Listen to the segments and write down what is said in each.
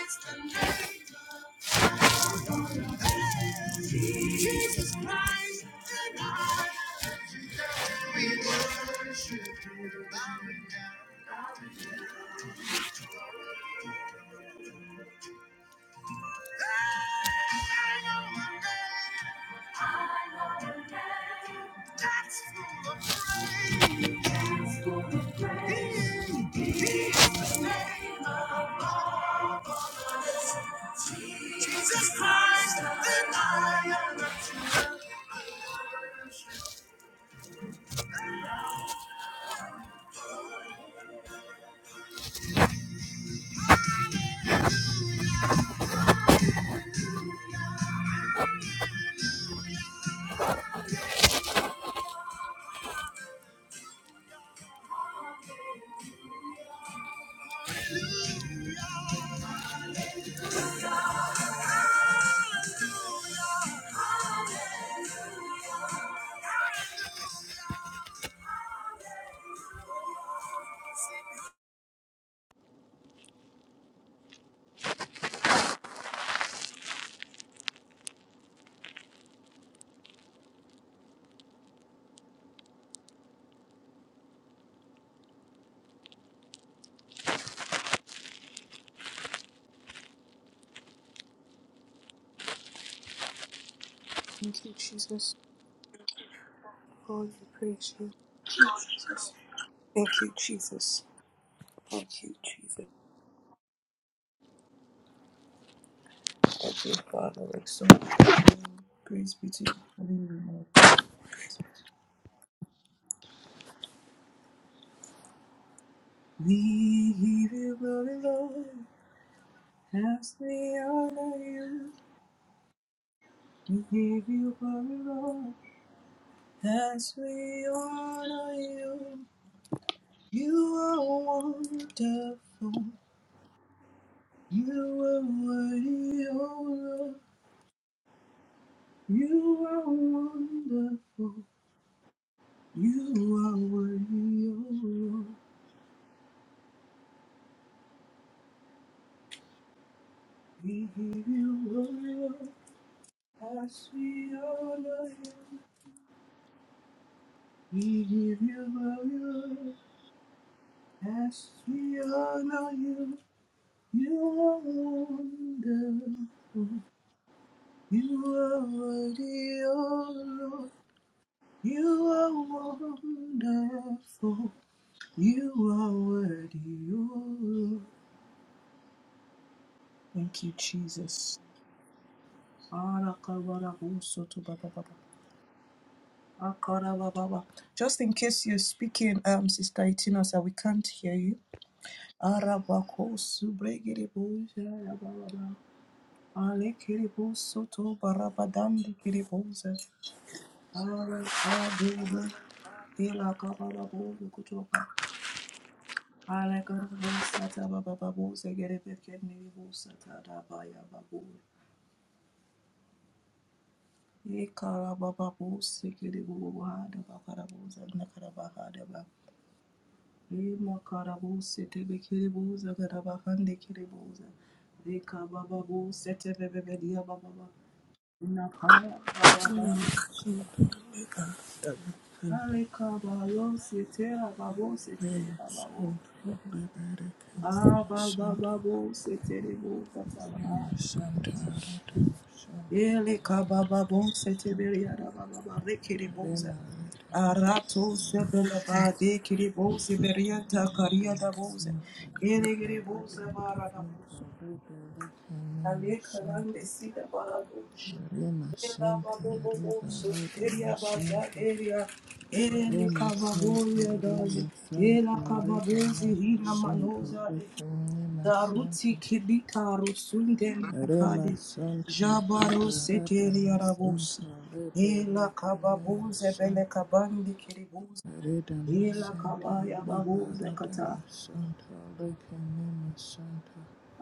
It's the name. Jesus Christ, the God. We worship you, bowing down. I know a name. I know a name. That's full of praise. That's full of praise. He, he is the name of us. Jesus Christ, the I am the truth. Thank you, Jesus, for your praise. you. Thank you, Jesus. Thank you, Jesus. Thank you, Jesus. Thank you, Father. Exalt. Praise be to your holy name, O God. We give you glory, Lord, as we honor you. We give you glory, Lord, as we honor you. You are wonderful. You are worthy, O Lord. You are wonderful. You are worthy, O Lord. We give you glory, Lord, as we honor you. We give you glory, Lord, as we honor you. You are wonderful. You are worthy, O Lord. You are wonderful. You are worthy, O Lord. Thank you, Jesus. Akarababa. Just in case you're speaking, um, Sister Itinosa, we can't hear you. Arabako subregiribo yarababa. Alekiribo soto barabadandi kiriboza. Arakadele ilakabarabo lukutoka. Alakarabo satababababu zegerebekeniribo satadabayababu. Ikarabababo sikiribo hadabakaraboza nakarabahadaba. Ye makarabo sete Imakarabusi tebekiribuza garabahande kiribuza. Reka bababusi baba bababa. Nakaya baraba. Aleka bayosi sete babosi sete babo. Aba baba bababusi teribuza tala. Eleka bababusi teberiada bababa rekiribuza. Arato sebelaba de kiribuzi beriata kariada buza. Ele kiribuza barada Santa Alekalande sida balado. Rema Ela Santo, babobobo Reba Lada sonteria Masanto, bagaderia. Ele Rema Santo, kababoria Rema dali. Santo, Ela Reba kababezi Maha hina Santo, manozali. Rema Santo, Daruti kilika rusunde Rema makadi. Santo, Reba Jabaro Lada seteria Masanto, rabosi. Reba Ela Lema kababoze bele Santo, kabandi kiribuzi. Reda Ela Masanto, kabaya Reba baboze Lada kata. Masanto, Rema Santo,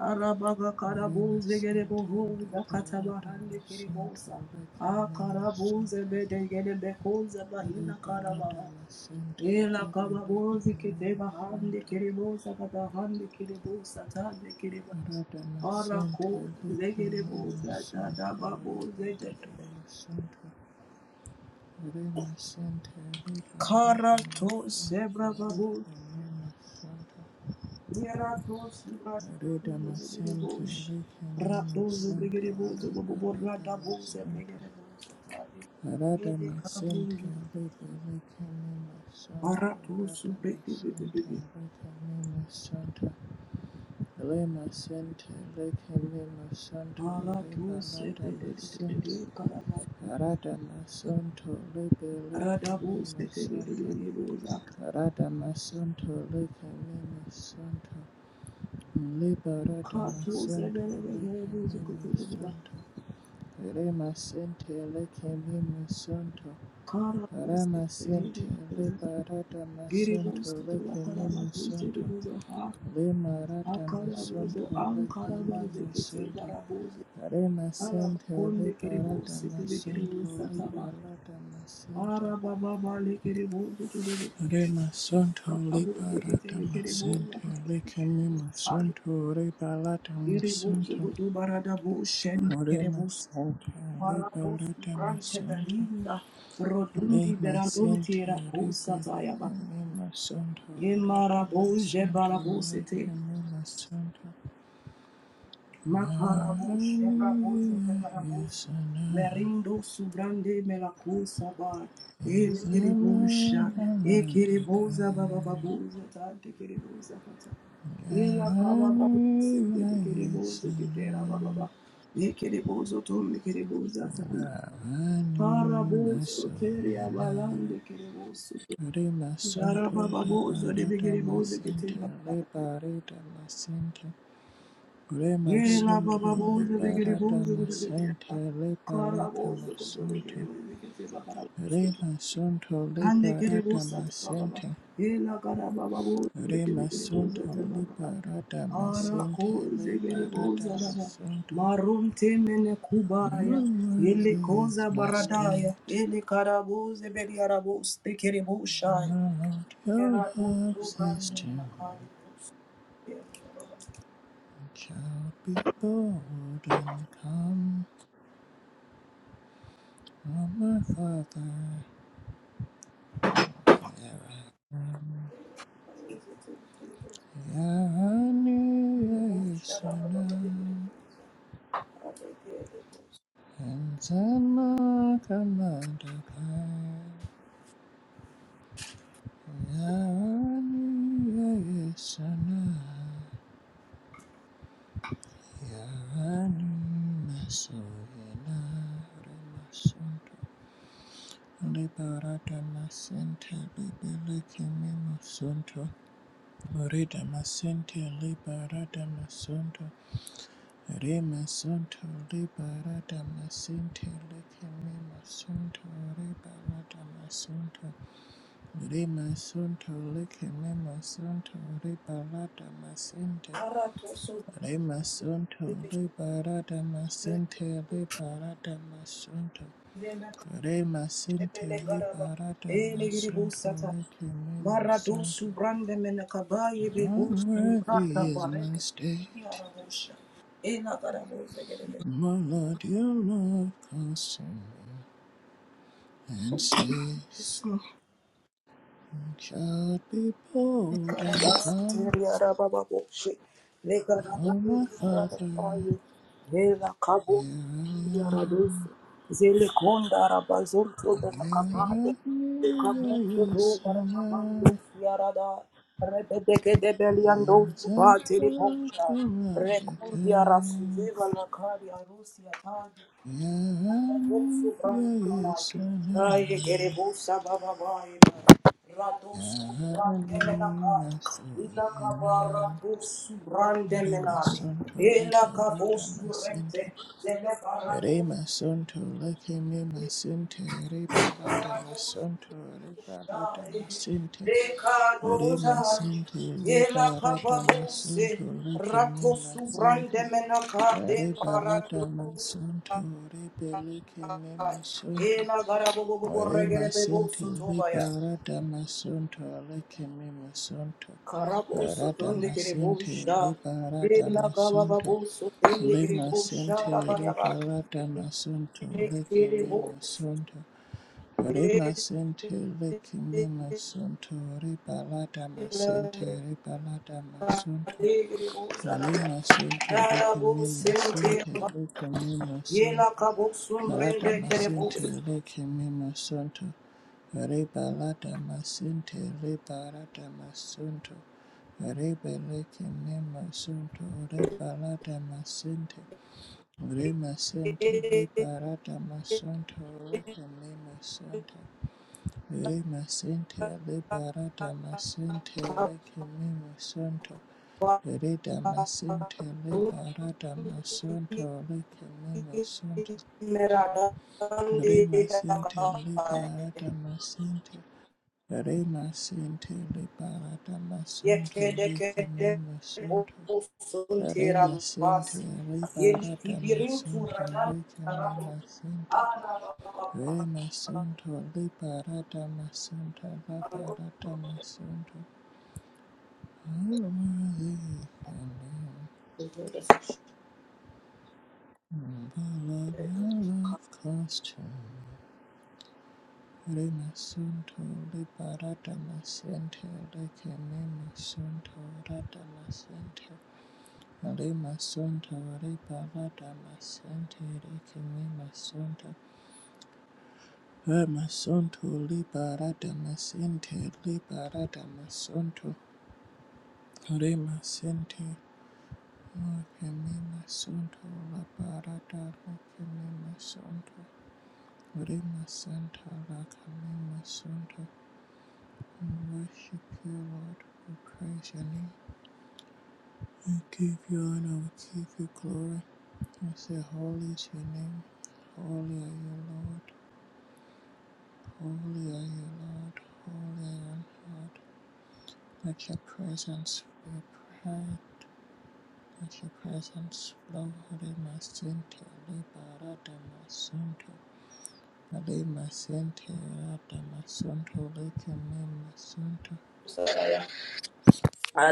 Arabaga Rema karabuze Santo, gerebohoza Reba Lada katabahande Masanto, kerebosa. Rema Akarabuze Santo, bede gerebekoza bahina Ribalata karabaha. Masente Ela kababozi Libalekina keteba hande Masanta kerebosa katahande kerebosa tande kereba. Rada Masente Arako Likana zegereboza Masanta tatababoze Ribalata tetebe. Masanta Rima Sente Libalata Karato Masanta sebra babu Likana Masanta Miratos Rida Masente Ibrahimovic, Likana Raposo Masanta Brigadiboso, Ribalata Borrada Bosa, Masanta Brigadibosa, Rada Ele Masente Cabuso, Libalekina Masanta Aratos Rada Masente Brigadibibi, Likana Masanta Re masente lekele masonto re Aratos balada masente Caraba, rada masonto lebele kele Radabos, masonto Brigadibosa, rada masonto lekele masonto liberada Catos, masonto Brigadibosa, lekele Cutuba, masonto re masente lekele masonto re Carabos, masente Brigadibosa, liberada masonto Giribos, Caraba, lekele masonto Brigadibosa, le marada Akarabuzo, masonto lekele Ankarabaze, Kete, masonto Barabuze, Hare Masente Alabakonde, Libara Keribose, Kere, Damasento Keribosa, Taba, Libara Damasente Arababa, Le, Keribose, Kere, Hare Masento Barabuze, Libara Kete, Le, Damasente Keribosa, Likami Kere, Masento Libara Keribosa, Damasento Goto, Baradabo, Shen, Hare Keribos, Masente Barados, Libara Brante, Damasento Belinda, Hare Rodundi, Masente Berandonti, Rakosa, Libara Tayaba, Kami Masento Rada Yemarabo, Jebarabose, Likami Masento Makarabo Shebrabo Hallelujah, Zebragarabos yes, and Merindo Subrande Melacosa Bar El Sama Giribusha E Hamadaka Kiribosa Baba Babuza Tante Kiribosa Pata Ela Baba Yahanu Babuza Kiribosa Kitera Baba Yayasana baba E Kiribosa Tom Kiribosa Tanda Yahanu Paraboso Teria Masoyana Balande Kiribosa Rima Jara Santo Baba Bozo de Liberata Masente Bigiribosa Liberata Masente Rima Ye la ba Santo ba bo zo de gere bo Liberata zo de gere Masente ba. Kara Liberata bo zo koto de gere Masanto bo de gere ba kara bo zo. Rima Santo Hande gere bo Liberata sa ta ba ba ba. Masente Ye la kara ba ba bo zo de gere bo za Remasunto ta ba ba ba. liberata Ara masente ko ze gere bo liberata da ba. masunto. Marum te mene kubaya. Yele Unworthy is koza my baradaya. state. Yele kara bo ze beri ara bo ste kere bo shai. My Lord, your Era bo love zo says brande to me, mena kari bo ste. shall be bold and come from my Father. Yarani Yasuna Maradosu and Sama Kamada Kai. Yarani Yasuna. Rima sunto leke mema sunto riba lada masente Remasunto liberata masinte liberata masunto. Remasinte liberata masunto licime masunto. brande menakabaye bebusu brata Unworthy is my barede state. yarabusha ena garabuze gerede My Lord, your love consumes and saves. Child, be bold and come, O my Father, here I am. Here I am, a sinner. And just walk around the Rekundia curve. rasuziva la kari arusi ya Rato Yarani ya yesana. Yarani masohina. Rima sonto ibarata masinte. Rima sonto lakimi masinte. Ribalata masonto. Ribalata masinte. Rima sinte. Ribalata masonto. Lakimi masinte. Re barata masunto, re belike me masunto, Ela gara bobo bobo re regere bebo masente soto re baya. barata masunto, leke me masunto, Karabosu rata tondekere masente re bosha. barata Lela kababa masunto, boso le tondekere bosha masente re rabayaba. barata masunto, leke Nekere me boso. masunto, re masente leke me masunto, re barata masente re barata masunto. Negere bosa rabaya. Lima Sunto Rara bose Lekimima Sinte nteba. Lekimima Yela Sunto kaboso Rada mbrende kere Masinte boso. Lekimima Sunto Reba Lada Masinte Reba Rada Masunto Rebe Lekimima Sunto Reba Lada Masinte Rima Sinte Reba Rada Masunto Lekimima Sunto Rima Sinte Reba Rada Masinte Lekimima Sunto Rida masente le barada masonto le kele masonto. Merada. merada, Re masente le merada, barada masente. Re masente le barada masonto kele Yekedekede masonto. bosunte Re masente rabasi. le Yeli barada tibirintu masonto radan le kele tarahu. masente. Ana Re baba. masonto le barada masonto le barada masonto. Unworthy, Masonto, Lord, que me masonto, la parada, lo que me masonto. Rema Santa Lakalima Santa, we worship you, Lord. We praise your name. We give you honor. We give you glory. We say, Holy is your name. Holy are you, Lord. Holy are you, Lord. Holy are you, Lord. Let your presence be a prayer. Let your presence flow. Rema Santa Liberadama Santa. Rema Santa Liberadama Santa. Lake Mema Santa.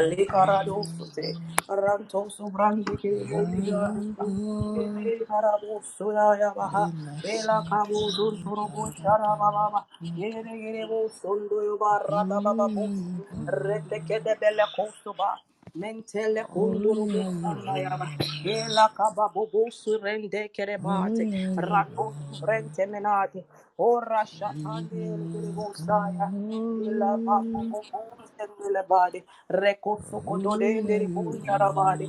Are Carado Sote, Ranto Sobrandi, Bolivia, you Lord? Ele Carabo Sudaya Baha, my Ela sin, tell Cabo me Zuntorobo thy God and Sharababa, my Ere Erebo Sondo Barata Holy are you Babu, Lord, Redekete Bella Costoba, Mentele holy Condorobo are you Sandayaba, Lord, Ela Cababo rende holy Kerebate, are you Rato Brente Menate, Ora Shatande Kerebo Saya. Lord, Ela ba bo you bo bo sendele bade. Reko are holy, soko dode holy are you Lord, holy are you Lord, endere bonjara bade.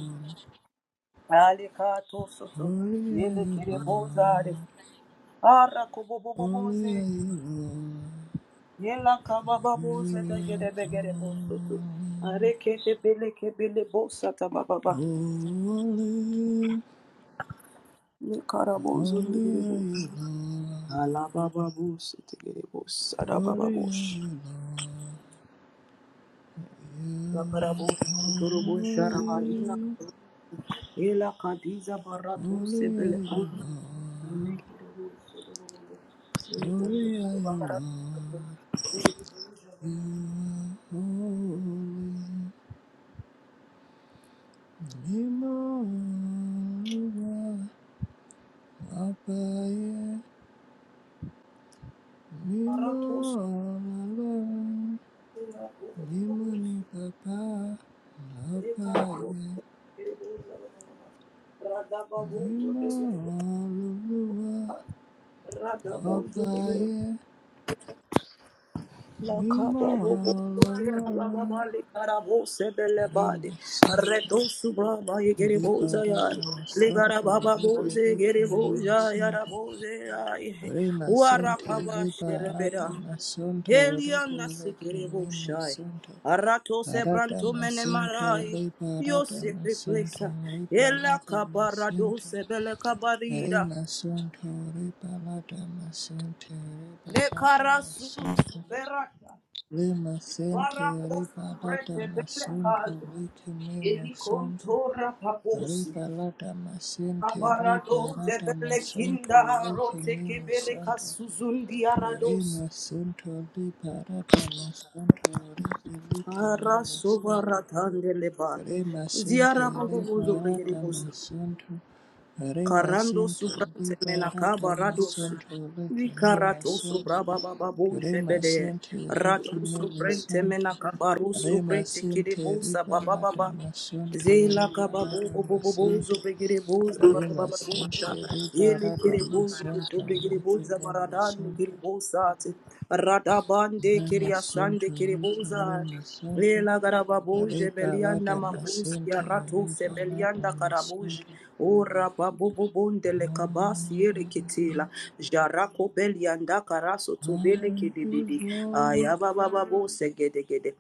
Ali kato soto. holy are you Yele kire bozade. Ara ko bo bo bo Lord, boze. Yela ka ba ba you boze te gere be are gere bo soto. holy. Are bele ke bele bo sata ba ba ba. Oh, holy, Ne kara bozu ne holy gere bo. are you, Lord. Ala ba ba bo se te gere bo sara ba ba Holy are bo. you, Lord. You La para bo are sondoro bo shara holy. ba ina. kadiza barato Holy are you, sebele. Ara Lord. Holy are you, Lord. You are holy. Nimora apaye. thos, Nimora de la, nimani papa de kano, apaye. ra dabo, Mímọ́ Olúwa ra ọba dabo. ayé, Helion mímọ́ Ọlọ́run, orí mi síndà, orí bàrádà mi síndà, Rima bèbí kìíní mi síndà, orí mi síndà, orí bàrádà mi síndà, orí bèbí kìíní mi Nasikiribushai. Arato Sebranto Menemarai. Yo secret place. Ela Kabarado Sebele Re Kabarida. masunto, re balada masente, re balada Nekarasu masunto. Berata. Re masente, Para re balada brete bele kaz. masunto, re kime Eli masunto. kontora Re paposi. balada masente, re Abarado balada zebele masunto, kinda re rote kime kebele masunto. kasuzundi Re arados. masunto, re balada masunto, re kime Ara masunto. sovara tandele ba. Rema sente Ziara bobo bozo bregeri liberata bozo. masonto. Rema Karando sente subrante liberata menakaba rados. masonto. Leke me Vicarato masonto. sobra baba babu Rema shebede. sente leke Rato me subrente masonto. menakabaru Rema subrete sente kiribosa baba liberata baba. masonto. Zela kaba bo Liberata bo bo bo bo zo masente. begere bo za ba ba Rema bo sente liberata bo masonto. bo Leke za me maradan ne kere masonto. bo Rada bande kere Rema sente asande kere bo leke me za. masonto. Lela garababuj Riba belianda lada makus ya masente, ratu se riba lada belianda karabuj masente. ora babu bubunde le kabas yere Hallelujah, kitila jarako belianda karaso tu bele kedibidi hallelujah, aya baba babu se gede gede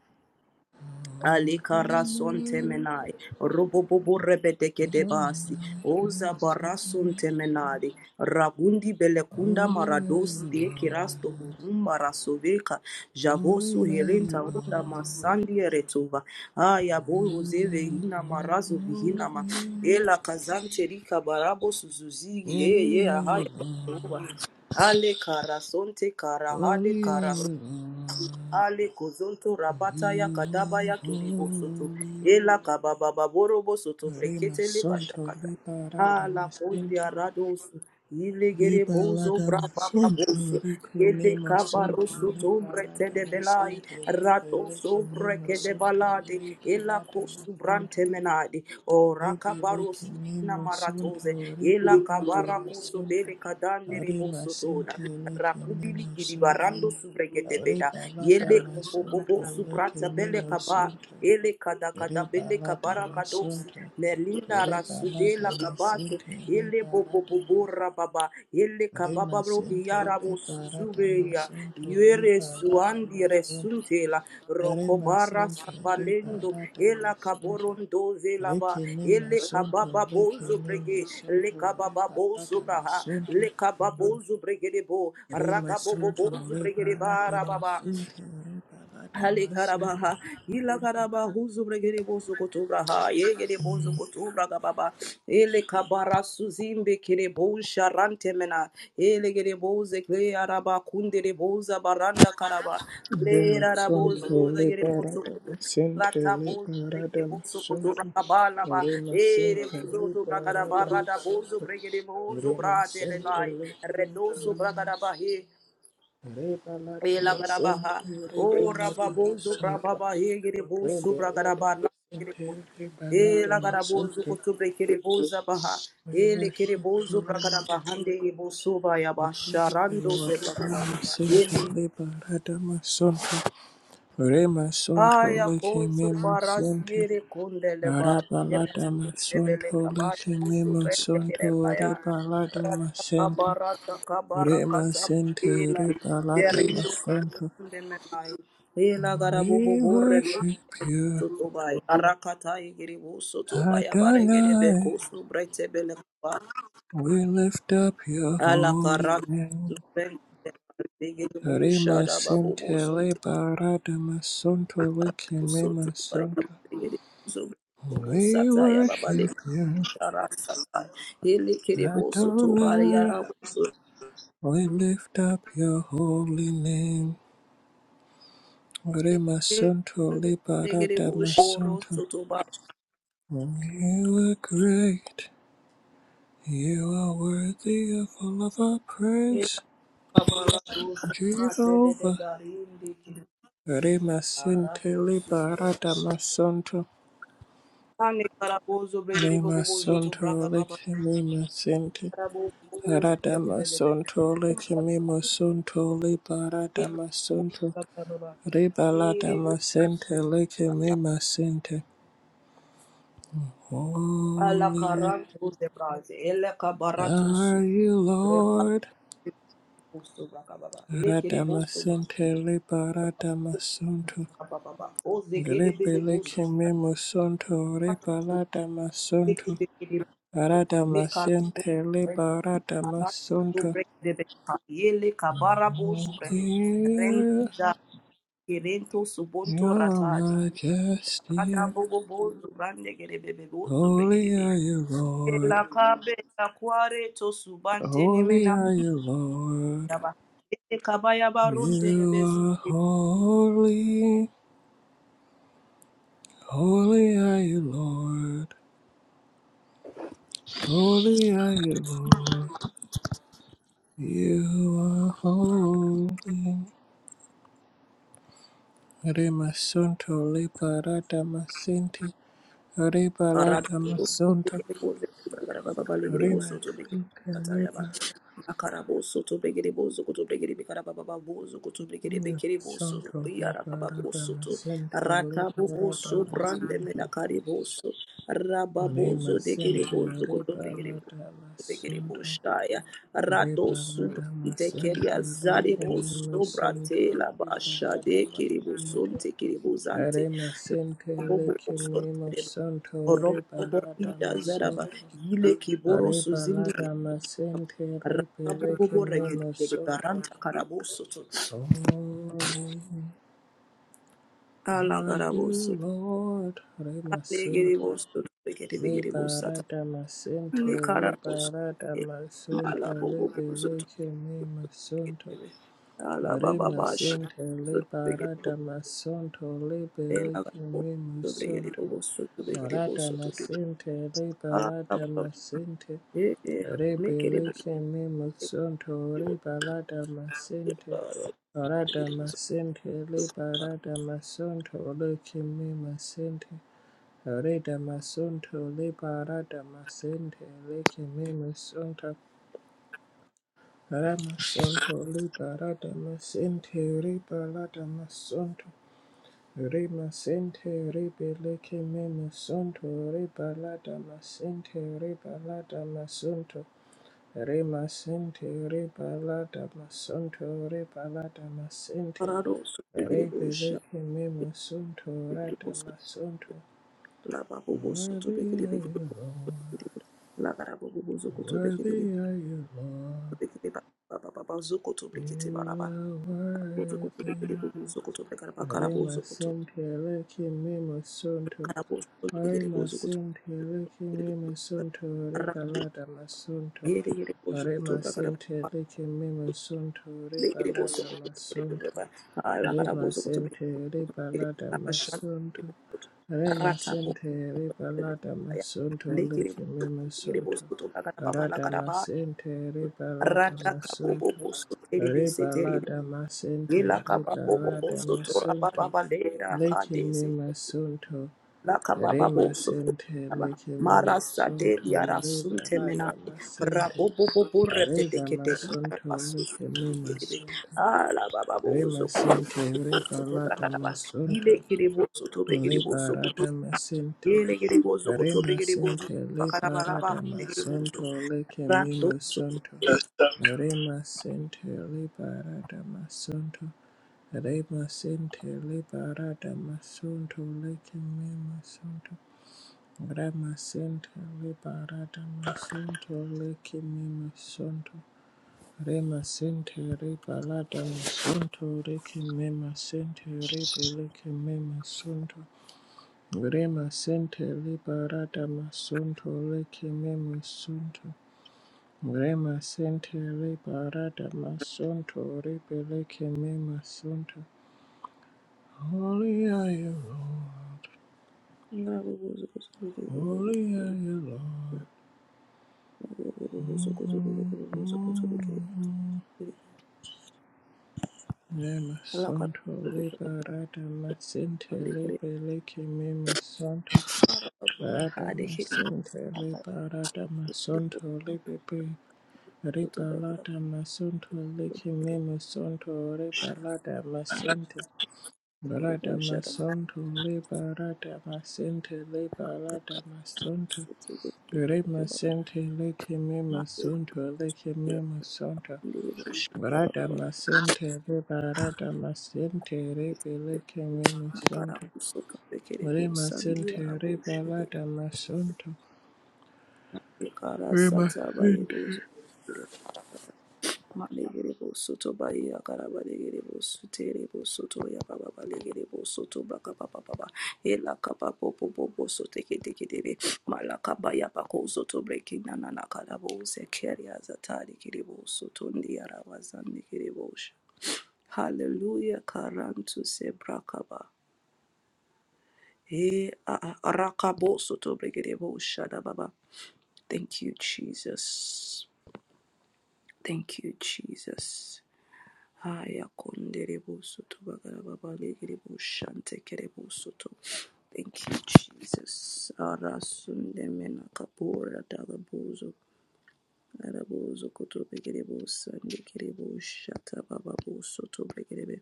Alika rason temenai, robobobo rebedeke hallelujah. Oh, my debasi, oza blessing. barason temenari, ragundi belekunda Holy are marados you, te kirasto Lord. kuhumba rasoveka, javosu Holy are you, herenta unda Lord. masandi eretova, aya bo rozeve You hina are marazo vihina ma, holy. ela kazante rika barabo suzuzigi, Holy ye ye are you, ahaya. Lord. Aleka rasonte karahade Holy are you, Lord. Ale kozonto rabata ya You kadaba are ya kiribo soto. holy. Ela kababa baboro bo soto brekete le Rimasonto bashakata. riparata Ala masente kondia rados, ilegere bozo riparata braba masonto babos, rikime kede masonto kabarosu tumbre te riparata de belai, masente rato ribelekime sobre de masonto balade, ela riparata kosu masonto brante menade, ora kabaros ribelekime na masonto maratoze, ela riparata kabara koso masonto bele kadande reboso tona, rimasente lekime rakubili gidi masonto barando sobre kede beda, riparata yele masonto popopo subrata lekime bele kaba masonto ele kada kada Riba bele lada kabara kadosi masunto, melina riba lada rasudela kabato masinte, ele riba bobo lada bobo mas, rababa ele riba kababa bro sinte, hiara bo riba lada zubeya masunto, yere riba lada suandi masunto, resuntela riba rokobara sinte, riba sabalendo lada ela masunto. kaborondo zelaba Reke me ele masunto, kababa reke bozo me brege le masunto, kababa riba bozo lada braha masunto, le kababa bozo brege debo re rakabobo masunto, bozo brege riba lada bara baba masinte, riba lada masunto. Halikarabaha, Ilakaraba, Huzubregere Bosokotobraha, Yegere Bosokotobraga Baba, Elekabara Suzimbe Kerebo Sharantemena, Elegere Bose Clearaba Kundere Bosa Baranda Karaba, Lera Remasonto Rabozo, the Gereboso, liberata masente Rata Bosa. liberata Bozo masonto Braga Balaba, Ere remasente Bozo Braga liberata Barada Bozo masonto Bregere Bozo Brate remasente Levi, liberata Redoso masonto Braga rebalata Ela masente Elagarabaha. O rebalata rababozo rababa Rababonzo masonto Brababa Hegiribo rebalata Subragarabana Kiribo. masente rebalata Elagarabonzo masonto Kutubre Kiriboza Baha. we Ele worship Kiribozo you Lord Bragarabahande Ibo Suba we praise you Yabasharando Lord Sebagabara. remasente liberata masonto Rema Sonto Aya Lake kusu Memo Sonte barasiere kundele ba Arabalada erasundebele Masonto kaba Lake kusu Memo brende kere Sonto baya Rebalada rata Masente kabara takabara Rema kata Sente ila Rebalada derindo Masonto kunde menai ila garabu We borre. worship you soto bay arakata igiri bu soto baya bare gere be Adonai kusu brete bele kaba We lift up your ala holy karak name ben igiri bu Rema shada babu Sente buzun Rebalada Masonto Lake Soto Memo Sonto Bayamade, Zobo We Sataya Babale, worship you Yara Satai, Hili Kiribo Soto Bari Adonai Yara Soto, We lift up your holy name. Remasunto liberata Negribo Shoro masunto. Soto Bari, You are great. You are worthy of all of our praise. Kamala Soto de de Jehovah. Darindi, kire Remasente Arato Sobre, liberata masunto. Ani Carabozo, Brigadibo Zoto Remasunto Braga Baba, lekimimasente. Carabo, Bebe, Radamasunto lekimimasunto liberata masunto. Baba, Ribalata Siribo, masente lekimimasente. Ala Holy Caranto de Braz, Ele Cabaratos. are you, Lord. Boso baka baba. Lekere boso baka Radamasentele paradamasunto. baba baba. Oze gere bele Grepele boso. kemimusunto Kato leke repaladamasunto. bekere. Meka Radamasentele paradamasunto. Yele kabara bozu brehe. Clear Rendiza kerento subonto your ratade. Rada majesty. bobo bozu rande gere bebe bozu bregere Holy be. are you, Lord. Ela kabe la kware to subante Holy nemena are you, Lord. kuyaba. Ele kabaya You are barunde holy. Holy are you, Lord. Holy are you, Lord. You are holy. Rimasunto liberata masinti. Ribalata Arabiso, masunto. Begedebozo, Rimasunto Begedebozo, Tatayaba, liberata Makaraboso, to Begedebozo, to Begedebicarababozo, to Begedebicaraboso, masunto. Liberata Riarababoso, to masinti. Liberata Rataboboso, Brandem, masunto. Nakariboso, Rababozo, de Rimasinti Gedebozo, to Begedebozo, liberata masunto. Begedeboshaya, Radosu, Reparadama sente Tekeria lekemele Zadiboso, sonto Bratela, Basha, de reparadama sente Keribosonte, Keribosante, arema sente lekemele sonto Horobobo inda reparadama zaraba sonto yile kiboro suzindi reparadama sente lepe rakabobo lekemele regedegede sonto baranta karabosoto Holy ala are karaboso you Lord rema alegere sente boso regede begede bosata reparadama sente ne karaboso reparadama mala sonto bobo lepe boso lekemele sonto ala Ore baba bash masente boso le regede barada boso masonto le ala beleke me boso regede masonto. boso regede Orada boso masente le ala barada baba masente. eh eh Re ne kere boso beleke me masonto re barada masente. Orada regede boso masente le barada masonto leke me masente. Orada masonto le barada masente leke me masonto. Ramasonto liberata masente ribalata masonto rimasente ribeleke memasonto ribalata masente ribalata masonto rimasente ribalata masonto ribalata masente Parado so begede bosha, ribeleke memasonto begede rata boso, masonto la babo boso to begede Worthy are begede you, boso, Lord. begede la bara bobo bozo koto begede Worthy are you, Lord. begede ba ba ba ba ba zo koto begede bara You ba are bozo koto begede worthy. bobo zo koto begede ba kara Rema bozo koto sentereke mimo sunto. kara bozo begede Rema bozo koto sentereke begede mimo sunto. ra Ribalada masunto. begede begede bozo koto Rema ba kara ba sentereke mimo sunto. begede bozo Ribalada koto masunto. begede ba la kara bozo koto begede Remasente koto begede rebalada ba shan masonto. rata bozo Remasente begede rebalada masonto ya, lekeme masonto. Rada masente rebalada masonto. Rebalada masente rebalada masonto. Lekeme masonto. Remasente lekeme Marasa de masonto. diara sunte menai, Rebalada masente. rabobo bobo repete Reda kete diara masonto basu lekeme yelebe, masonto. ala baba Rema kutu sente reba bozo to lata bragaraba, ile masunto kiri to begiri leba kutu, rada masente ile kiri kutu rema begiri bozo, sente bakaraba leba rada raba, masunto leke mino sunto rema sente leba rada masunto rema sente leba rada masunto leke mino sunto rema sente leba rada masunto leke mino sunto Rema Sentere balada, masunto. Remasente rebalada masonto rekeme masente rebeleke me masonto remasente rebalada masonto rekeme masonto remasente rebalada masonto rebeleke me masonto Holy are you Lord, holy are you Lord. Mm-hmm. Mm-hmm. Nema santo liberata masinte libelike mema santo rata masinte liberata masanto libibi ribalata masanto liki mema santo ribalata masinte Barata masanto liberata masinte liberata masanto Rema sente leke mema santo leke mema santo Barada masente re barada masente re beleke me masonto. Re Sandia masente re Rabush, barada masonto. the Kara Re Sata masente. by Malegerebo soto baya karaba legerebo suterebo soto ya baba ba legerebo soto baka baba baba ela kapa popo popo sote kete kete be malaka baya bako soto breaking, na na na karabo zekeri azatari kerebo soto ndi araba zandi kerebo hallelujah karantu se brakaba e a- a- arakabo soto bregerebo sha da baba thank you jesus thank you jesus Haya kundere busuto bagara babale gere bushante kere busuto. Thank you, Jesus. Ara sunde mena kapora dala buzo. Ara buzo koto begere busande kere bushata baba busuto begere be.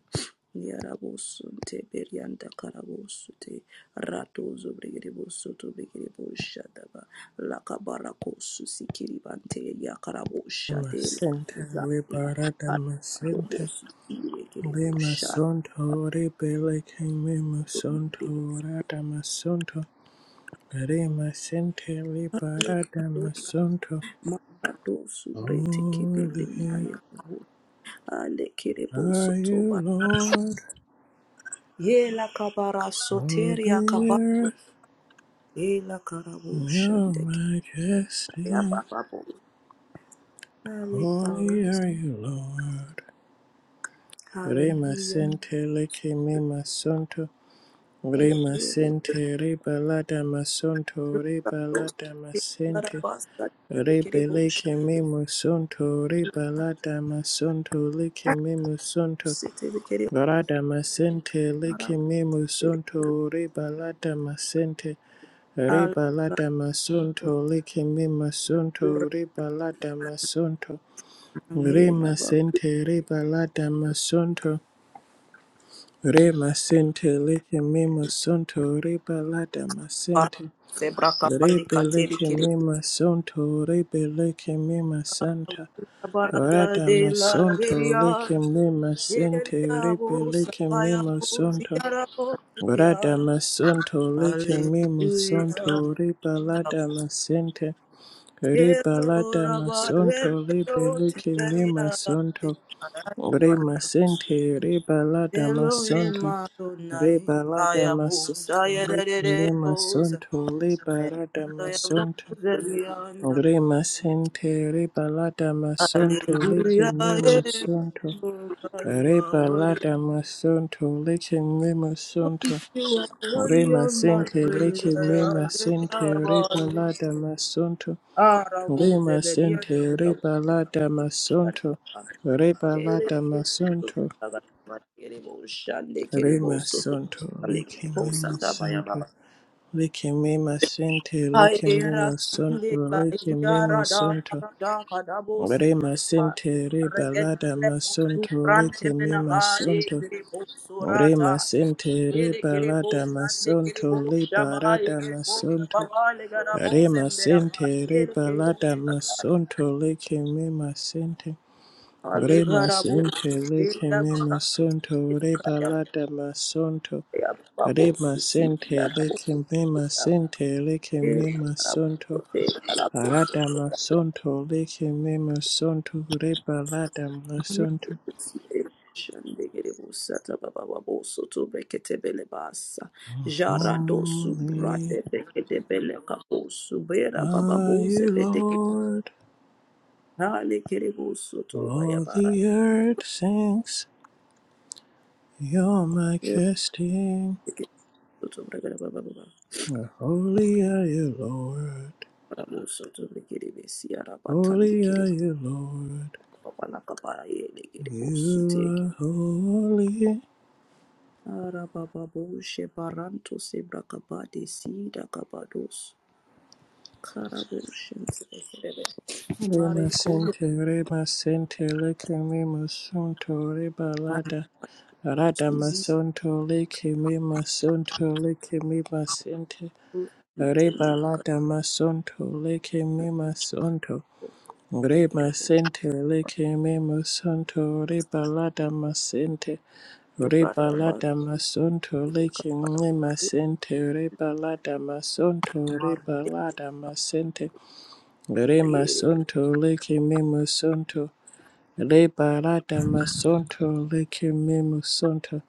Yarabosunte Berianda Karabosute Ratozo Brigidibosoto Brigidiboshadaba Lakabarakosu Sikiribante Yakaraboshade Masente re Zatila barada masente. Arabosu Re Sikiribosha masonto re beleke me masonto rada masonto. Re masente re barada masonto. Maradosu Brete Kibelinda Holy Yakaho Ale are you Kirebosotoba Lord, Yela Kabara all Soteria Kabara earth. Yela You're Your Karaboshande majestic, holy Hallelujah. are you, Lord. Rema hallelujah, sente leke me masonto. Rema Hallelujah. sente rebalada masonto rekaros, rebalada masente. tekarabasa, alekerebo, Rebele que me musonto, rebalada masonto, leke me musonto. shakuse, telekerebo, Rada masente, leke arambe, me musonto, rebalada masente. Riba la alekaratura, damasunto, likimi masunto, riba la damasunto, manela, rima balakara, sente, riba la damasunto, rima sente, likimi masunto, riba la damasente, zebraka, palika, ribe likimi telekerebo, masunto, ribe likimi masanta, barada rada de la masunto, heria, likimi masente, heria, ribe bo, likimi sabaya, bo, masunto, ziara, bo, rada ziara, masunto, likimi hallelujah, masunto, riba la damasente, hero, Ribalata rabba, masonto heria, ribelike mi masonto teberia, re masente ribalata Elohim masonto Adonai, ribalata masonto Ayabusa, leke me Yererebos, masonto ribalata masonto Ayabusa, Beyond, re masente ribalata masonto leke Hallelujah, me masonto Jehovah, you are worthy, ribalata masonto leke me masonto you are re worthy of my masente praise, leke me masente Ayabusa, ribalata masonto Arabusa, Lima Beyond, sente ribalada masonto ribalada masonto Shande Kerebo lima Soto, sonto Alekebo likimima Santa sonto Bayababa, likimima sente Aira likimima sonto sinde la likimima yara da sonto bara da kadabo lima sebele pa. sente Regede ribalada bele posu masonto prante mena likimima gade sonto kiri posu lima rata. sente Ele kiri ribalada posu ande kiri masonto posu shabai libarada kiri posu masonto baba le gara posu lima embera pa. sente Ele kiri posu ribalada rata. masonto likimima sente Ale Re gara masente posu le sida keme gara tu. masonto Ele re kaya balada masonto ya baba re posu si ya masente le posu. keme masente le Ele keme gara posu masonto te arada masonto le keme masonto re balada masonto Shandegiribusata Baba Soto Bekete Belebasa Jara Dosu Holy Brate Bekete Belekapo Subera Baba are you Bose Beteke Lord Hale Kiribu Soto all Bayabara the earth sings your majesty Soto Bregara Baba Baba holy are you Lord Baba Soto Bekiribe Siara Batandi holy are Kiribu you Lord Baba Nakaba Yele Kiribu Suteke You are holy. Ara Baba Boshe Baranto Sebra Kabade Sida Kabados Karaboshe Mare Rema koyo sente, rema sente, leke me masonto, reba lada. Rada suzi masonto, leke me masonto, leke me masente. Reba temena lada masonto, leke me masonto. kategere Rema bo sente, leke me masonto, reba lada masente. Reba rata ba lada masonto, leke kapara me masente, reba lada masonto, mar reba lada masente. Rema yere sonto leke memo sonto. Le barata masonto leke memo sonto.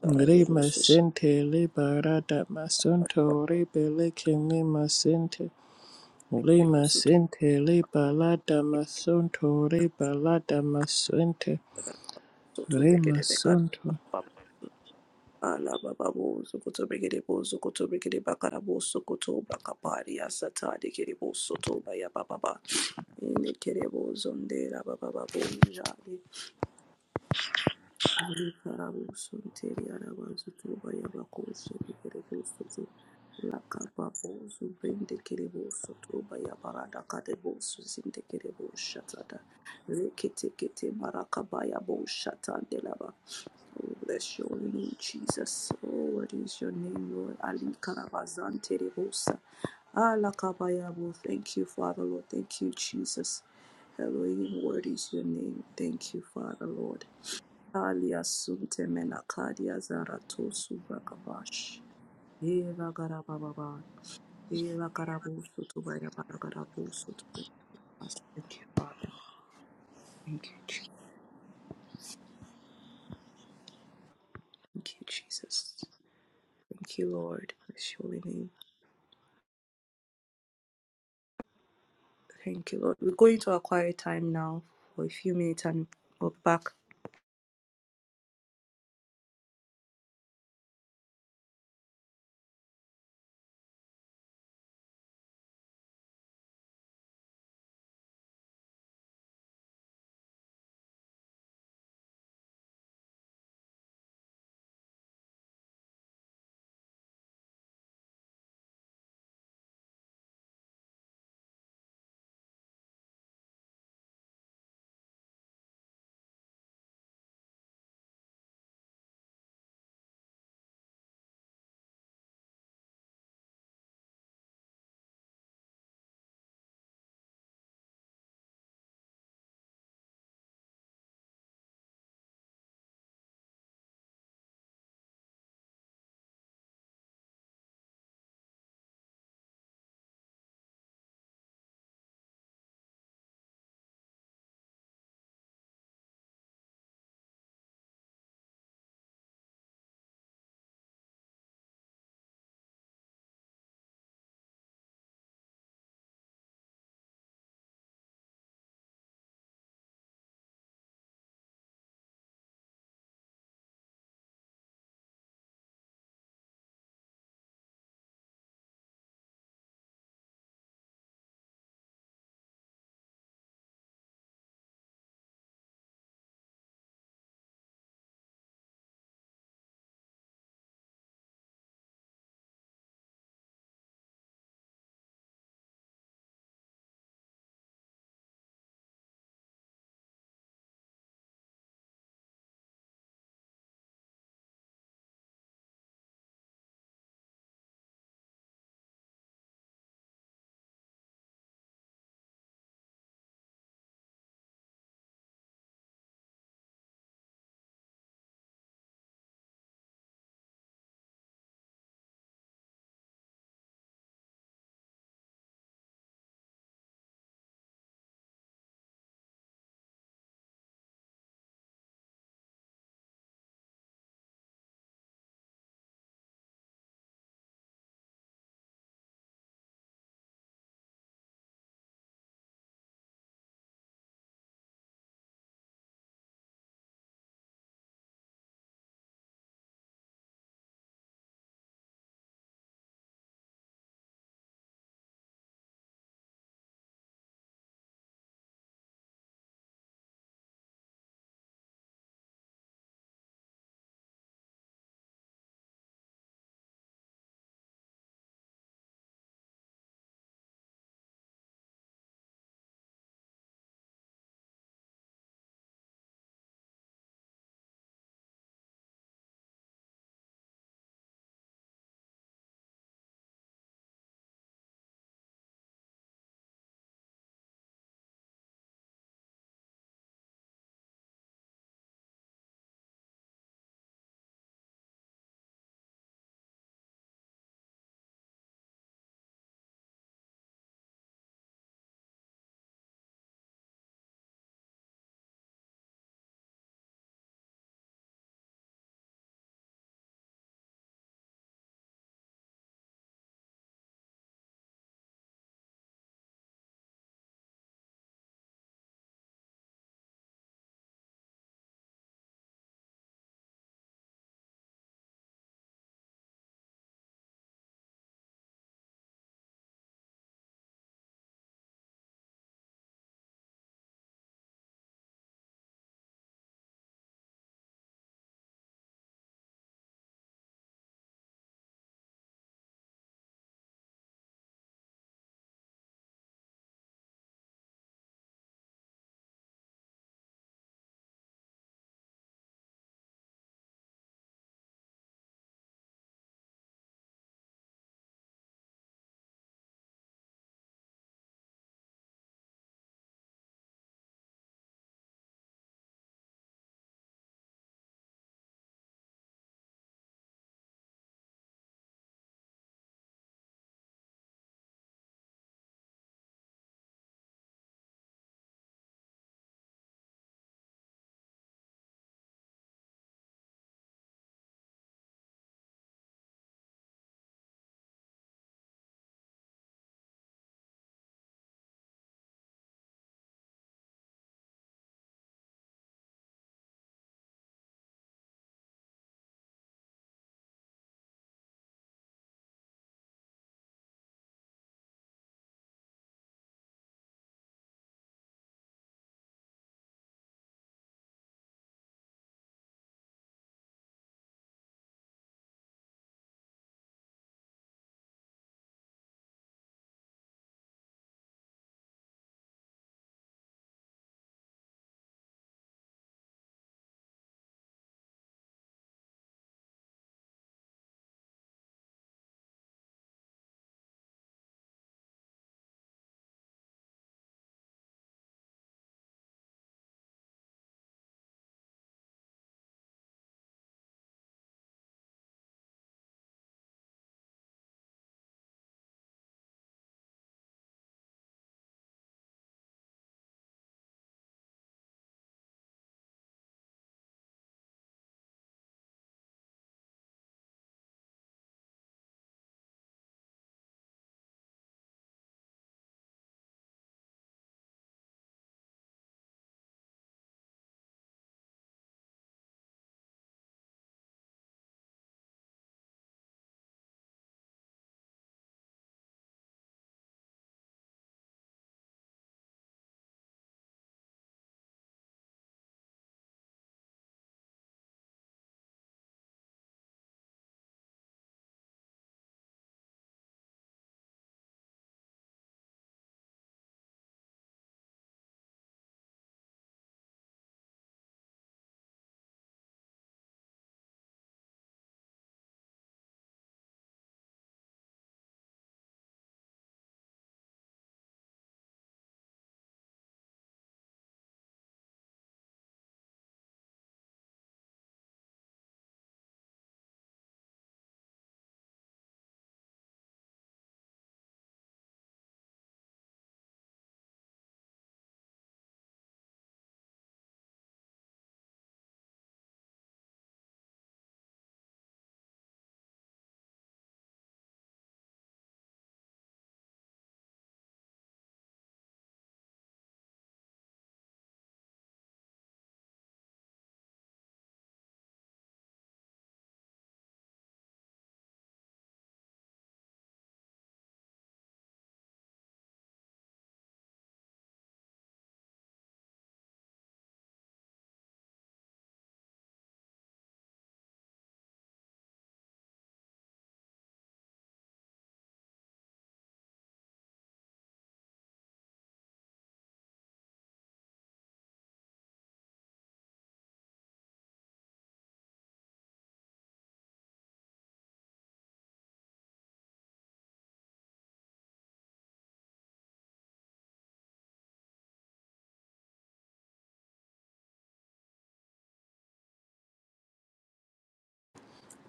sara bo bo Rema soto sente le barata masonto rebe leke memo sente. begere bo Lema soto sente le balata masonto re balata masente. soto begere Rema be kara sonto. ba ala baba ba bo sokoto begere bo sokoto begere ba kara bo sokoto ba kapari asata de kere bo soto ba ya ba ba ba ne kere bo zonde ra baba baba ba bo ja Marakabaya Oh, bless your name, Jesus. Oh, what is your name, Lord? Ali Karavazan Terebosa. Allah Kabayabo. Thank you, Father, Lord. Thank you, Jesus. Elohim, what is your name? Thank you, Father, Lord. Alia sunte menakadia zaratosu rakabash. Eva garababa. Eva garabusu to bayabagarabusu to bayabas. Thank you, Father. Thank you, Jesus. Thank you, Jesus. Thank you, Lord. Bless your holy name. Thank you, Lord. We're going to a quiet time now for a few minutes and we'll be back.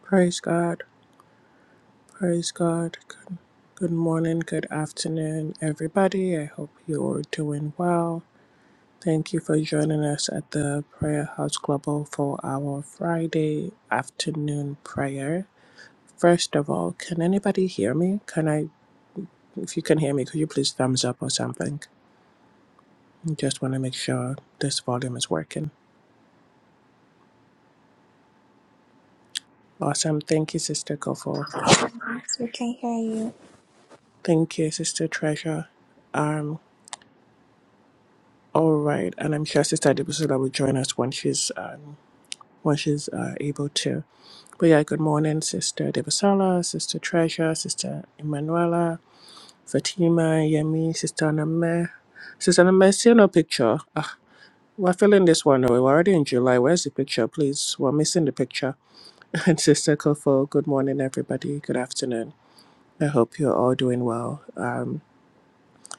Praise God. Praise God. Good good morning, good afternoon, everybody. I hope you're doing well. Thank you for joining us at the Prayer House Global for our Friday afternoon prayer. First of all, can anybody hear me? Can I, if you can hear me, could you please thumbs up or something? I Just want to make sure this volume is working. Awesome. Thank you, Sister Kofo. Yes, we can hear you. Thank you, Sister Treasure. Um, all right, and I'm sure Sister Adibusula will join us when she's um, when she's uh, able to. But yeah, good morning, Sister Debasala, Sister Treasure, Sister Emanuela. Fatima, Yemi, Sister Name. Sister Name, see no picture. Ah, we're filling this one away. We're already in July. Where's the picture, please? We're missing the picture. And Sister Kofo, good morning, everybody. Good afternoon. I hope you're all doing well. Um,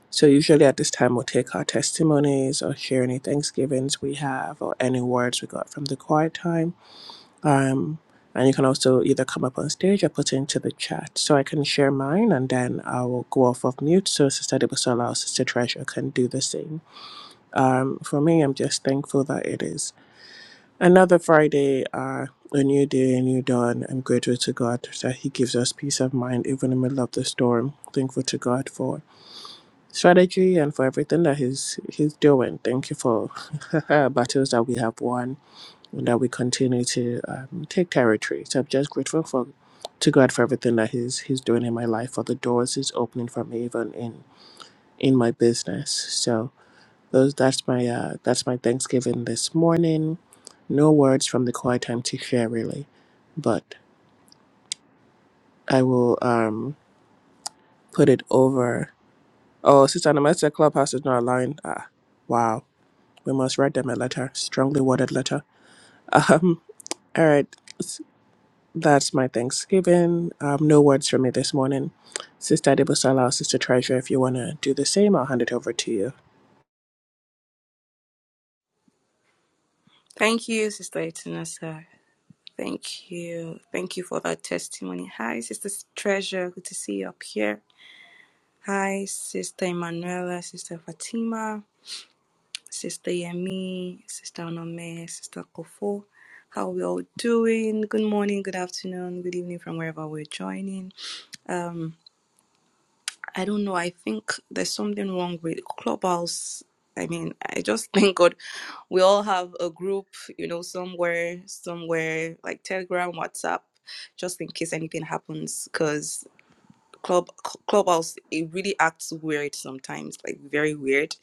so usually at this time we'll take our testimonies or share any Thanksgivings we have or any words we got from the quiet time. Um, and you can also either come up on stage or put it into the chat. So I can share mine and then I will go off of mute so Sister Debusola or Sister Treasure can do the same. Um, for me, I'm just thankful that it is another Friday, uh, a new day, a new dawn. I'm grateful to God that He gives us peace of mind even in the middle of the storm. Thankful to God for strategy and for everything that He's He's doing. Thank you for battles that we have won that we continue to um, take territory. So I'm just grateful for to God for everything that He's He's doing in my life, for the doors He's opening for me, even in in my business. So those that's my uh, that's my Thanksgiving this morning. No words from the quiet time to share really, but I will um, put it over. Oh, Sister Anamasa Clubhouse is not allowing. Ah, wow. We must write them a letter, strongly worded letter. Um, all right. That's my Thanksgiving. Um, no words from me this morning. Sister Debosala, Sister Treasure, if you want to do the same, I'll hand it over to you. Thank you, Sister Itinasa. Thank you. Thank you for that testimony. Hi, Sister Treasure. Good to see you up here. Hi, Sister Emanuela, Sister Fatima, Sister Yemi, Sister Onome, Sister Kofo. How are we all doing? Good morning, good afternoon, good evening from wherever we're joining. Um, I don't know. I think there's something wrong with Clubhouse. I mean, I just thank God we all have a group, you know, somewhere, somewhere like Telegram, WhatsApp, just in case anything happens. because. Club Clubhouse. It really acts weird sometimes, like very weird.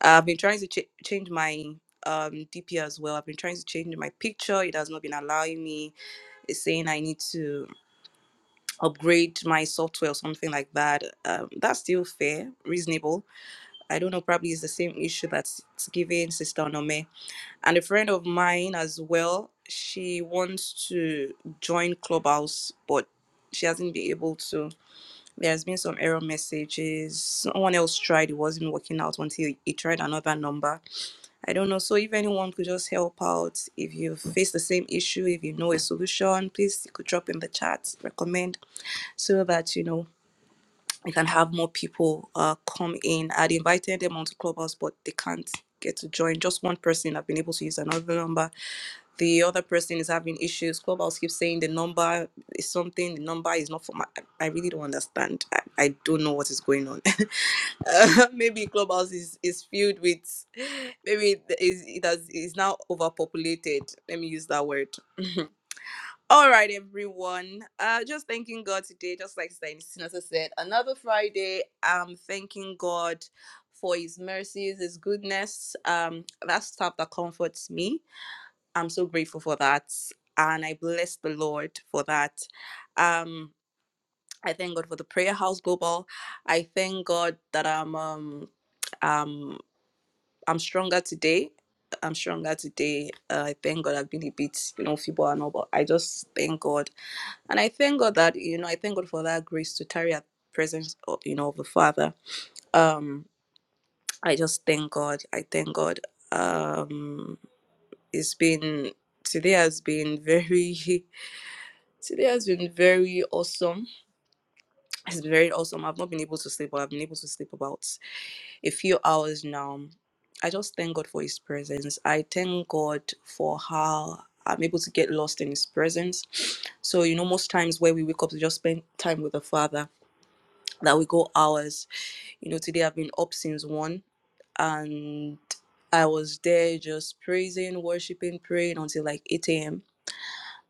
I've been trying to ch- change my um DP as well. I've been trying to change my picture. It has not been allowing me. It's saying I need to upgrade my software or something like that. Um, that's still fair, reasonable. I don't know. Probably it's the same issue that's it's giving Sister Onome and a friend of mine as well. She wants to join Clubhouse, but she hasn't been able to. There's been some error messages. Someone else tried, it wasn't working out until he tried another number. I don't know. So if anyone could just help out, if you face the same issue, if you know a solution, please you could drop in the chat, recommend so that you know we can have more people uh, come in. I'd invited them onto Clubhouse, but they can't get to join. Just one person have been able to use another number. The other person is having issues. Clubhouse keeps saying the number is something, the number is not for my. I I really don't understand. I, I don't know what is going on. Uh, maybe Clubhouse is, is filled with, maybe it is, it has, is now overpopulated. Let me use that word all right, everyone. Uh, just thanking God today, just like Sinasa said, another Friday. Um, thanking God for His mercies, His goodness. Um, that stuff that comforts me. I'm so grateful for that, and I bless the Lord for that. Um, I thank God for the Prayer House Global. I thank God that I'm um, um, I'm stronger today. I'm stronger today. Uh, I thank God I've been a bit, you know, feeble and all, but I just thank God and I thank God that, you know, I thank God for that grace to tarry at the presence, of, you know, of the Father. Um, I just thank God. I thank God. Um, it's been, today has been very, today has been very awesome. It's been very awesome. I've not been able to sleep, but I've been able to sleep about a few hours now. I just thank God for His presence. I thank God for how I'm able to get lost in His presence. So, you know, most times where we wake up to just spend time with the Father that we go hours. You know, today I've been up since one and I was there just praising, worshiping, praying until like 8 a.m.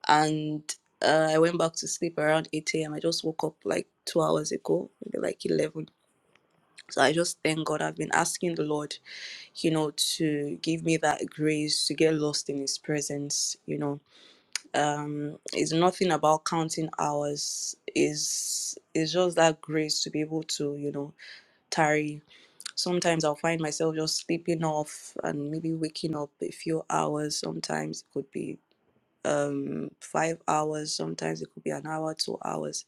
And uh, I went back to sleep around 8 a.m. I just woke up like two hours ago, maybe like 11. So I just thank God. I've been asking the Lord, you know, to give me that grace to get lost in His presence. You know, um, it's nothing about counting hours. Is it's it's just that grace to be able to, you know, tarry Sometimes I'll find myself just sleeping off and maybe waking up a few hours. Sometimes it could be um five hours, sometimes it could be an hour, two hours.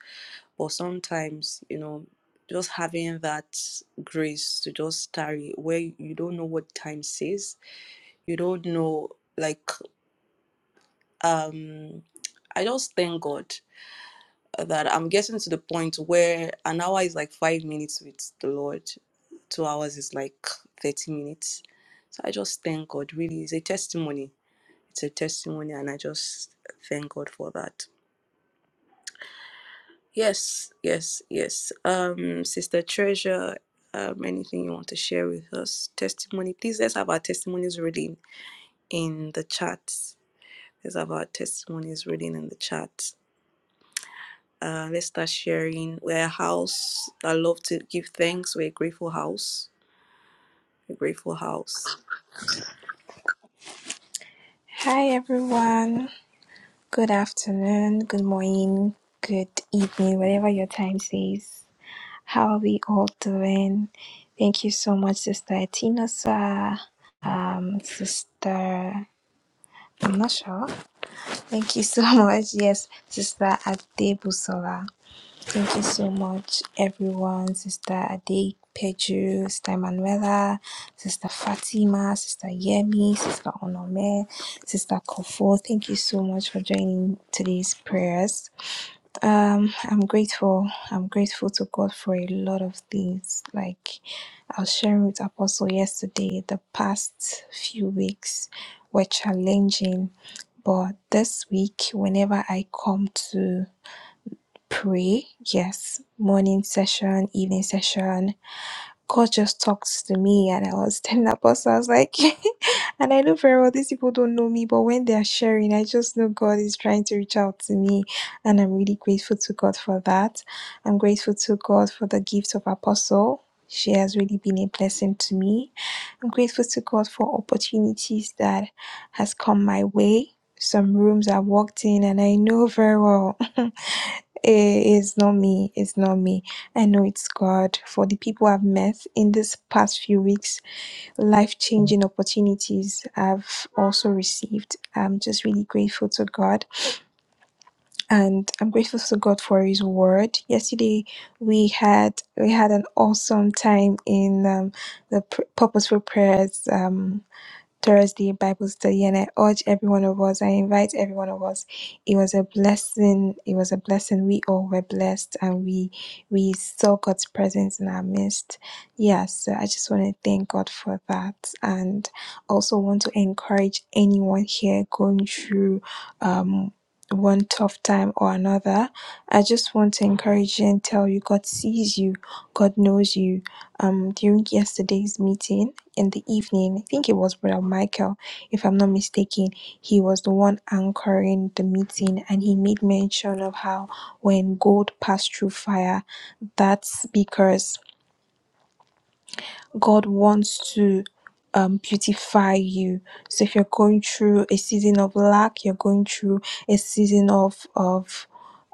But sometimes, you know, just having that grace to just tarry where you don't know what time says, you don't know like um I just thank God that I'm getting to the point where an hour is like five minutes with the Lord. two hours is like 30 minutes. So I just thank God. Really, it's a testimony. It's a testimony, and I just thank God for that. Yes, yes, yes. Um, Sister Treasure, um, anything you want to share with us? Testimony. Please let's have our testimonies reading in the chat. Let's have our testimonies reading in the chat. Uh, let's start sharing. We're a house. I love to give thanks. We're a grateful house. A grateful house. Hi, everyone. Good afternoon, good morning, good evening, whatever your time says. How are we all doing? Thank you so much, Sister Tinosa. Um, Sister, I'm not sure. Thank you so much. Yes, Sister Adebusola. Thank you so much, everyone. Sister Ade Peju, Sister Manuela, Sister Fatima, Sister Yemi, Sister Onome, Sister Kofo. Thank you so much for joining today's prayers. Um, I'm grateful. I'm grateful to God for a lot of things. Like I was sharing with Apostle yesterday, the past few weeks were challenging, but this week, whenever I come to pray. Yes, morning session, evening session. God just talks to me, and I was telling Apostle, I was like, and I know very well these people don't know me, but when they are sharing, I just know God is trying to reach out to me, and I'm really grateful to God for that. I'm grateful to God for the gift of Apostle. She has really been a blessing to me. I'm grateful to God for opportunities that has come my way. Some rooms I walked in, and I know very well. Eh, It's not me. It's not me. I know it's God. For the people I've met in this past few weeks, life changing opportunities I've also received. I'm just really grateful to God, and I'm grateful to God for His Word. Yesterday, we had we had an awesome time in um, the pr- purposeful prayers. Um, Thursday Bible study, and I urge every one of us, I invite every one of us. It was a blessing. It was a blessing. We all were blessed, and we we saw God's presence in our midst. Yeah, so I just want to thank God for that, and also want to encourage anyone here going through um one tough time or another. I just want to encourage you and tell you God sees you, God knows you. Um, during yesterday's meeting in the evening. I think it was Brother Michael, if I'm not mistaken. He was the one anchoring the meeting, and he made mention of how when gold passed through fire, that's because God wants to um, beautify you. So if you're going through a season of lack, you're going through a season of of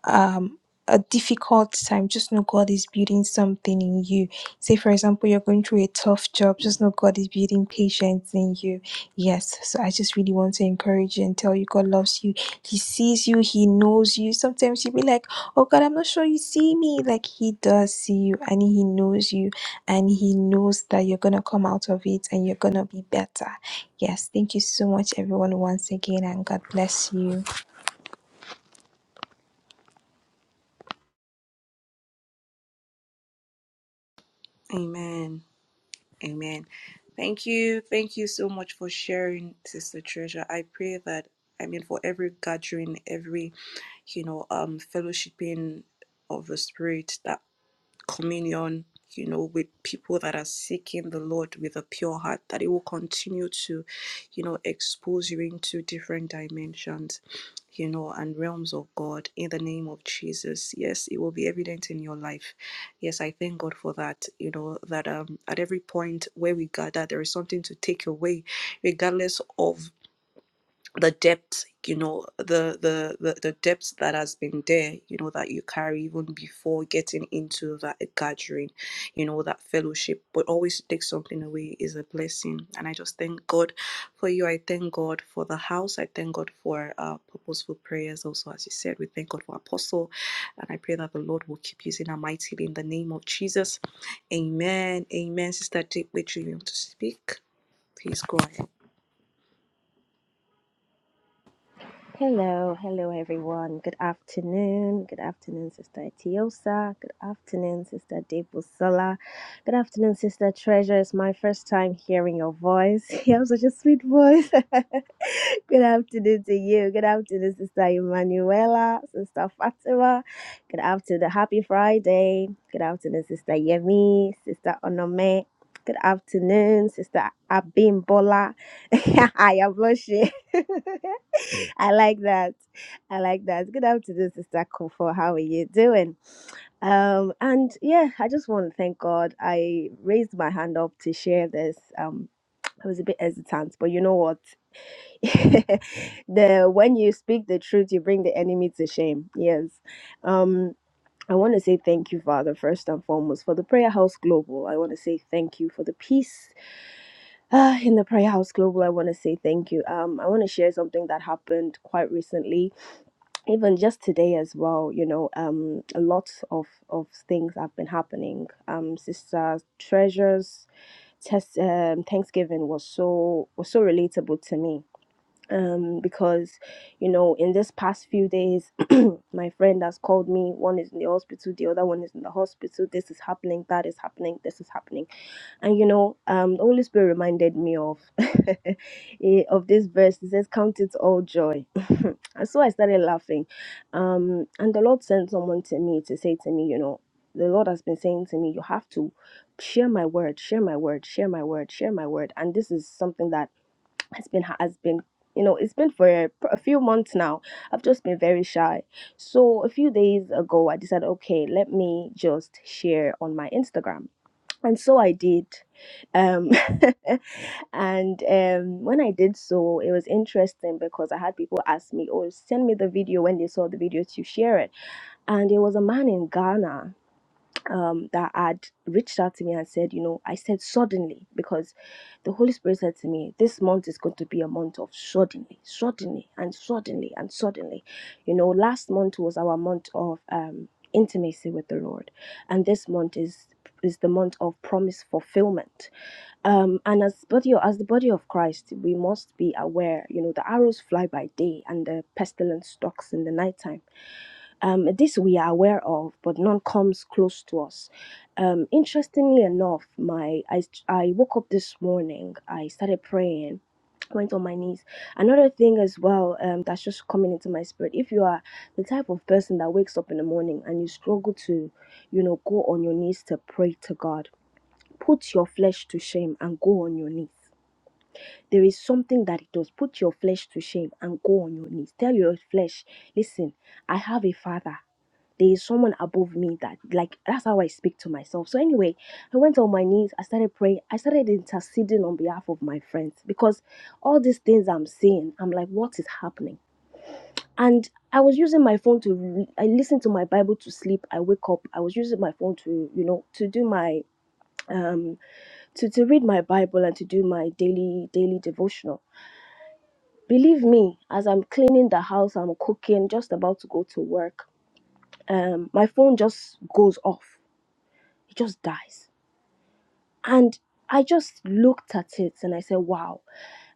um a difficult time just know god is building something in you say for example you're going through a tough job just know god is building patience in you yes so i just really want to encourage you and tell you god loves you he sees you he knows you sometimes you'll be like oh god i'm not sure you see me like he does see you and he knows you and he knows that you're gonna come out of it and you're gonna be better yes thank you so much everyone once again and god bless you Amen. Amen. Thank you. Thank you so much for sharing, Sister Treasure. I pray that I mean for every gathering, every you know, um fellowshipping of the spirit that communion, you know, with people that are seeking the Lord with a pure heart, that He will continue to, you know, expose you into different dimensions, you know, and realms of God in the name of Jesus. Yes, it will be evident in your life. Yes, I thank God for that, you know, that um, at every point where we gather, there is something to take away, regardless of the depth you know the, the the the depth that has been there you know that you carry even before getting into that gathering you know that fellowship but always take something away is a blessing and i just thank god for you i thank god for the house i thank god for uh, purposeful prayers also as you said we thank god for apostle and i pray that the lord will keep using her mightily in the name of jesus amen amen sister dick which you want to speak please go ahead Hello, hello everyone. Good afternoon. Good afternoon, Sister Etiosa. Good afternoon, Sister Debosola. Good afternoon, Sister Treasure. It's my first time hearing your voice. You have such a sweet voice. Good afternoon to you. Good afternoon, Sister Emanuela, Sister Fatima. Good afternoon. Happy Friday. Good afternoon, Sister Yemi, Sister Onome. Good afternoon, Sister Abimbola. I am blushing. I like that. I like that. Good afternoon, Sister Kofo. How are you doing? Um, and yeah, I just want to thank God. I raised my hand up to share this. Um, I was a bit hesitant, but you know what? the when you speak the truth, you bring the enemy to shame. Yes. Um, I want to say thank you, Father, first and foremost, for the Prayer House Global. I want to say thank you for the peace uh, in the Prayer House Global. I want to say thank you. Um, I want to share something that happened quite recently even just today as well, you know, um, a lot of, of things have been happening. Um, Sister Treasure's test, um, Thanksgiving was so was so relatable to me. Um, because, you know, in this past few days, my friend has called me. One is in the hospital, the other one is in the hospital. This is happening, that is happening, this is happening and you know, um, the Holy Spirit reminded me of eh, of this verse. It says, "Count it all joy." and so I started laughing. Um, and the Lord sent someone to me to say to me, you know, the Lord has been saying to me, you have to share my word, share my word, share my word, share my word. And this is something that has been has been. You know, it's been for a, a few months now. I've just been very shy. So, a few days ago, I decided, okay, let me just share on my Instagram and so I did. Um, and um, when I did so, it was interesting because I had people ask me, Oh, send me the video when they saw the video to share it. And it was a man in Ghana um, that had reached out to me and said, you know, I said suddenly because the Holy Spirit said to me, this month is going to be a month of suddenly, suddenly, and suddenly, and suddenly. You know, last month was our month of um, intimacy with the Lord, and this month is is the month of promise fulfillment. Um, and as body as the body of Christ, we must be aware. You know, the arrows fly by day, and the pestilence stalks in the nighttime um, this we are aware of, but none comes close to us. Um, interestingly enough, my I, I woke up this morning. I started praying, went on my knees. Another thing as well um, that's just coming into my spirit. If you are the type of person that wakes up in the morning and you struggle to, you know, go on your knees to pray to God, put your flesh to shame and go on your knees there is something that it does. Put your flesh to shame and go on your knees. Tell your flesh, listen, I have a father. There is someone above me that, like, that's how I speak to myself. So, anyway, I went on my knees. I started praying. I started interceding on behalf of my friends because all these things I'm seeing, I'm like, what is happening? And I was using my phone to, I listened to my Bible to sleep. I wake up. I was using my phone to, you know, to do my, um, to, to read my Bible and to do my daily daily devotional. Believe me, as I'm cleaning the house, I'm cooking, just about to go to work, um, my phone just goes off. It just dies. And I just looked at it and I said, wow.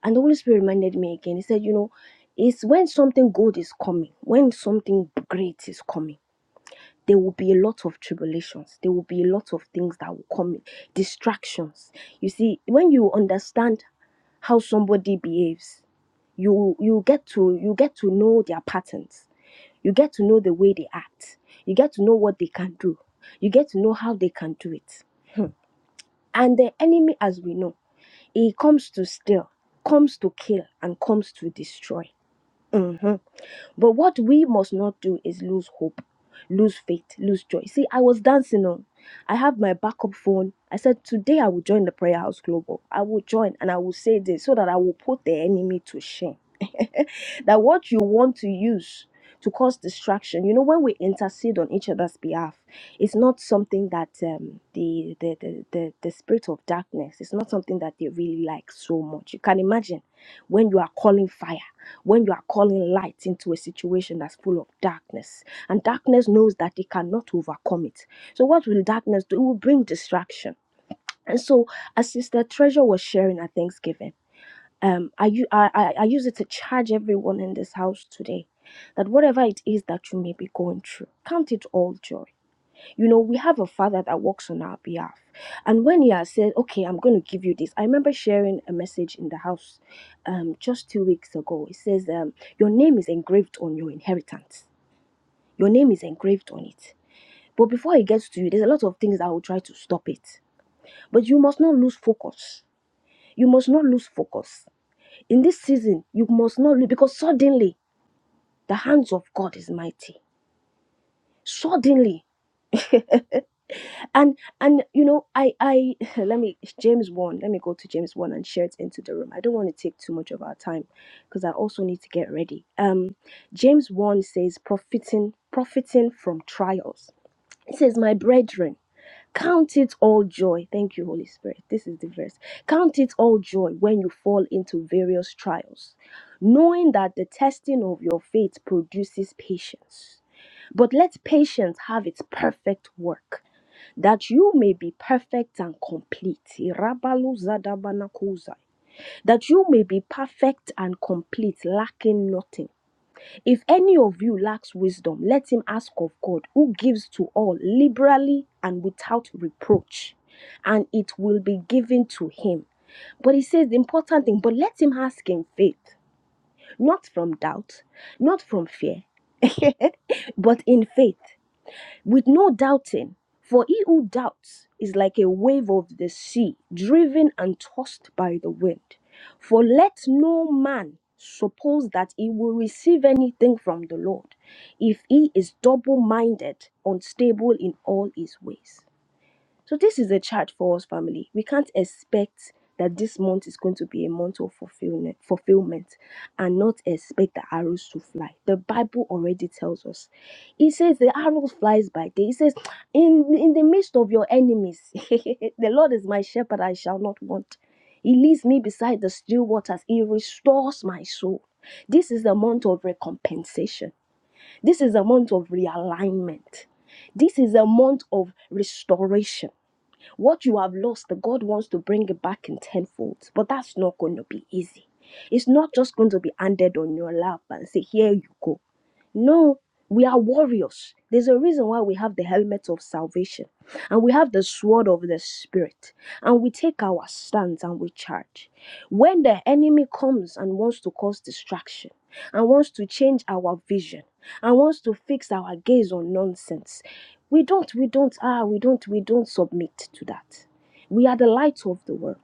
And the Holy Spirit reminded me again. He said, you know, it's when something good is coming, when something great is coming there will be a lot of tribulations. There will be a lot of things that will come in, distractions. You see, when you understand how somebody behaves, you you get to you get to know their patterns. You get to know the way they act. You get to know what they can do. You get to know how they can do it. And the enemy, as we know, he comes to steal, comes to kill, and comes to destroy. hmm but what we must not do is lose hope, lose faith, lose joy. See, I was dancing on. I have my backup phone. I said, Today I will join the Prayer House Global. I will join and I will say this so that I will put the enemy to shame. that what you want to use to cause distraction, you know, when we intercede on each other's behalf, it's not something that um, the, the, the, the, the spirit of darkness, it's not something that they really like so much. You can imagine when you are calling fire when you are calling light into a situation that's full of darkness. And darkness knows that it cannot overcome it. So, what will darkness do? It will bring distraction. And so, as Sister Treasure was sharing at Thanksgiving, um, I, u- I, I I use it to charge everyone in this house today that whatever it is that you may be going through, count it all joy you know, we have a father that works on our behalf. And when he has said, Okay, I'm going to give you this, I remember sharing a message in the house um, just two weeks ago. It says, um, Your name is engraved on your inheritance, your name is engraved on it. But before it gets to you, there's a lot of things that will try to stop it. But you must not lose focus. You must not lose focus. In this season, you must not lose because suddenly the hands of God is mighty. Suddenly, and and you know i i let me james 1 let me go to james 1 and share it into the room i don't want to take too much of our time because i also need to get ready um james 1 says profiting profiting from trials it says my brethren count it all joy thank you holy spirit this is the verse count it all joy when you fall into various trials knowing that the testing of your faith produces patience but let patience have its perfect work that you may be perfect and complete. Irabalu zadabanakuzai. That you may be perfect and complete, lacking nothing. If any of you lacks wisdom, let him ask of God, who gives to all liberally and without reproach, and it will be given to him. But he says the important thing, but let him ask in faith, not from doubt, not from fear, but in faith. with no doubting. For he who doubts is like a wave of the sea, driven and tossed by the wind. For let no man suppose that he will receive anything from the Lord, if he is double minded, unstable in all his ways. So this is a charge for us, family. We can't expect that this month is going to be a month of fulfillment, fulfillment, and not expect the arrows to fly. The Bible already tells us. It says the arrow flies by day. It says, in in the midst of your enemies, the Lord is my shepherd; I shall not want. He leads me beside the still waters. He restores my soul. This is a month of recompensation. This is a month of realignment. This is a month of restoration. What you have lost, God wants to bring it back in tenfold, but that's not going to be easy. It's not just going to be handed on your lap and say, Here you go. No, we are warriors. There's a reason why we have the helmet of salvation and we have the sword of the spirit and we take our stance and we charge. When the enemy comes and wants to cause distraction and wants to change our vision and wants to fix our gaze on nonsense, we don't, we don't, ah, we don't, we don't submit to that. We are the light of the world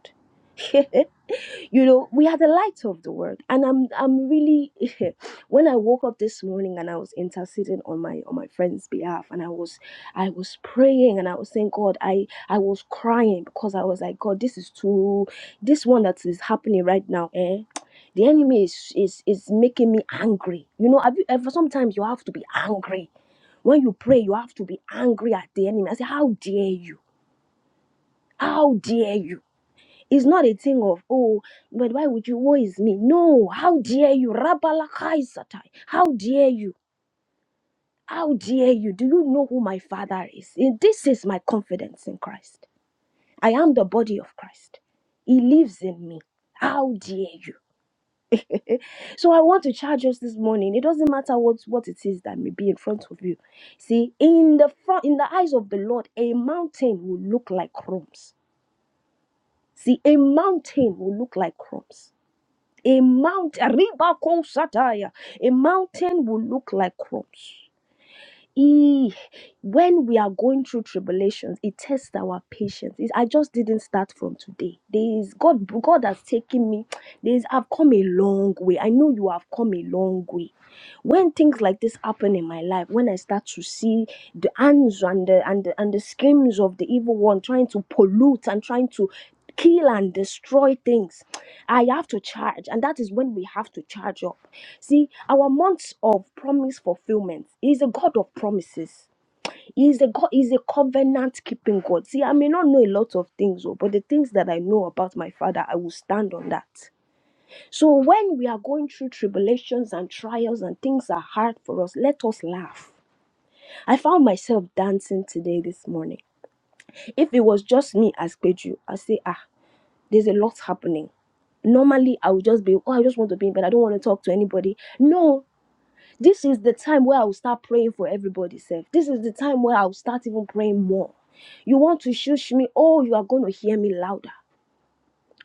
you know we are the light of the world and i'm i'm really when i woke up this morning and i was interceding on my on my friend's behalf and i was i was praying and i was saying god i i was crying because i was like god this is too this one that is happening right now eh the enemy is is is making me angry you know have you ever sometimes you have to be angry when you pray you have to be angry at the enemy i say how dare you how dare you it's not a thing of, oh, but why would you? Woe is me. No, how dare you? Rabalakai Satai. How dare you? How dare you? Do you know who my father is? And This is my confidence in Christ. I am the body of Christ. He lives in me. How dare you? so I want to charge us this morning. It doesn't matter what, what it is that may be in front of you. See, in the front in the eyes of the Lord, a mountain will look like crumbs. See, a mountain will look like crumbs A mount, Ribako Sataya, a mountain will look like crops. E, when we are going through tribulations, it tests our patience. It- I just didn't start from today. There is God. God has taken me. There is I've come a long way. I know you have come a long way when things like this happen in my life, when I start to see the hands and the and the, and the schemes of the evil one trying to pollute and trying to kill and destroy things, I have to charge, and that is when we have to charge up. See, our months of promise fulfillment He is a God of promises. He is a God, He is a covenant keeping God. See, I may not know a lot of things, oh, but the things that I know about my father, I will stand on that. So when we are going through tribulations and trials and things are hard for us, let us laugh. I found myself dancing today this morning. If it was just me as Peju, I say, ah, there's a lot happening. Normally I would just be, oh, I just want to be in bed. I don't want to talk to anybody. No, this is the time where I will start praying for everybody, self. This is the time where I will start even praying more. You want to shush me? Oh, you are going to hear me louder.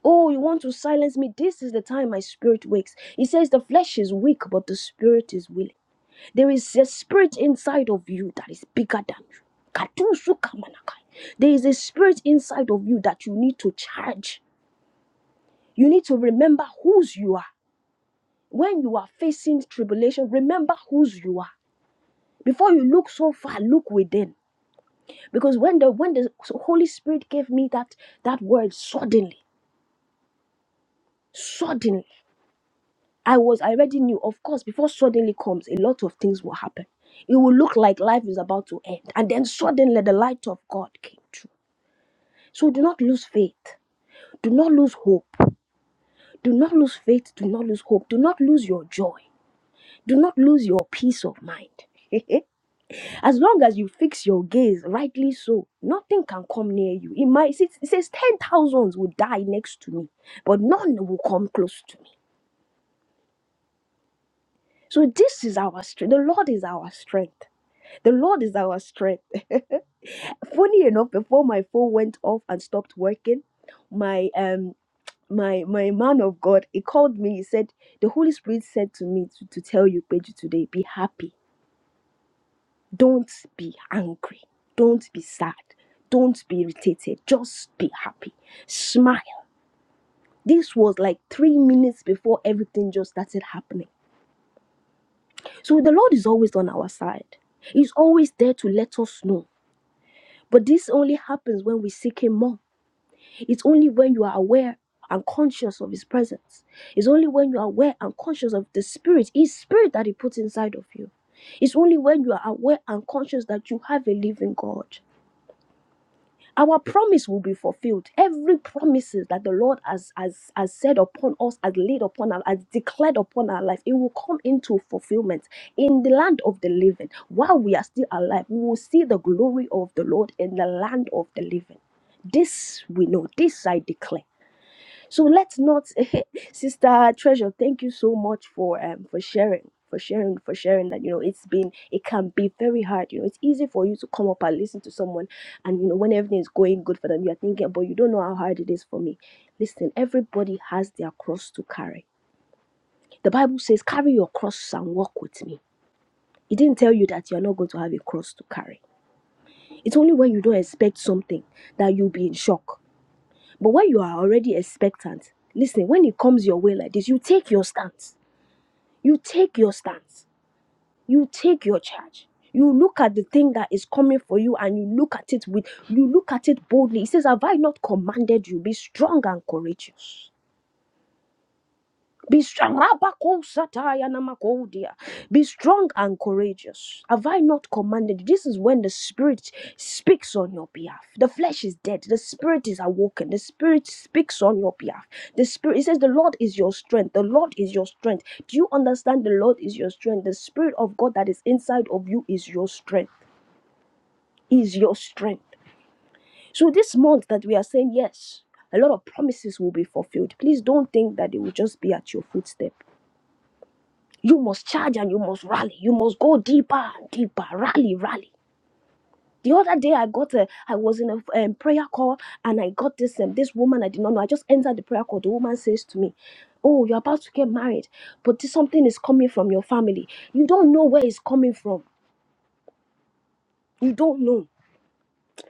Oh, you want to silence me? This is the time my spirit wakes. He says the flesh is weak, but the spirit is willing. There is a spirit inside of you that is bigger than you. Katusu kamanakai. There is a spirit inside of you that you need to charge. You need to remember whose you are. When you are facing tribulation, remember whose you are. before you look so far look within because when the when the holy spirit gave me that that word suddenly suddenly i was i already knew of course before suddenly comes a lot of things will happen it will look like life is about to end and then suddenly the light of god came through so do not lose faith do not lose hope do not lose faith do not lose hope do not lose your joy do not lose your peace of mind As long as you fix your gaze, rightly so, nothing can come near you. It might it says ten thousands will die next to me, but none will come close to me. So this is our strength. The Lord is our strength. The Lord is our strength. Funny enough, before my phone went off and stopped working, my um my my man of God, he called me. He said, The Holy Spirit said to me to, to tell you, Page, today, be happy Don't be angry. Don't be sad. Don't be irritated. Just be happy. Smile. This was like three minutes before everything just started happening. So the Lord is always on our side. He's always there to let us know. But this only happens when we seek Him more. It's only when you are aware and conscious of His presence. It's only when you are aware and conscious of the Spirit, His Spirit that He puts inside of you. It's only when you are aware and conscious that you have a living God. our promise will be fulfilled. Every promises that the Lord has, has, has said upon us, has laid upon us, has declared upon our life, it will come into fulfillment in the land of the living. While we are still alive, we will see the glory of the Lord in the land of the living. This we know, this I declare. So let's not, Sister Treasure. Thank you so much for um for sharing, for sharing, for sharing that you know it's been it can be very hard. You know it's easy for you to come up and listen to someone, and you know when everything is going good for them, you're thinking, but you don't know how hard it is for me. Listen, everybody has their cross to carry. The Bible says, "Carry your cross and walk with me." It didn't tell you that you're not going to have a cross to carry. It's only when you don't expect something that you'll be in shock but when you are already expectant, listen, when it comes your way like this, you take your stance. You take your stance. You take your charge. You look at the thing that is coming for you and you look at it with you look at it boldly. He says, Have I not commanded you? Be strong and courageous. Be strong. Rabakosataya namakodia. Be strong and courageous. Have I not commanded you? This is when the Spirit speaks on your behalf. The flesh is dead. The Spirit is awoken. The Spirit speaks on your behalf. The Spirit, it says, The Lord is your strength. The Lord is your strength. Do you understand? The Lord is your strength. The Spirit of God that is inside of you is your strength. Is your strength. So this month that we are saying, Yes. A lot of promises will be fulfilled. Please don't think that they will just be at your footstep You must charge and you must rally. You must go deeper and deeper. Rally, rally. The other day I got a, I was in a um, prayer call and I got this um, this woman I did not know. I just entered the prayer call. The woman says to me, "Oh, you're about to get married, but this, something is coming from your family. You don't know where it's coming from. You don't know."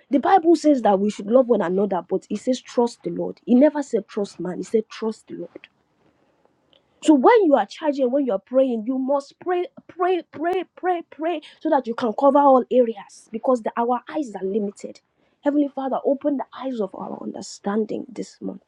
The Bible says that we should love one another, but it says trust the Lord. He never said trust man. He said trust the Lord. So when you are charging, when you are praying, you must pray, pray, pray, pray, pray, so that you can cover all areas because the, our eyes are limited. Heavenly Father, open the eyes of our understanding this month.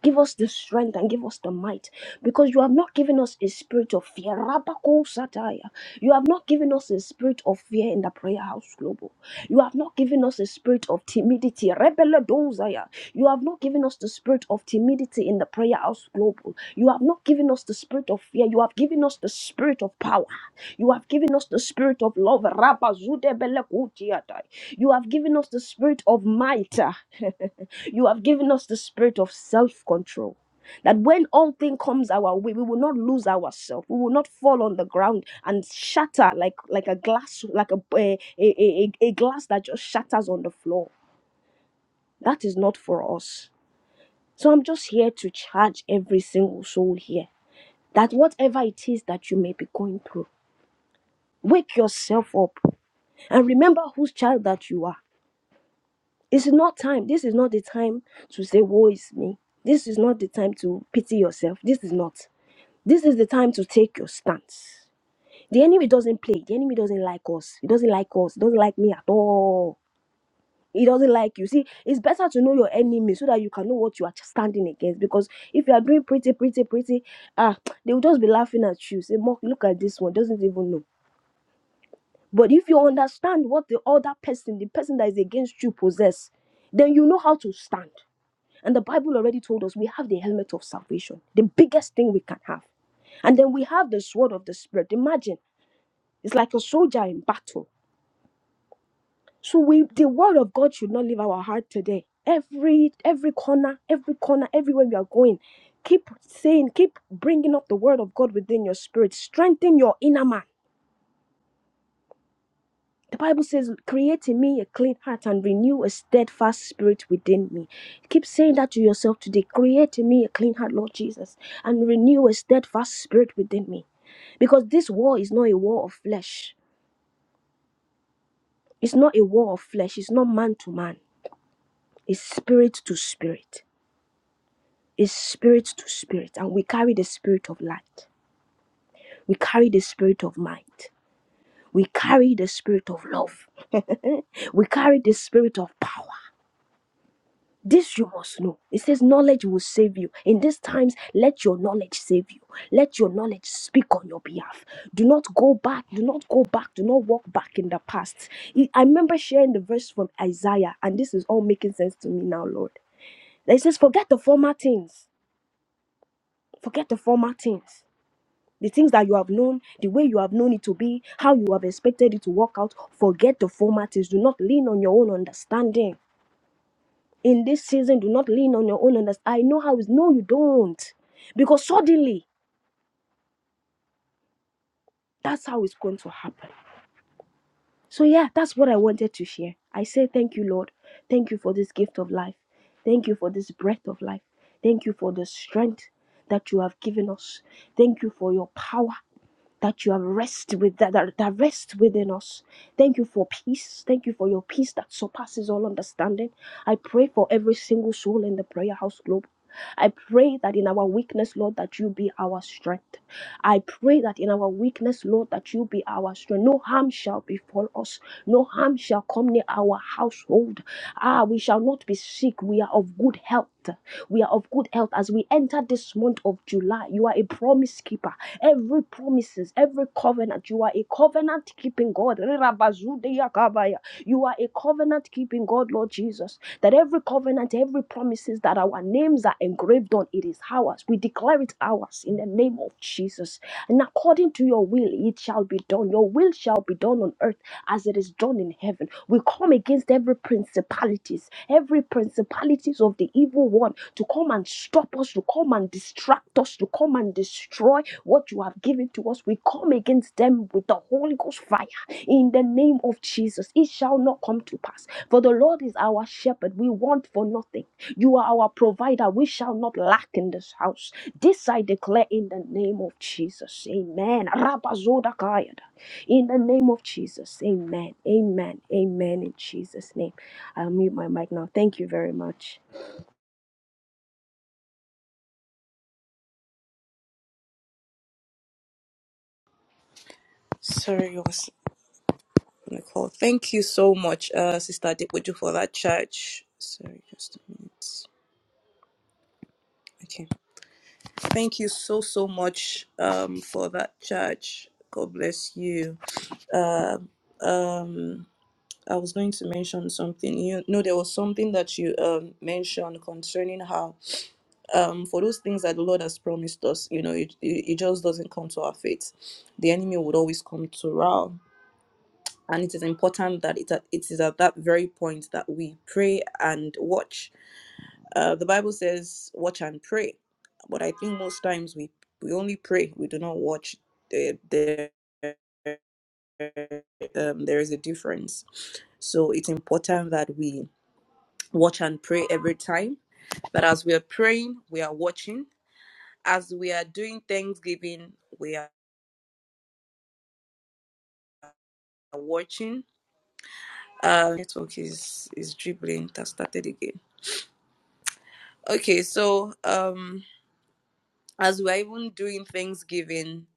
Give us the strength and give us the might because you have not given us a spirit of fear. Rabako Sataya. You have not given us a spirit of fear in the prayer house global. You have not given us a spirit of timidity. Rebele dozaya. You have not given us the spirit of timidity in the prayer house global. You have not given us the spirit of fear. You have given us the spirit of power. You have given us the spirit of love. Rabba zude bele kutiatai. You have given us the spirit of might. You have given us the spirit of self control. That when all thing comes our way, we will not lose ourselves. We will not fall on the ground and shatter like like a glass, like a a, a, a a glass that just shatters on the floor. That is not for us. So I'm just here to charge every single soul here that whatever it is that you may be going through, wake yourself up and remember whose child that you are. It's not time. This is not the time to say, Woe is me. This is not the time to pity yourself. This is not. This is the time to take your stance. The enemy doesn't play. The enemy doesn't like us. He doesn't like us. He doesn't like me at all. He doesn't like you. See, it's better to know your enemy so that you can know what you are standing against. Because if you are doing pretty, pretty, pretty, ah, they will just be laughing at you. Say, Mark, look at this one. Doesn't even know. But if you understand what the other person, the person that is against you, possess, then you know how to stand and the Bible already told us we have the helmet of salvation, the biggest thing we can have. And then we have the sword of the Spirit. Imagine, it's like a soldier in battle. So we the word of God should not leave our heart today. Every every corner, every corner, everywhere we are going, keep saying, keep bringing up the word of God within your spirit. Strengthen your inner man. The Bible says, Create in me a clean heart and renew a steadfast spirit within me. Keep saying that to yourself today. Create in me a clean heart, Lord Jesus, and renew a steadfast spirit within me. Because this war is not a war of flesh. It's not a war of flesh. It's not man to man. It's spirit to spirit. It's spirit to spirit. And we carry the spirit of light. We carry the spirit of might. We carry the spirit of love. We carry the spirit of power. This you must know. It says, Knowledge will save you. In these times, let your knowledge save you. Let your knowledge speak on your behalf. Do not go back. Do not go back. Do not walk back in the past. I I remember sharing the verse from Isaiah, and this is all making sense to me now, Lord. It says, Forget the former things. Forget the former things. The things that you have known, the way you have known it to be, how you have expected it to work out, forget the former things. Do not lean on your own understanding in this season, do not lean on your own understanding. I know how it's. No, you don't. Because suddenly, that's how it's going to happen. So, yeah, that's what I wanted to share. I say thank you, Lord. Thank you for this gift of life. Thank you for this breath of life. Thank you for the strength that you have given us. Thank you for your power. that you have rest with that, that that rest within us. Thank you for peace. Thank you for your peace that surpasses all understanding. I pray for every single soul in the prayer house globe. I pray that in our weakness, Lord, that you be our strength. I pray that in our weakness, Lord, that you be our strength. No harm shall befall us. No harm shall come near our household. Ah, we shall not be sick. We are of good health. We are of good health as we enter this month of July. You are a promise keeper. Every promises, every covenant, you are a covenant keeping God. You are a covenant keeping God, Lord Jesus. That every covenant, every promises that our names are engraved on, it is ours. We declare it ours in the name of Jesus. And according to your will, it shall be done. Your will shall be done on earth as it is done in heaven. We come against every principalities, every principalities of the evil one to come and stop us, to come and distract us, to come and destroy what you have given to us. We come against them with the Holy Ghost fire in the name of Jesus. It shall not come to pass. For the Lord is our shepherd. We want for nothing. You are our provider. We shall not lack in this house. This I declare in the name of Jesus. Amen. Rabazoda Kayada. In the name of Jesus, amen, amen, amen. In Jesus' name, I'll mute my mic now. Thank you very much. Sorry, I was Nicole. Thank you so much, uh, Sister Adepoju, for that church. Sorry, just a minute. Okay. Thank you so, so much um, for that church. God bless you. Uh, um, I was going to mention something. You know, there was something that you um, mentioned concerning how, um, for those things that the Lord has promised us, you know, it, it, it just doesn't come to our faith. The enemy would always come to rout and it is important that it, it is at that very point that we pray and watch. Uh, the Bible says, "Watch and pray," but I think most times we we only pray; we do not watch. There, there, um, there is a difference, so it's important that we watch and pray every time. That as we are praying, we are watching. As we are doing Thanksgiving, we are watching. Uh, network is is dribbling. It Has started again Okay, so um, as we are even doing Thanksgiving,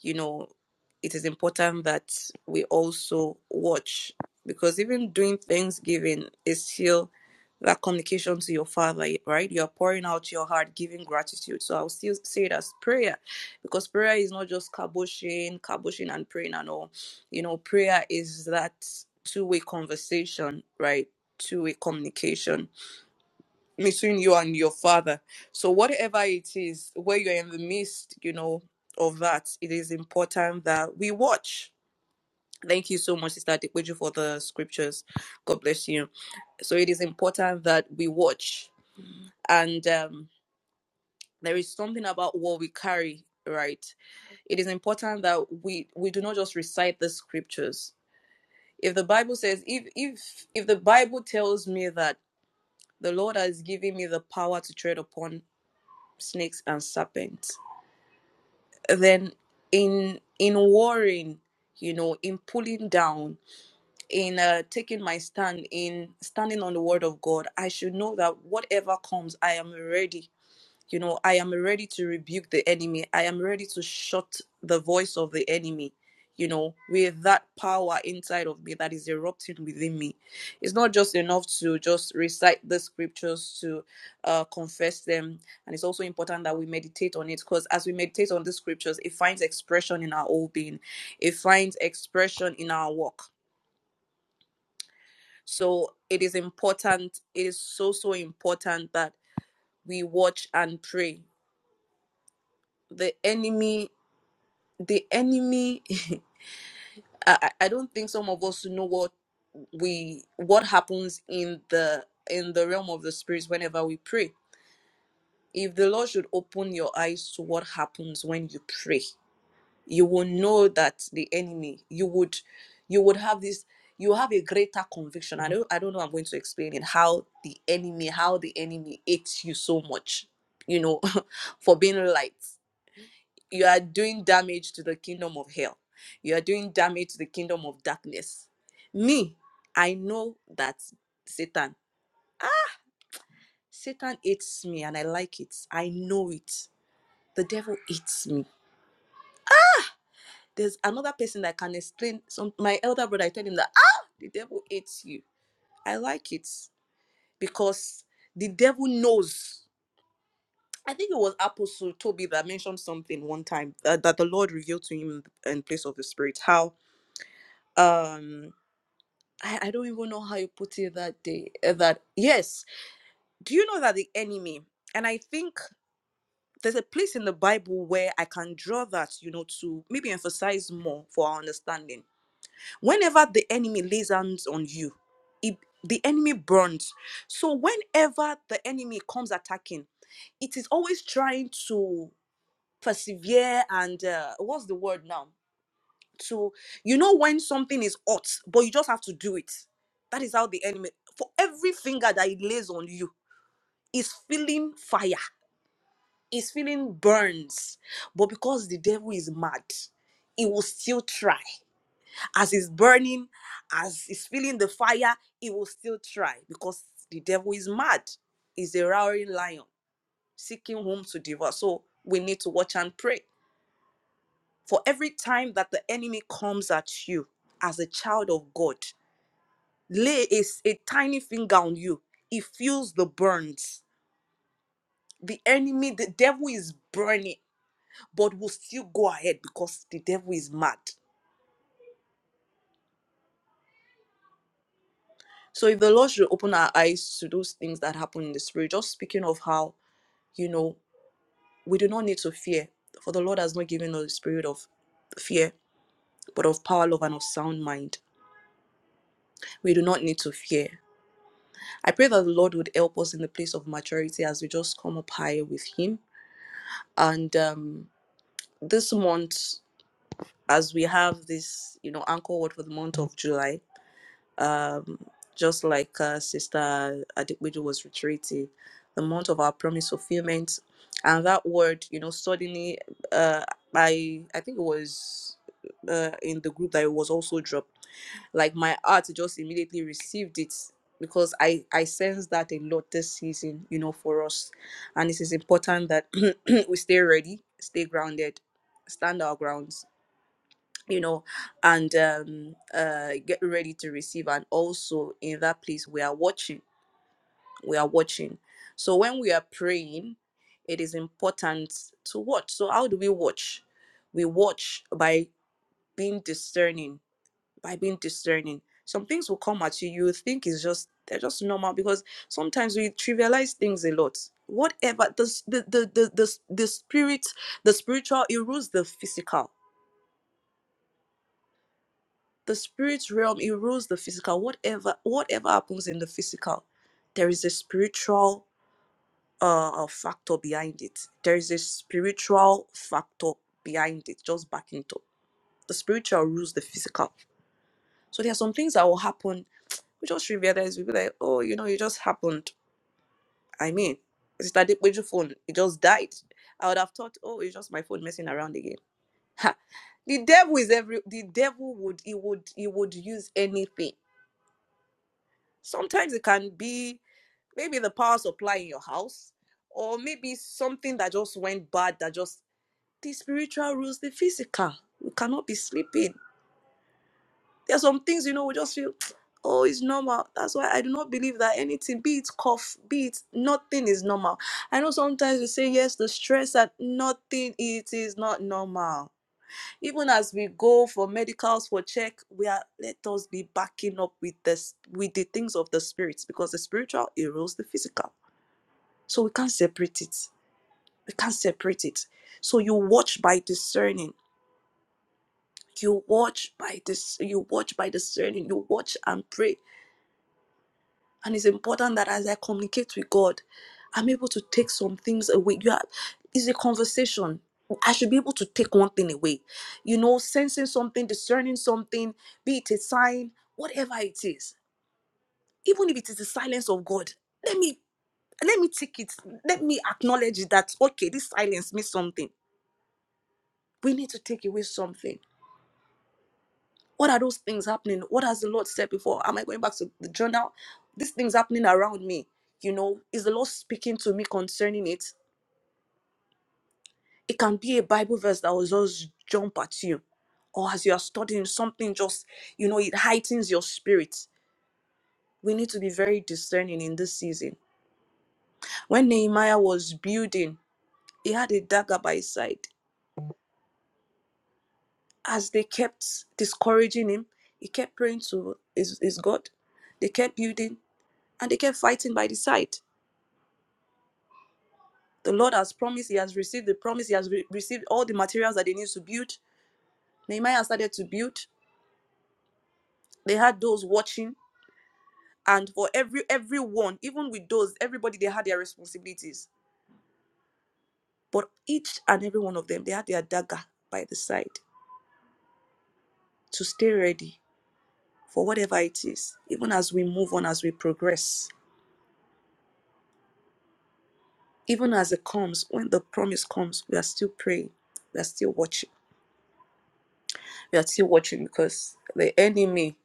you know, it is important that we also watch because even doing Thanksgiving is still that communication to your father, right? You are pouring out your heart, giving gratitude. So I'll still say it as prayer because prayer is not just kaboshing, kaboshing and praying and all. You know, prayer is that two way conversation, right? Two way communication between you and your father. So whatever it is, where you're in the midst, you know, of that, it is important that we watch. Thank you so much, Sister Adikweju, for the scriptures. God bless you. So it is important that we watch. And um, there is something about what we carry, right? It is important that we we do not just recite the scriptures. If the Bible says, if if if the Bible tells me that the Lord has given me the power to tread upon snakes and serpents, then in in warring you know in pulling down in uh, taking my stand in standing on the word of god i should know that whatever comes i am ready you know, I am ready to rebuke the enemy. I am ready to shut the voice of the enemy, you know, with that power inside of me that is erupting within me. It's not just enough to just recite the scriptures to uh, confess them. And it's also important that we meditate on it because as we meditate on the scriptures, it finds expression in our whole being, it finds expression in our work. So it is important, it is so, so important that we watch and pray. The enemy the enemy I, I I don't think some of us know what we what happens in the in the realm of the spirits whenever we pray if the lord should open your eyes to what happens when you pray you will know that the enemy you would you would have this you have a greater conviction i don't i don't know i'm going to explain it how the enemy how the enemy hates you so much you know for being light you are doing damage to the kingdom of hell. You are doing damage to the kingdom of darkness. Me, I know that Satan, ah, Satan hates me and I like it. I know it. The devil hates me. There's another person that can explain some my elder brother, I tell him that ah the devil hates you. I like it because the devil knows. I think it was Apostle Toby that mentioned something one time uh, that the Lord revealed to him in the- in place of the Spirit. How um I, I don't even know how you put it that day. uh, That yes, do you know that the enemy? And I think there's a place in the Bible where I can draw that, you know, to maybe emphasize more for our understanding. Whenever the enemy lays hands on you, it, the enemy burns. So whenever the enemy comes attacking, it is always trying to persevere and uh, what's the word now? to you know when something is hot but you just have to do it that is how the enemy for every finger that it lays on you is feeling fire is feeling burns but because the devil is mad he will still try as he's burning as he's feeling the fire he will still try because the devil is mad he's a roaring lion seeking whom to devour so we need to watch and pray for every time that the enemy comes at you as a child of God, lay a, s- a tiny finger on you, it feels the burns. The enemy, the devil is burning, but will still go ahead because the devil is mad. So if the Lord should open our eyes to those things that happen in the spirit, just speaking of how, you know, we do not need to fear, for the Lord has not given us the spirit of fear, but of power, love, and of sound mind. We do not need to fear. I pray that the Lord would help us in the place of maturity as we just come up higher with Him. And um, this month as we have this, you know, anchor word for the month of July, um, just like uh, Sister Adequiju was reiterating, the month of our promise fulfillment, and that word, you know, suddenly, uh, I I think it was uh, in the group that it was also dropped. Like my heart just immediately received it because I I sense that a lot this season, you know, for us, and it is important that we stay ready, stay grounded, stand our grounds you know and um uh get ready to receive and also in that place we are watching we are watching so when we are praying it is important to watch so how do we watch we watch by being discerning by being discerning some things will come at you you think is just they're just normal because sometimes we trivialize things a lot whatever the s- the the the, the, s- the spirit the spiritual erodes the physical the spirit realm it rules the physical whatever whatever happens in the physical there is a spiritual uh factor behind it there is a spiritual factor behind it just backing it up the spiritual rules the physical so there are some things that will happen we just realize we be like oh you know it just happened i mean it's that your phone it just died i would have thought oh it's just my phone messing around again ha. the devil is every the devil would he would he would use anything Sometimes it can be maybe the power supply in your house, or maybe something that just went bad that just the spiritual rules the physical. We cannot be sleeping. There are some things, you know, we just feel, oh, it's normal. That's why I do not believe that anything, be it cough, be it nothing is normal. I know sometimes we say, yes, the stress that nothing, it is not normal even as we go for medicals for check we are let us be backing up with this with the things of the spirits because the spiritual erodes the physical so we can't separate it we can't separate it so you watch by discerning you watch by this you watch by discerning you watch and pray And it's important that as I communicate with God, I'm able to take some things away. You are, it's a conversation. I should be able to take one thing away. You know, sensing something, discerning something, be it a sign, whatever it is. Even if it is the silence of God, let me let me take it. Let me acknowledge that okay, this silence means something. We need to take away something What are those things happening? What has the Lord said before? Am I going back to the journal? These things happening around me. You know, is the Lord speaking to me concerning it? It can be a Bible verse that will just jump at you. Or as you are studying something, just, you know, it heightens your spirit. We need to be very discerning in this season. When Nehemiah was building, he had a dagger by his side. As they kept discouraging him, he kept praying to his, his God. They kept building and they kept fighting by the side. The Lord has promised, he has received the promise, he has re- received all the materials that they need to build. Nehemiah started to build. They had those watching, and for every everyone, even with those, everybody they had their responsibilities. But each and every one of them, they had their dagger by the side to stay ready for whatever it is, even as we move on, as we progress, even as it comes, when the promise comes, we are still praying, we are still watching, we are still watching because the enemy,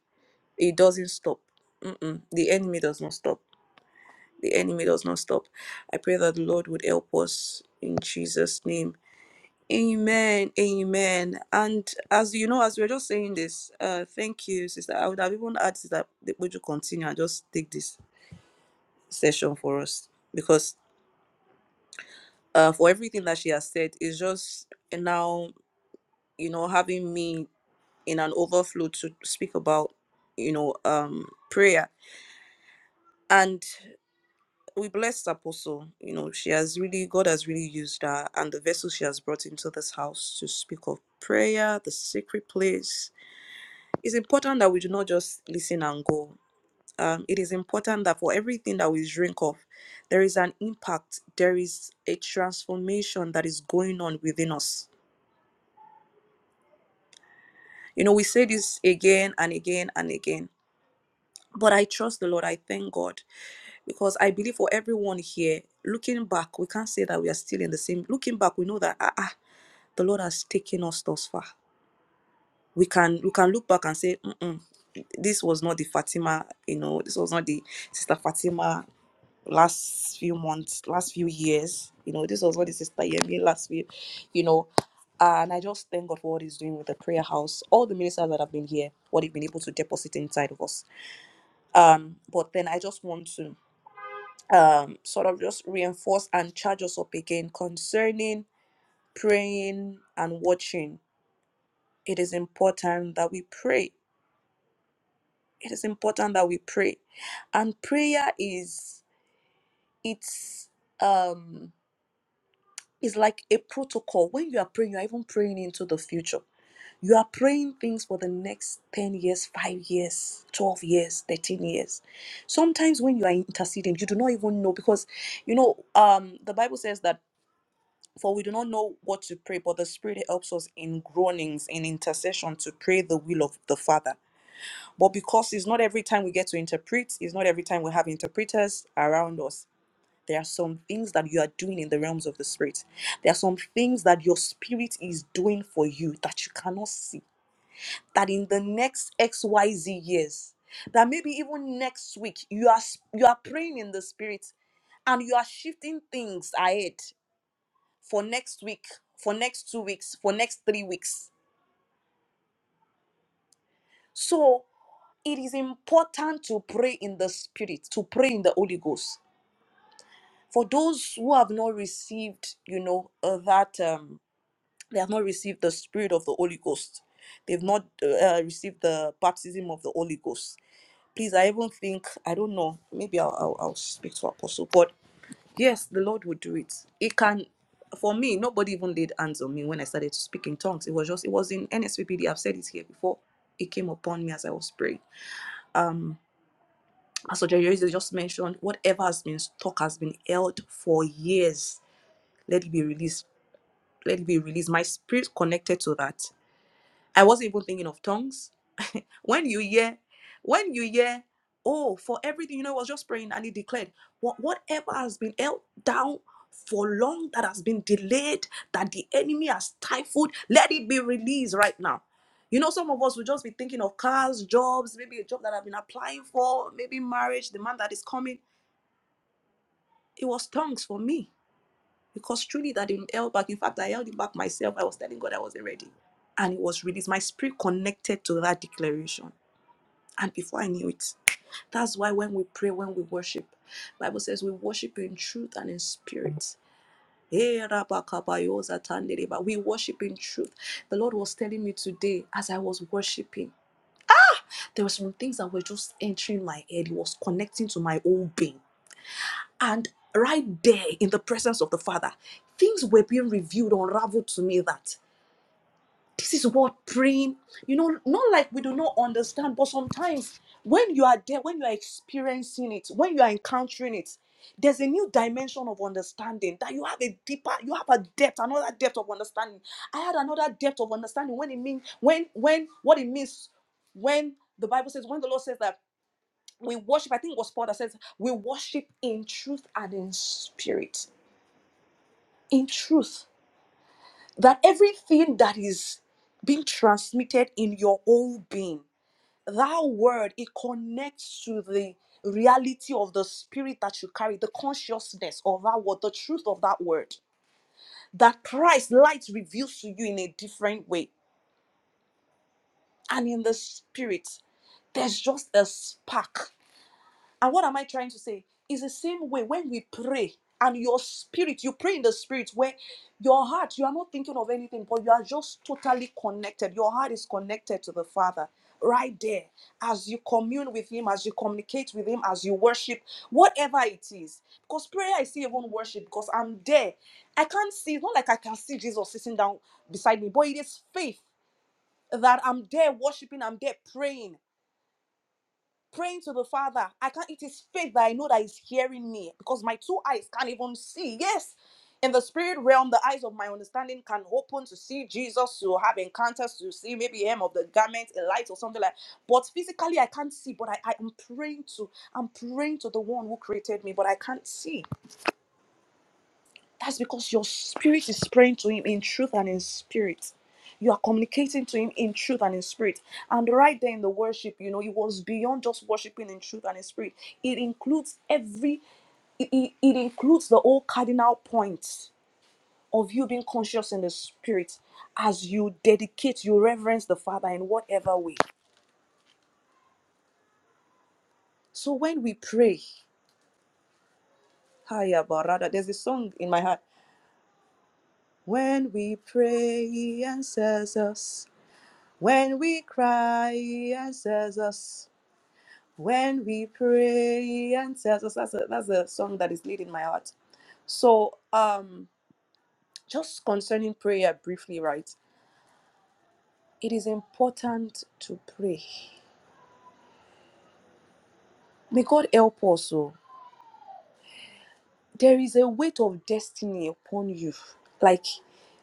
it doesn't stop. Mm-mm, the enemy does not stop. The enemy does not stop. I pray that the Lord would help us in Jesus' name. Amen. Amen. And as you know, as we are just saying this, uh, thank you, sister. I would have even asked that would you continue and just take this session for us because uh, for everything that she has said is just now you know having me in an overflow to speak about you know um prayer. And we bless Apostle. You know, she has really, God has really used her and the vessel she has brought into this house to speak of prayer, the secret place. It's important that we do not just listen and go. Um, it is important that for everything that we drink of, there is an impact, there is a transformation that is going on within us. You know, we say this again and again and again But I trust the Lord. I thank God because I believe for everyone here, looking back, we can't say that we are still in the same. Looking back, we know that ah, ah the Lord has taken us thus far. We can we can look back and say, Mm-mm, this was not the Fatima, you know, this was not the sister Fatima last few months, last few years, you know, this was what the sister Yemi last few, you know. And I just thank God for what He's doing with the prayer house, all the ministers that have been here, what they've been able to deposit inside of us um but then i just want to um sort of just reinforce and charge us up again concerning praying and watching it is important that we pray it is important that we pray and prayer is it's um it's like a protocol when you are praying you are even praying into the future You are praying things for the next 10 years, 5 years, 12 years, 13 years. Sometimes when you are interceding, you do not even know because, you know, um, the Bible says that for we do not know what to pray, but the Spirit helps us in groanings, in intercession to pray the will of the Father. But because it's not every time we get to interpret, it's not every time we have interpreters around us. There are some things that you are doing in the realms of the Spirit. There are some things that your Spirit is doing for you that you cannot see that in the next XYZ years, that maybe even next week you are s- you are praying in the spirit and you are shifting things ahead for next week, for next two weeks, for next three weeks. So it is important to pray in the spirit, to pray in the Holy Ghost. For those who have not received, you know, uh, that um, they have not received the spirit of the Holy Ghost, they've not uh, uh, received the baptism of the Holy Ghost please i even think i don't know maybe i'll i'll, I'll speak to apostle but yes the lord would do it it can for me nobody even laid hands on me when i started to speak in tongues it was just it was in nsvpd i've said it here before it came upon me as i was praying um pastor jerry just mentioned whatever has been stuck has been held for years let it be released let it be released my spirit connected to that i wasn't even thinking of tongues when you hear when you hear oh for everything you know i was just praying and he declared what whatever has been held down for long that has been delayed that the enemy has stifled let it be released right now you know some of us will just be thinking of cars jobs maybe a job that i've been applying for maybe marriage the man that is coming it was tongues for me because truly that didn't held back in fact i held it back myself i was telling god i wasn't ready and it was released my spirit connected to that declaration and before i knew it That's why when we pray, when we worship, Bible says we worship in truth and in spirit. Eh, rabakabayoza tandereba. We worship in truth. The Lord was telling me today as I was worshiping, there were some things that were just entering my head. It was connecting to my own being. And right there in the presence of the Father, things were being revealed, unraveled to me that This is what praying, you know, not like we do not understand, but sometimes when you are there, when you are experiencing it, when you are encountering it, there's a new dimension of understanding that you have a deeper, you have a depth, another depth of understanding. I had another depth of understanding when it means when when what it means when the Bible says when the Lord says that we worship. I think it was Paul that says we worship in truth and in spirit, in truth that everything that is being transmitted in your whole being, that word, it connects to the reality of the spirit that you carry, the consciousness of that word, the truth of that word. That Christ light reveals to you in a different way. And in the spirit, there's just a spark And what am I trying to say? It's the same way when we pray and your spirit, you pray in the spirit where your heart, you are not thinking of anything, but you are just totally connected. Your heart is connected to the Father right there as you commune with Him, as you communicate with Him, as you worship, whatever it is. Because prayer, I see even worship because I'm there. I can't see, it's not like I can see Jesus sitting down beside me, but it is faith that I'm there worshiping, I'm there praying praying to the Father. I can't, it is faith that I know that He's hearing me because my two eyes can't even see. Yes, in the spirit realm, the eyes of my understanding can open to see Jesus, to have encounters, to see maybe him of the garment, a light or something like But physically, I can't see, but I, I am praying to, I'm praying to the one who created me, but I can't see. That's because your spirit is praying to Him in truth and in spirit. You are communicating to Him in truth and in spirit. And right there in the worship, you know, it was beyond just worshiping in truth and in spirit. It includes every, it, it it includes the whole cardinal points of you being conscious in the spirit as you dedicate, you reverence the Father in whatever way. So when we pray, Hiya Barada, there's a song in my heart. When we pray, He answers us. When we cry, he answers us. When we pray, he answers us. That's a, that's a song that is leading my heart. So, um, just concerning prayer briefly, right? It is important to pray. May God help us. Oh, there is a weight of destiny upon you. Like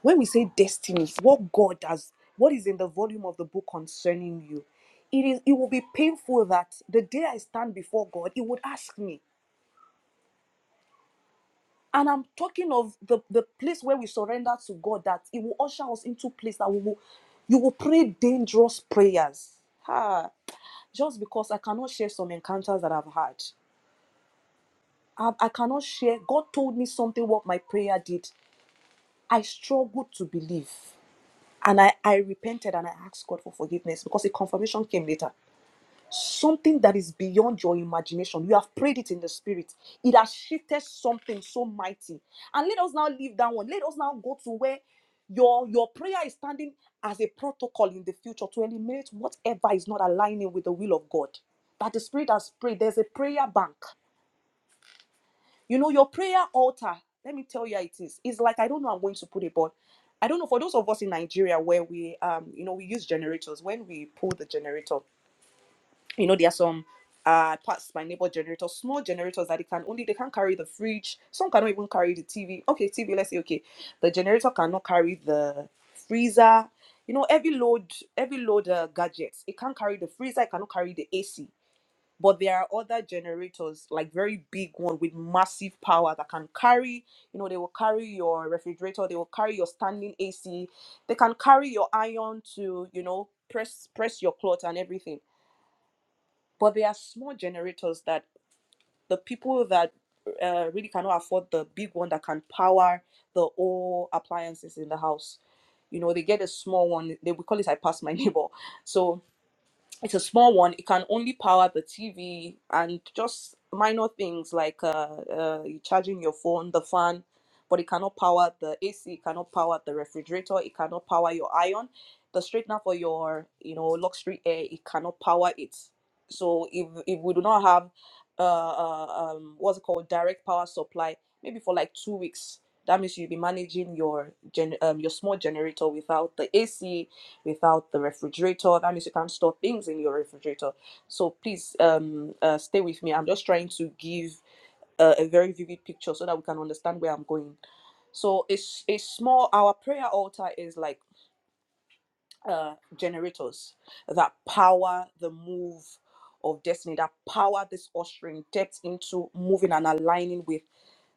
when we say destiny, what God does, what is in the volume of the book concerning you. It is. It will be painful that the day I stand before God, He would ask me. And I'm talking of the, the place where we surrender to God that it will usher us into place that we will you will pray dangerous prayers. Ha. Just because I cannot share some encounters that I've had. I, I cannot share. God told me something what my prayer did. I struggled to believe. And I, I repented and I asked God for forgiveness because a confirmation came later. something that is beyond your imagination. You have prayed it in the spirit. It has shifted something so mighty. And let us now leave that one. Let us now go to where your your prayer is standing as a protocol in the future to eliminate whatever is not aligning with the will of God. That the spirit has prayed. There's a prayer bank. You know, your prayer altar. Let me tell you how it is. It's like I don't know I'm going to put it, but I don't know for those of us in Nigeria where we um you know we use generators when we pull the generator you know there are some uh parts my neighbor generators small generators that they can only they can carry the fridge some cannot even carry the tv okay tv let's say okay the generator cannot carry the freezer you know every load every load uh, gadgets it can't carry the freezer it cannot carry the ac but there are other generators like very big one with massive power that can carry you know they will carry your refrigerator they will carry your standing ac they can carry your iron to you know press press your cloth and everything but there are small generators that the people that uh, really cannot afford the big one that can power the whole appliances in the house you know they get a small one they we call it i pass my neighbor so it's a small one it can only power the tv and just minor things like uh, uh you charging your phone the fan but it cannot power the ac it cannot power the refrigerator it cannot power your iron the straightener for your you know luxury air it cannot power it so if if we do not have uh, uh um what's it called direct power supply maybe for like two weeks that means you'll be managing your gen um your small generator without the ac without the refrigerator. That means you can't store things in your refrigerator. So please um, uh, stay with me. I'm just trying to give uh, a very vivid picture so that we can understand where I'm going. So it's a small. Our prayer altar is like uh, generators that power the move of destiny, that power this ushering depth into moving and aligning with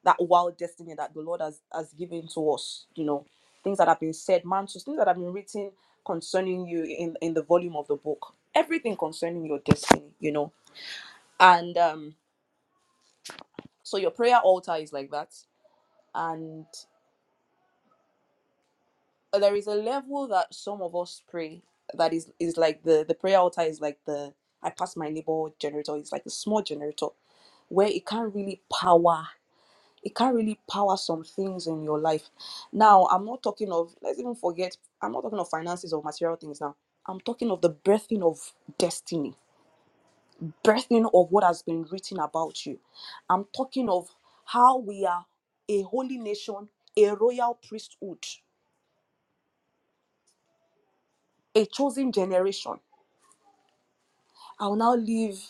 that wild destiny that the Lord has has given to us. You know, things that have been said, mantras, things that have been written concerning you in in the volume of the book. Everything concerning your destiny. You know, and um, so your prayer altar is like that, and there is a level that some of us pray that is is like the the prayer altar is like the I pass my neighbor generator. It's like a small generator where it can't really power it can't really power some things in your life. Now, I'm not talking of, let's even forget, I'm not talking of finances or material things now. I'm talking of the birthing of destiny, birthing of what has been written about you. I'm talking of how we are a holy nation, a royal priesthood, a chosen generation. I'll now leave.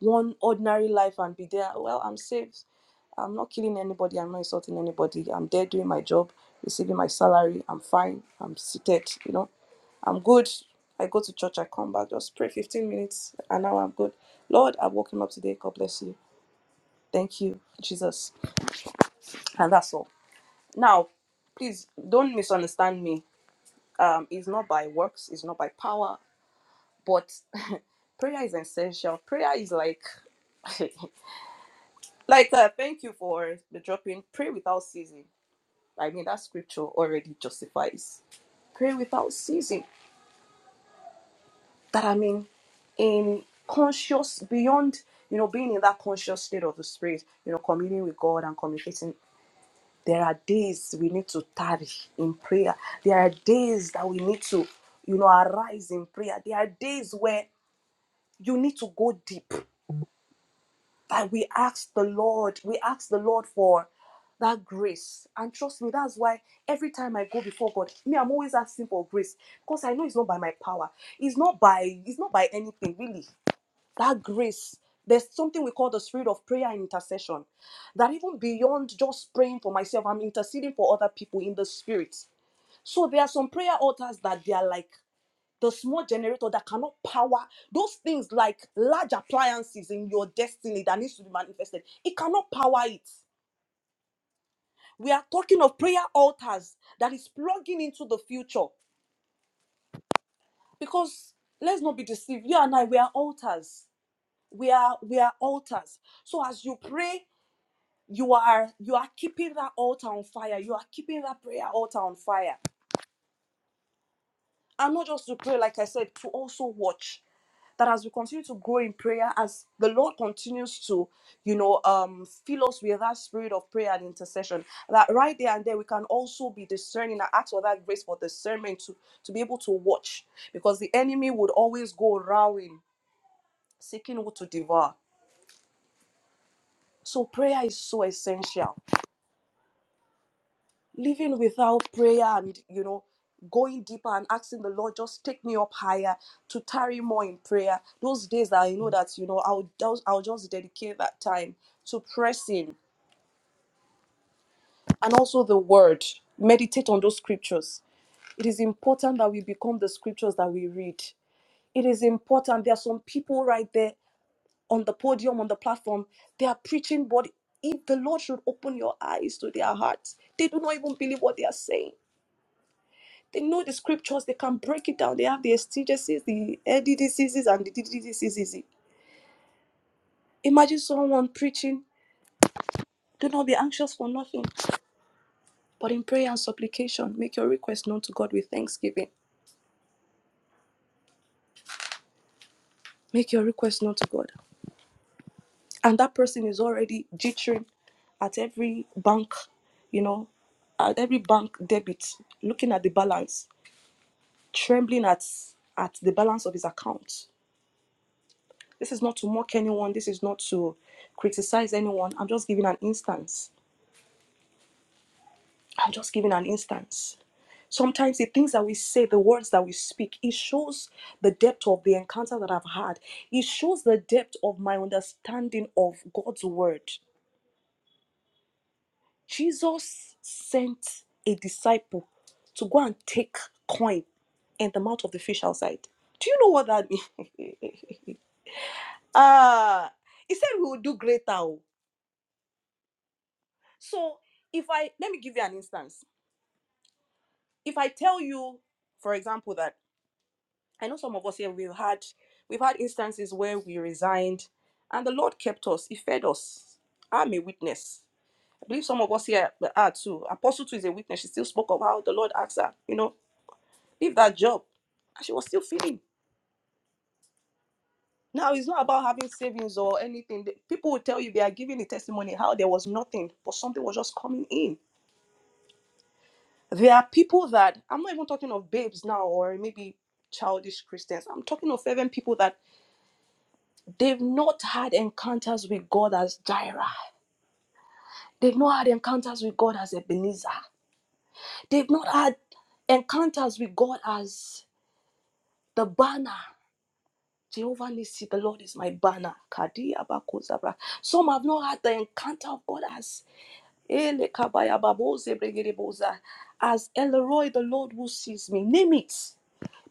one ordinary life and be there. Well, I'm saved. I'm not killing anybody. I'm not insulting anybody. I'm there doing my job, receiving my salary. I'm fine. I'm seated. You know, I'm good. I go to church. I come back. Just pray 15 minutes. And now I'm good. Lord, I'm woken up today. God bless you. Thank you, Jesus. And that's all. Now, please don't misunderstand me. Um, it's not by works. It's not by power. But prayer is essential. Prayer is like Like, uh, thank you for the dropping. Pray without ceasing. I mean, that scripture already justifies. Pray without ceasing. That I mean, in conscious, beyond, you know, being in that conscious state of the spirit, you know, communing with God and communicating. There are days we need to tarry in prayer. There are days that we need to, you know, arise in prayer. There are days where you need to go deep But we ask the Lord, we ask the Lord for that grace. And trust me, that's why every time I go before God, me, I'm always asking for grace. Because I know it's not by my power. It's not by it's not by anything, really. That grace. There's something we call the spirit of prayer and intercession. That even beyond just praying for myself, I'm interceding for other people in the spirit. So there are some prayer altars that they are like the small generator that cannot power those things like large appliances in your destiny that needs to be manifested it cannot power it we are talking of prayer altars that is plugging into the future because let's not be deceived you and i we are altars we are we are altars so as you pray you are you are keeping that altar on fire you are keeping that prayer altar on fire and not just to pray like i said to also watch that as we continue to grow in prayer, as the Lord continues to, you know, um, fill us with that spirit of prayer and intercession, that right there and there we can also be discerning. I ask for that grace for discernment to, to be able to watch because the enemy would always go rowing, seeking who to devour. So prayer is so essential. living without prayer and you know going deeper and asking the lord just take me up higher to tarry more in prayer those days that i know that you know i'll i'll just dedicate that time to pressing and also the word meditate on those scriptures it is important that we become the scriptures that we read it is important there are some people right there on the podium on the platform they are preaching but if the lord should open your eyes to their hearts they do not even believe what they are saying They know the scriptures, they can break it down. They have the exegesis, the diseases, and the DDDCCs. Imagine someone preaching, do not be anxious for nothing, but in prayer and supplication, make your request known to God with thanksgiving. Make your request known to God. And that person is already jittering at every bank, you know, at every bank debit, looking at the balance, trembling at at the balance of his account. This is not to mock anyone. This is not to criticize anyone. I'm just giving an instance. I'm just giving an instance. Sometimes the things that we say, the words that we speak, it shows the depth of the encounter that I've had. It shows the depth of my understanding of God's word. Jesus sent a disciple to go and take coin in the mouth of the fish outside. Do you know what that means? ah, he said we will do greater. oh. So if I let me give you an instance. If I tell you, for example, that I know some of us here we've had we've had instances where we resigned and the Lord kept us. He fed us. I'm a witness. I believe some of us here are too. Apostle too is a witness. She still spoke of how the Lord asked her, you know, leave that job. And she was still feeding. Now it's not about having savings or anything. The- People will tell you they are giving a testimony how there was nothing, but something was just coming in. There are people that I'm not even talking of babes now or maybe childish Christians. I'm talking of fervent people that They've not had encounters with God as Jireh. They've not had encounters with God as Ebenezer. They've not had encounters with God as the banner. Jehovah Nissi, the Lord is my banner. Kadi Some have not had the encounter of God as Ele kabaya baboze bregedeboza, as Elroy, the Lord who sees me. Name it.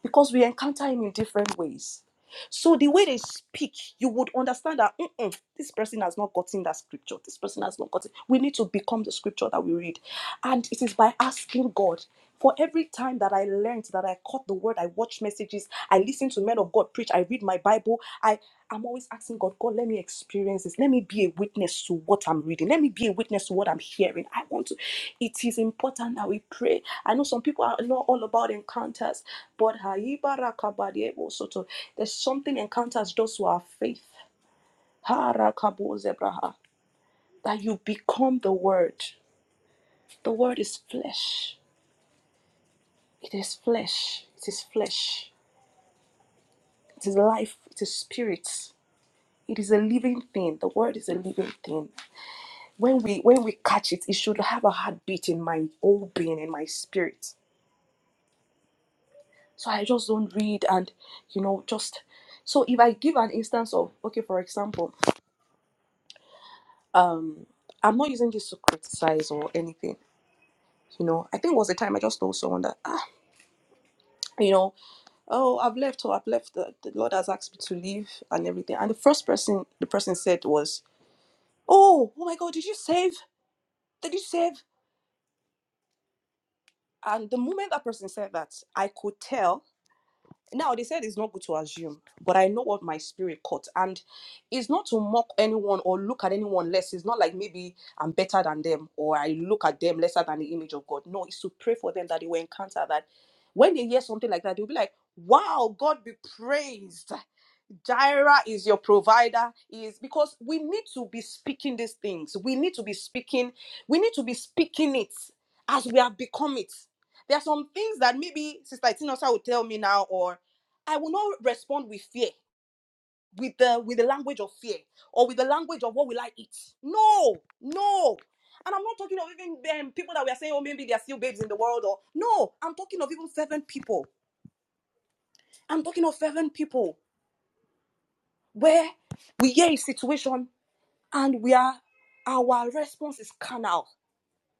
because we encounter him in different ways. So the way they speak, you would understand that "Mm-mm, this person has not gotten that scripture. This person has not gotten. We need to become the scripture that we read, and it is by asking God. For every time that I learned, that I caught the word, I watch messages, I listen to men of God preach, I read my Bible, I am always asking God, God, let me experience this. Let me be a witness to what I'm reading. Let me be a witness to what I'm hearing. I want to. It is important that we pray. I know some people are not all about encounters, but Haibarakabadiebo soto. there's something encounters those who are faith. Harakabozebraha. That you become the word. The word is flesh. It is flesh. It is flesh. It is life. It is spirit. It is a living thing. The word is a living thing. When we when we catch it, it should have a heartbeat in my whole being, in my spirit. So I just don't read and you know, just so if I give an instance of okay, for example, um i'm not using this to criticize or anything you know i think it was a time i just told someone that ah you know oh i've left or i've left the, the lord has asked me to leave and everything and the first person the person said was oh oh my god did you save did you save and the moment that person said that i could tell now they said it's not good to assume but i know what my spirit caught and it's not to mock anyone or look at anyone less it's not like maybe i'm better than them or i look at them lesser than the image of god no it's to pray for them that they will encounter that when they hear something like that they'll be like wow god be praised Jireh is your provider is because we need to be speaking these things. We need to be speaking. We need to be speaking it as we have become it. There are some things that maybe Sister Itinosa will tell me now, or I will not respond with fear, with the with the language of fear, or with the language of what will I eat? No, no. And I'm not talking of even um, people that we are saying, oh, maybe they are still babes in the world, or no. I'm talking of even fervent people. I'm talking of fervent people where we hear a situation and we are our response is carnal.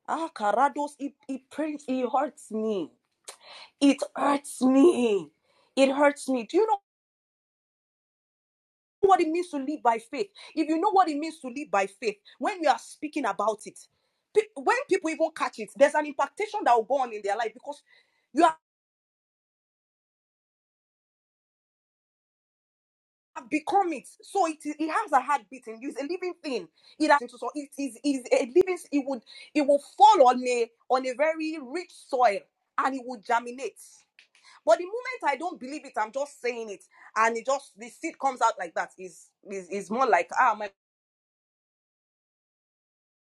Ah, carados, it it pains, it hurts me. It hurts me. It hurts me. Do you know what it means to live by faith? If you know what it means to live by faith, when we are speaking about it, pe- when people even catch it, there's an impactation that will go on in their life because. you are. have become it. So it, it has a heartbeat in you. It's a living thing. It has so it is it is a living. It would it will fall on a on a very rich soil and it will germinate. But the moment I don't believe it, I'm just saying it, and it just the seed comes out like that. Is is is more like ah, am I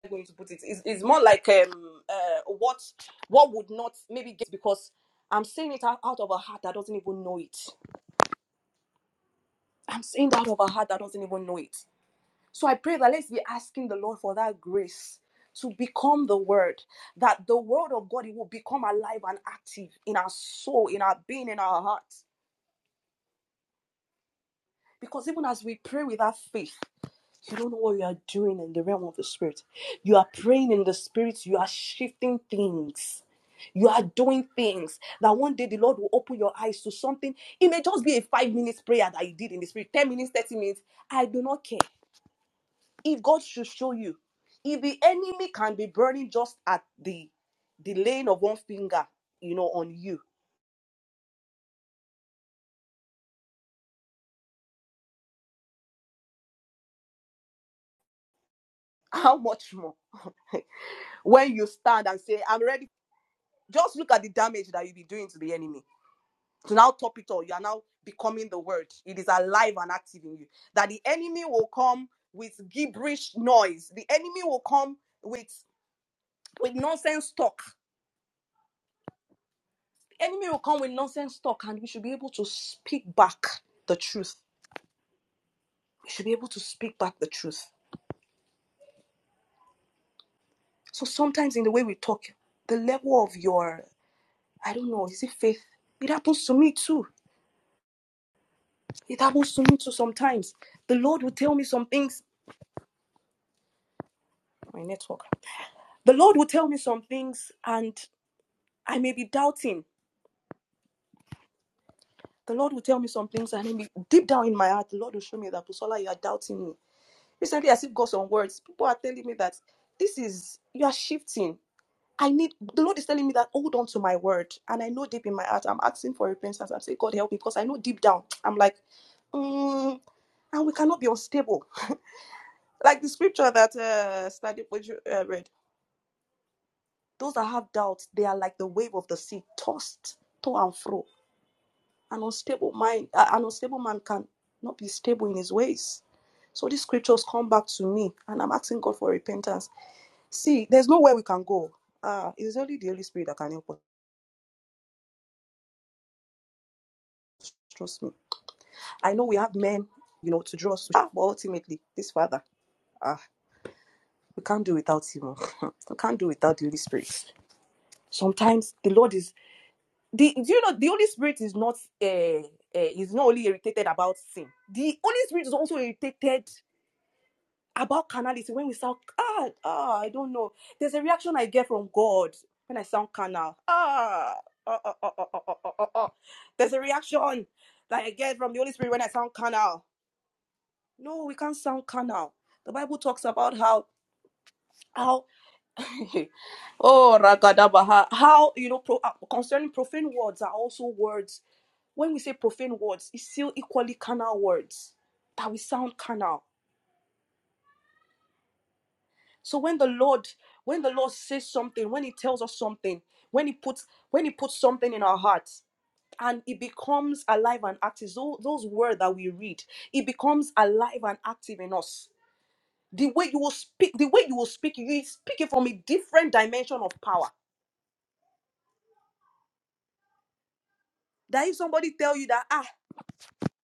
going to put it? Is is more like um uh what what would not maybe get because I'm saying it out out of a heart that doesn't even know it. I'm saying it out of a heart that doesn't even know it. So I pray that let's be asking the Lord for that grace to become the word, that the word of God it will become alive and active in our soul, in our being, in our hearts. Because even as we pray with our faith, you don't know what you are doing in the realm of the spirit. You are praying in the spirit, you are shifting things. You are doing things that one day the Lord will open your eyes to something. It may just be a five minutes prayer that you did in the spirit, 10 minutes, 30 minutes. I do not care. If God should show you, if the enemy can be burning just at the the lane of one finger, you know, on you, how much more when you stand and say, "I'm ready." Just look at the damage that you'll be doing to the enemy. To now top it all, you are now becoming the word. It is alive and active in you. That the enemy will come with gibberish noise. The enemy will come with with nonsense talk. The enemy will come with nonsense talk, and we should be able to speak back the truth we should be able to speak back the truth. So sometimes in the way we talk, the level of your, I don't know, is it faith? It happens to me too. It happens to me too sometimes. The Lord will tell me some things. My network. The Lord will tell me some things and I may be doubting. The Lord will tell me some things and maybe deep down in my heart, the Lord will show me that Busola, you are doubting me. Recently, I still got some words. People are telling me that this is, you are shifting. I need the Lord is telling me that hold on to my word. And I know deep in my heart, I'm asking for repentance. I'm saying, God help me, because I know deep down, I'm like, mm, and we cannot be unstable. Like the scripture that uh study uh, read, those that have doubts, they are like the wave of the sea, tossed to and fro. An unstable mind, uh, an unstable man can not be stable in his ways. So these scriptures come back to me, and I'm asking God for repentance. See, there's nowhere we can go. Uh, it's only the Holy Spirit that can help us. Trust me. I know we have men, you know, to draw us, ah, but ultimately, this Father, ah, we can't do without Him. we can't do without the Holy Spirit. Sometimes the Lord is the. Do you know the Holy Spirit is not uh, uh, is not only irritated about sin. The Holy Spirit is also irritated about carnality when we sound ah ah I don't know. There's a reaction I get from God when I sound carnal. Ah. ah ah ah ah ah ah ah. ah. There's a reaction that I get from the Holy Spirit when I sound carnal. No, we can't sound carnal. The Bible talks about how how oh ragadabaha how you know pro, uh, concerning profane words are also words. When we say profane words, it's still equally carnal words that we sound carnal. So when the Lord when the Lord says something, when He tells us something, when He puts when He puts something in our hearts. And it becomes alive and active. So those words that we read, it becomes alive and active in us The way you will speak, the way you will speak, you speak it from a different dimension of power. That if somebody tell you that ah,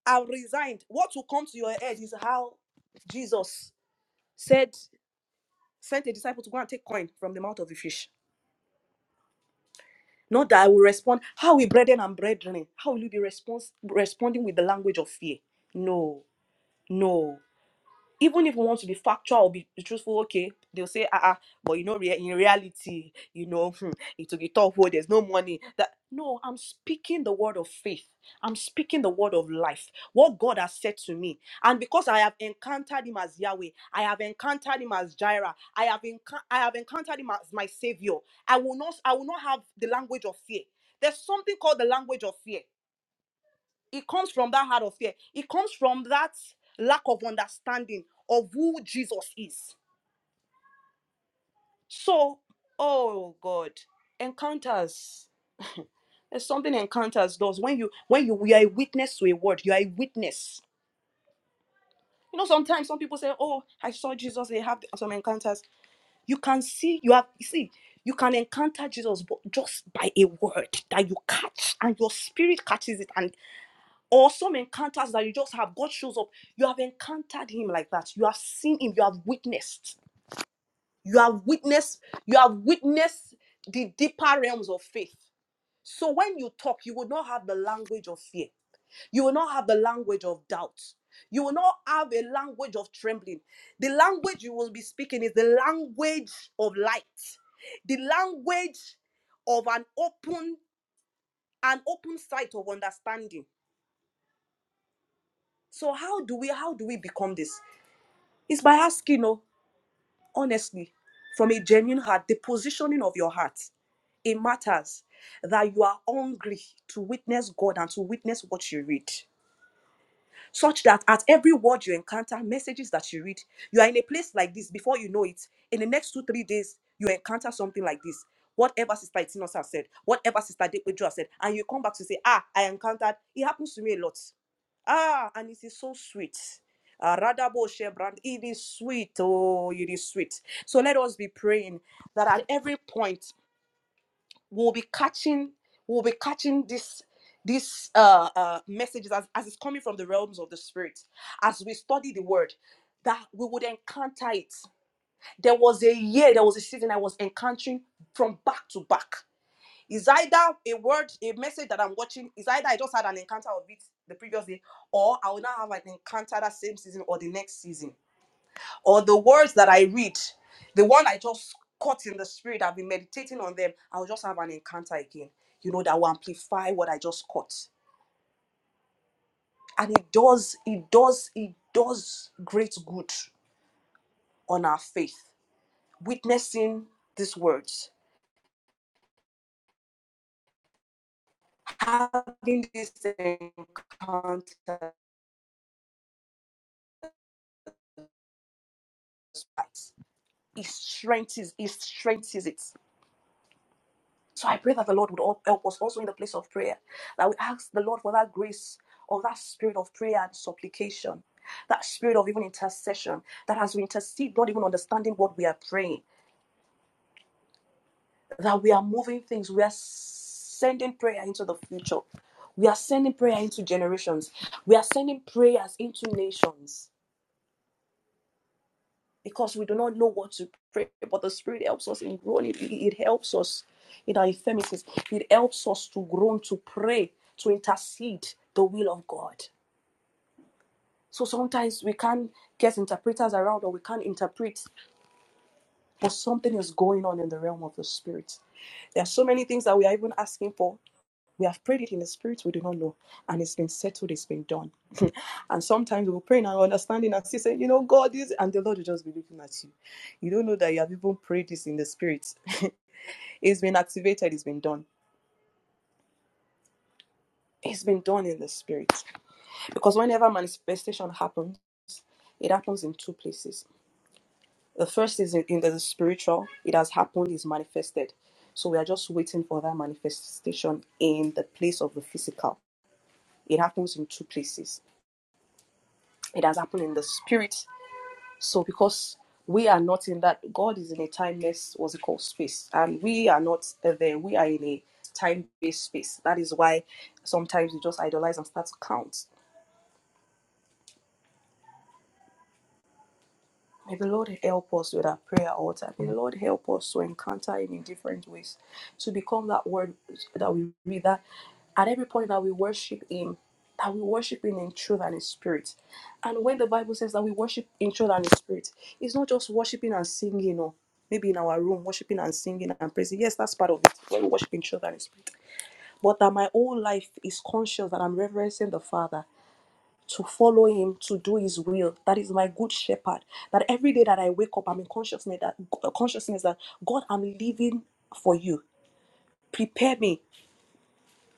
I've resigned, what will come to your head is how Jesus said, sent a disciple to go and take coin from the mouth of the fish. Not that I will respond. How we brethren and brethren? How will you be respons- responding with the language of fear? No, no. even if we want to be factual or be, be truthful, okay, they'll say, ah, ah," but you know, rea- in reality, you know, hmm, it will be tough. Oh, there's no money. That no, I'm speaking the word of faith. I'm speaking the word of life. What God has said to me, and because I have encountered Him as Yahweh, I have encountered Him as Jireh. I have enc- I have encountered Him as my Savior. I will not. I will not have the language of fear. There's something called the language of fear. It comes from that heart of fear. It comes from that lack of understanding of who Jesus is. So, oh God, encounters. There's something encounters does when you when you, you are a witness to a word. You are a witness. You know, sometimes some people say, "Oh, I saw Jesus." They have some encounters. You can see. You have you see. You can encounter Jesus but just by a word that you catch, and your spirit catches it, and. or some encounters that you just have god shows up you have encountered him like that you have seen him you have witnessed you have witnessed you have witnessed the deeper realms of faith so when you talk you will not have the language of fear you will not have the language of doubt you will not have a language of trembling the language you will be speaking is the language of light the language of an open an open sight of understanding so how do we how do we become this It's by asking, oh, honestly, from a genuine heart, the positioning of your heart. It matters that you are hungry to witness God and to witness what you read. Such that at every word you encounter, messages that you read, you are in a place like this before you know it. In the next two, three days, you encounter something like this. Whatever Sister Itinos said, whatever Sister Dekweju said, and you come back to say, Ah, I encountered. It happens to me a lot. Ah, and it is so sweet. Ah, Radabo Shebrand, it is sweet. Oh, it is sweet. So let us be praying that at every point we'll be catching, we'll be catching this this uh, uh messages as, as it's coming from the realms of the spirit as we study the word that we would encounter it there was a year there was a season i was encountering from back to back it's either a word, a message that I'm watching, it's either I just had an encounter of it the previous day, or I will now have an encounter that same season or the next season. Or the words that I read, the one I just caught in the spirit, I've been meditating on them, I'll just have an encounter again. You know, that will amplify what I just caught. And it does, it does, it does great good on our faith. Witnessing these words, having these encounters, He strengthens, he strengthens it. So I pray that the Lord would al- help us also in the place of prayer. That we ask the Lord for that grace or that spirit of prayer and supplication, that spirit of even intercession, that as we intercede, not even understanding what we are praying, that we are moving things, we are sending prayer into the future. We are sending prayer into generations. We are sending prayers into nations. because we do not know what to pray, but the Spirit helps us in groaning. It helps us in our infirmities. It helps us to groan, to pray, to intercede the will of God. So sometimes we can't get interpreters around or we can't interpret, but something is going on in the realm of the Spirit. There are so many things that we are even asking for we have prayed it in the spirit, we do not know. And it's been settled, it's been done. and sometimes we'll pray in our understanding and still say, you know, God is, and the Lord will just be looking at you. You don't know that you have even prayed this in the spirit. it's been activated, it's been done. It's been done in the spirit. Because whenever manifestation happens, it happens in two places. The first is in, in the spiritual, it has happened, it's manifested. So we are just waiting for that manifestation in the place of the physical. It happens in two places. It has happened in the spirit So because we are not in that, God is in a timeless, what's it called, space, and we are not there. We are in a time-based space. That is why sometimes we just idolize and start to count. May the Lord help us with our prayer altar. May the Lord help us to encounter Him in different ways, to become that word that we read, that at every point that we worship Him, that we worship Him in truth and in spirit. And when the Bible says that we worship in truth and in spirit, it's not just worshiping and singing, or maybe in our room, worshiping and singing and praising. Yes, that's part of it, when we worship in truth and in spirit. But that my whole life is conscious that I'm reverencing the Father to follow him to do his will that is my good shepherd that every day that i wake up i'm in consciousness that uh, consciousness that god i'm living for you prepare me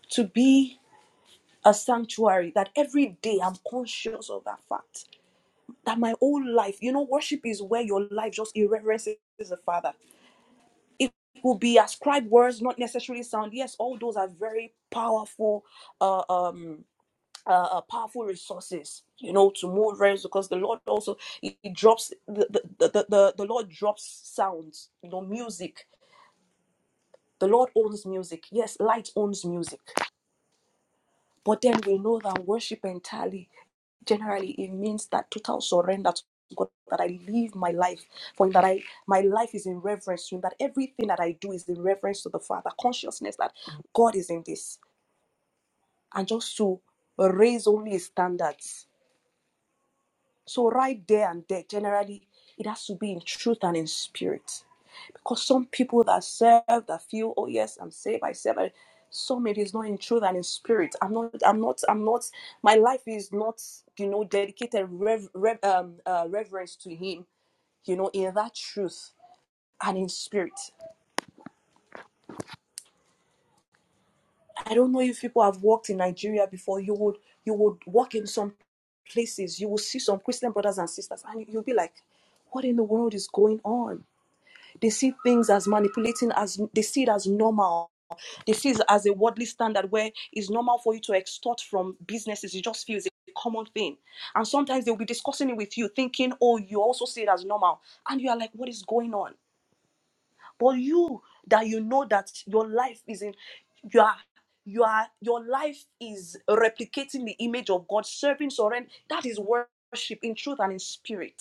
to be a sanctuary that every day i'm conscious of that fact that my whole life you know worship is where your life just irreverences the father it will be ascribed words not necessarily sound yes all those are very powerful uh, um uh, uh, powerful resources, you know, to move realms because the Lord also he, he drops the the, the the the Lord drops sounds, you know, music. The Lord owns music. Yes, light owns music. But then we know that worship entirely, generally, it means that total surrender to God, that I live my life for Him, that I my life is in reverence to Him, that everything that I do is in reverence to the Father, consciousness that God is in this, and just to raise only His standards So right there and there, generally, it has to be in truth and in spirit. Because some people that serve that feel, oh yes, I'm saved, I serve. I-" Some it is not in truth and in spirit. I'm not. I'm not. I'm not. My life is not, you know, dedicated rev, rev, um, uh, reverence to Him. You know, in that truth and in spirit. I don't know if people have walked in Nigeria before. You would you would walk in some places. You will see some Christian brothers and sisters, and you'll be like, what in the world is going on? They see things as manipulating, as they see it as normal. They see it as a worldly standard where it's normal for you to extort from businesses. You just feel it's a common thing. And sometimes they'll be discussing it with you, thinking, oh, you also see it as normal. And you are like, what is going on? But you that you know that your life is in you are you are your life is replicating the image of God, serving surrender. That is worship in truth and in spirit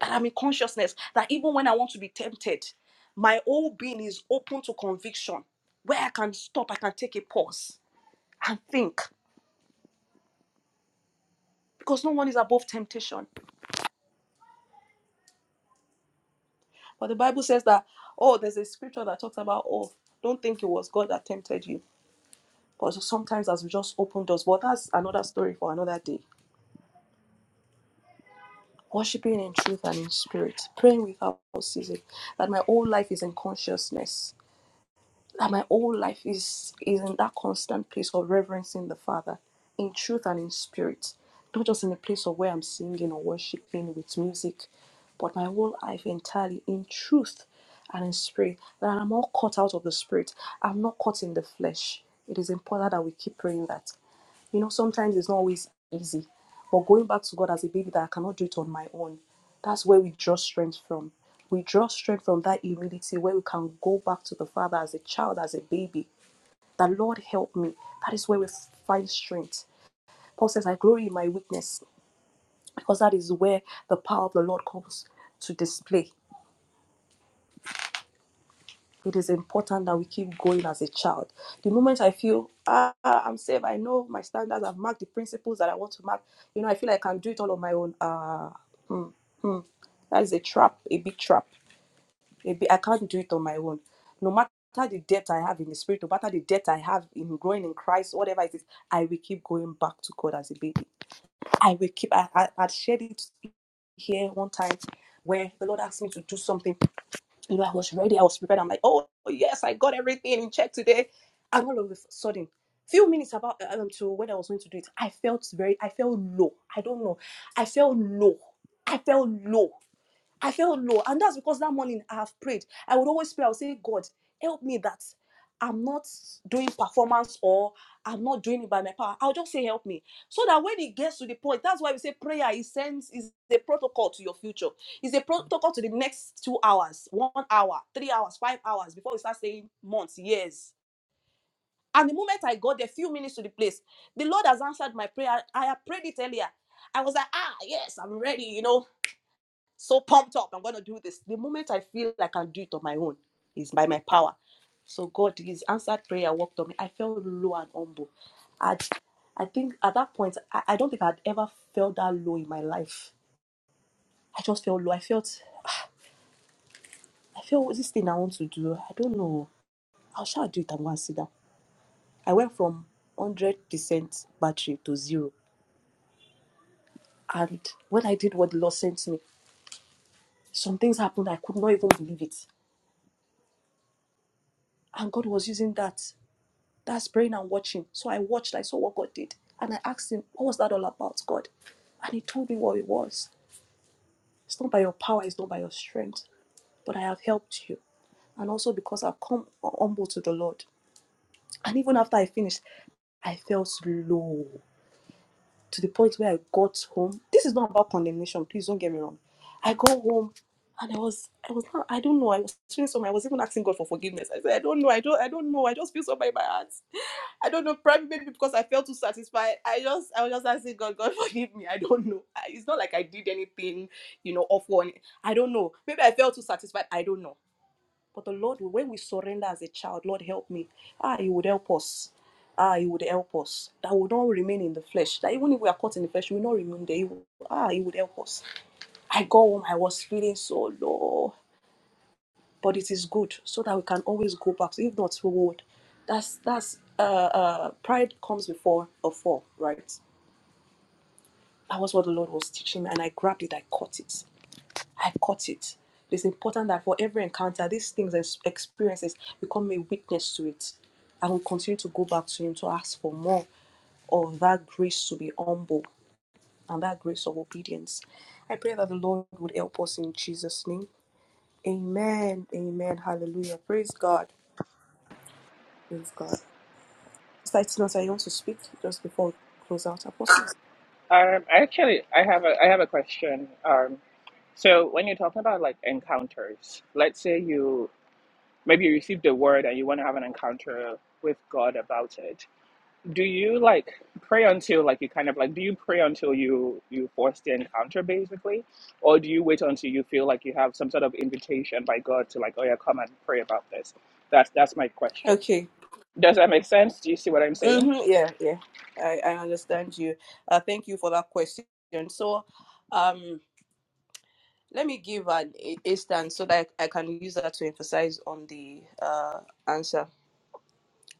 that I'm in consciousness, that even when I want to be tempted, my whole being is open to conviction, where I can stop, I can take a pause and think, because no one is above temptation. But the Bible says that, oh, there's a scripture that talks about, oh, don't think it was God that tempted you. But sometimes as we just open doors, but that's another story for another day. Worshipping in truth and in spirit, praying without ceasing, that my whole life is in consciousness. that my whole life is is in that constant place of reverencing the Father in truth and in spirit, not just in a place of where I'm singing or worshiping with music, but my whole life entirely in truth and in spirit. That I'm not caught out of the spirit. I'm not caught in the flesh. It is important that we keep praying that. You know, sometimes it's not always easy. But going back to God as a baby that I cannot do it on my own, that's where we draw strength from. We draw strength from that humility where we can go back to the Father as a child, as a baby. That Lord help me. That is where we find strength. Paul says, I glory in my weakness because that is where the power of the Lord comes to display. it is important that we keep going as a child. The moment I feel, ah, I'm safe, I know my standards, I've marked the principles that I want to mark, you know, I feel like I can do it all on my own. Ah, hmm, hmm. That is a trap, a big trap. A big, I can't do it on my own. No matter the debt I have in the spirit, no matter the debt I have in growing in Christ, whatever it is, I will keep going back to God as a baby. I will keep, I, I, I shared it here one time where the Lord asked me to do something you know, I was ready, I was prepared. I'm like, oh yes, I got everything in check today. And all of a sudden, few minutes about uh, um, to when I was going to do it, I felt very, I felt low. I don't know, I felt low. I felt low. I felt low. And that's because that morning I have prayed. I would always pray. I would say, God, help me that I'm not doing performance or I'm not doing it by my power. I'll just say, help me. So that when it gets to the point, that's why we say prayer is sense is the protocol to your future. It's a protocol to the next two hours, one hour, three hours, five hours before we start saying months, years. And the moment I got a few minutes to the place, the Lord has answered my prayer. I had prayed it earlier. I was like, ah, yes, I'm ready, you know so pumped up. I'm going to do this. The moment I feel like I can do it on my own is by my power. So God, His answered prayer worked on me. I felt low and humble. I, I think at that point, I, I don't think I'd ever felt that low in my life. I just felt low. I felt, I felt this thing I want to do. I don't know. How shall I do it? I'm going to sit down. I went from 100% battery to zero. And when I did what the Lord sent me, some things happened. I could not even believe it. And God was using that. That's praying and watching. So I watched, I saw what God did. And I asked him, What was that all about, God? And he told me what it was. It's not by your power, it's not by your strength, but I have helped you. And also because I've come humble to the Lord. And even after I finished, I felt low to the point where I got home. This is not about condemnation, please don't get me wrong. I go home and I was I was not I don't know, I was feeling something. I was even asking God for forgiveness. I said, I don't know, I don't I don't know. I just feel so in my heart. I don't know, probably maybe because I felt too satisfied. I just, I was just asking God, God forgive me. I don't know. I- It's not like I did anything, you know, off one. I don't know. Maybe I felt too satisfied. I don't know. But the Lord, when we surrender as a child, Lord help me. Ah, He would help us. Ah, He would help us. That would not remain in the flesh. That even if we are caught in the flesh, we will not remain there. He will- ah, He would help us. I go home. I was feeling so low but it is good so that we can always go back. If not, we would. That's that's uh, uh, pride comes before a fall, right? That was what the Lord was teaching me, and I grabbed it. I caught it. I caught it. It's important that for every encounter, these things and experiences become a witness to it, and we continue to go back to Him to ask for more of that grace to be humble and that grace of obedience. I pray that the Lord would help us in Jesus' name. Amen. Amen. Hallelujah. Praise God. Praise God. Sister Tinosa, you want to speak just before we close out, Apostles? Um, actually, I have a I have a question. Um, so when you're talking about like encounters, let's say you maybe you received a word and you want to have an encounter with God about it. Do you like pray until like you kind of like do you pray until you you force the encounter basically, or do you wait until you feel like you have some sort of invitation by God to like oh yeah come and pray about this? That's that's my question. Okay. Does that make sense? Do you see what I'm saying? Mm-hmm. Yeah, yeah. I, I understand you. Uh, thank you for that question. So, um, let me give an instance so that I can use that to emphasize on the uh, answer.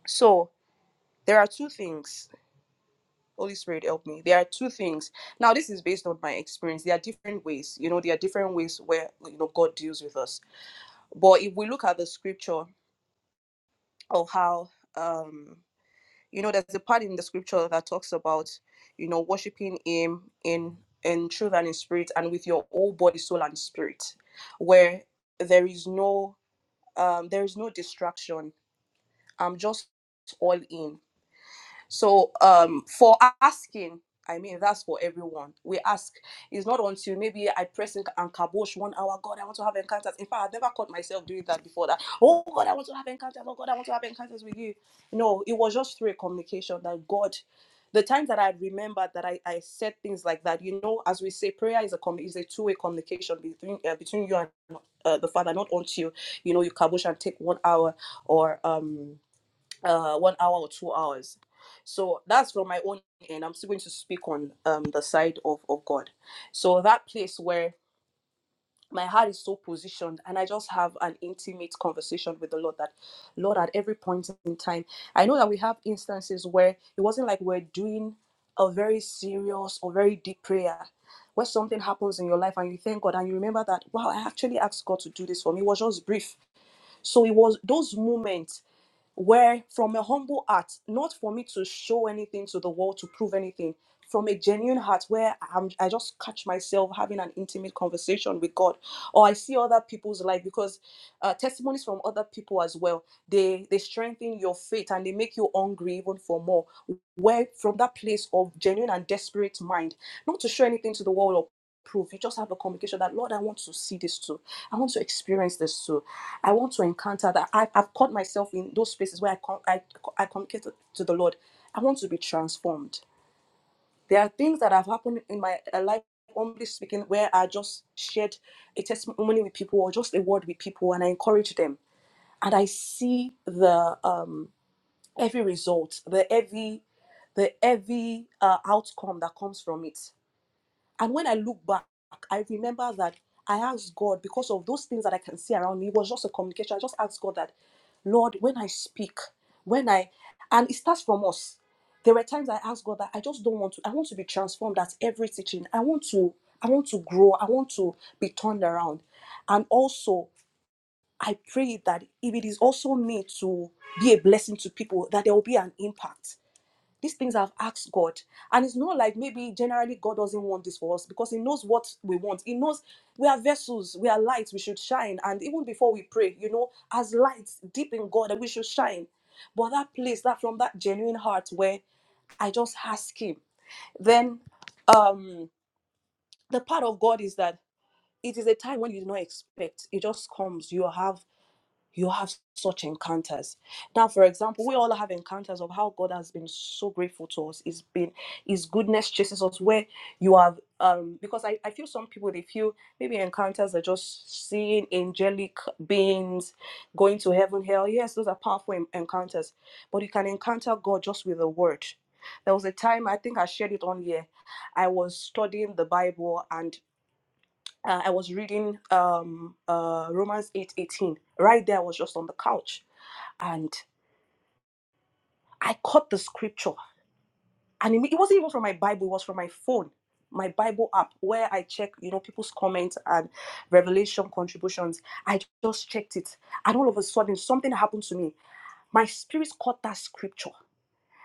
So, there are two things. Holy Spirit, help me. There are two things. Now, this is based on my experience. There are different ways. You know, there are different ways where you know God deals with us. But if we look at the scripture of how um you know there's a part in the scripture that talks about you know worshiping him in in truth and in spirit and with your whole body soul and spirit where there is no um there is no distraction i'm just all in so um, for asking, I mean that's for everyone. We ask. It's not until maybe I press in and kabosh one hour. God, I want to have encounters. In fact, I've never caught myself doing that before. That oh God, I want to have encounters. Oh God, I want to have encounters with you. No, it was just through a communication that God. The times that I remembered that I, I said things like that, you know, as we say, prayer is a com- is a two way communication between uh, between you and uh, the Father, not until you know you kabosh and take one hour or um uh one hour or two hours so that's from my own end i'm still going to speak on um the side of of god so that place where my heart is so positioned and i just have an intimate conversation with the lord that lord at every point in time i know that we have instances where it wasn't like we're doing a very serious or very deep prayer where something happens in your life and you thank god and you remember that wow i actually asked god to do this for me it was just brief so it was those moments where from a humble heart, not for me to show anything to the world to prove anything, from a genuine heart where I'm, I just catch myself having an intimate conversation with God, or I see other people's life because uh, testimonies from other people as well they they strengthen your faith and they make you hungry even for more. Where from that place of genuine and desperate mind, not to show anything to the world or prove. You just have a communication that, Lord, I want to see this too. I want to experience this too. I want to encounter that. I, I've caught myself in those spaces where I, com- I, I communicate to, to the Lord. I want to be transformed. There are things that have happened in my uh, life, humbly speaking, where I just shared a testimony with people or just a word with people and I encourage them. And I see the um, every result, the every the every uh, outcome that comes from it. And when I look back, I remember that I asked God because of those things that I can see around me. It was just a communication. I just asked God that, Lord, when I speak, when I, and it starts from us. There were times I asked God that I just don't want to. I want to be transformed at every teaching. I want to. I want to grow. I want to be turned around. And also, I pray that if it is also me to be a blessing to people, that there will be an impact these things I've asked God. And it's not like maybe generally God doesn't want this for us because He knows what we want. He knows we are vessels, we are lights, we should shine. And even before we pray, you know, as lights deep in God, we should shine. But that place, that from that genuine heart where I just ask Him, then um the part of God is that it is a time when you do not expect. It just comes. You have you have such encounters now for example we all have encounters of how god has been so grateful to us it's been his goodness chases us where you have um because i, I feel some people they feel maybe encounters are just seeing angelic beings going to heaven hell yes those are powerful en- encounters but you can encounter god just with a word there was a time i think i shared it on here i was studying the bible and uh, I was reading um, uh, Romans eight eighteen. Right there, I was just on the couch and I caught the scripture. And it, it wasn't even from my Bible, it was from my phone, my Bible app, where I check, you know, people's comments and revelation contributions. I just checked it. And all of a sudden, something happened to me. My spirit caught that scripture.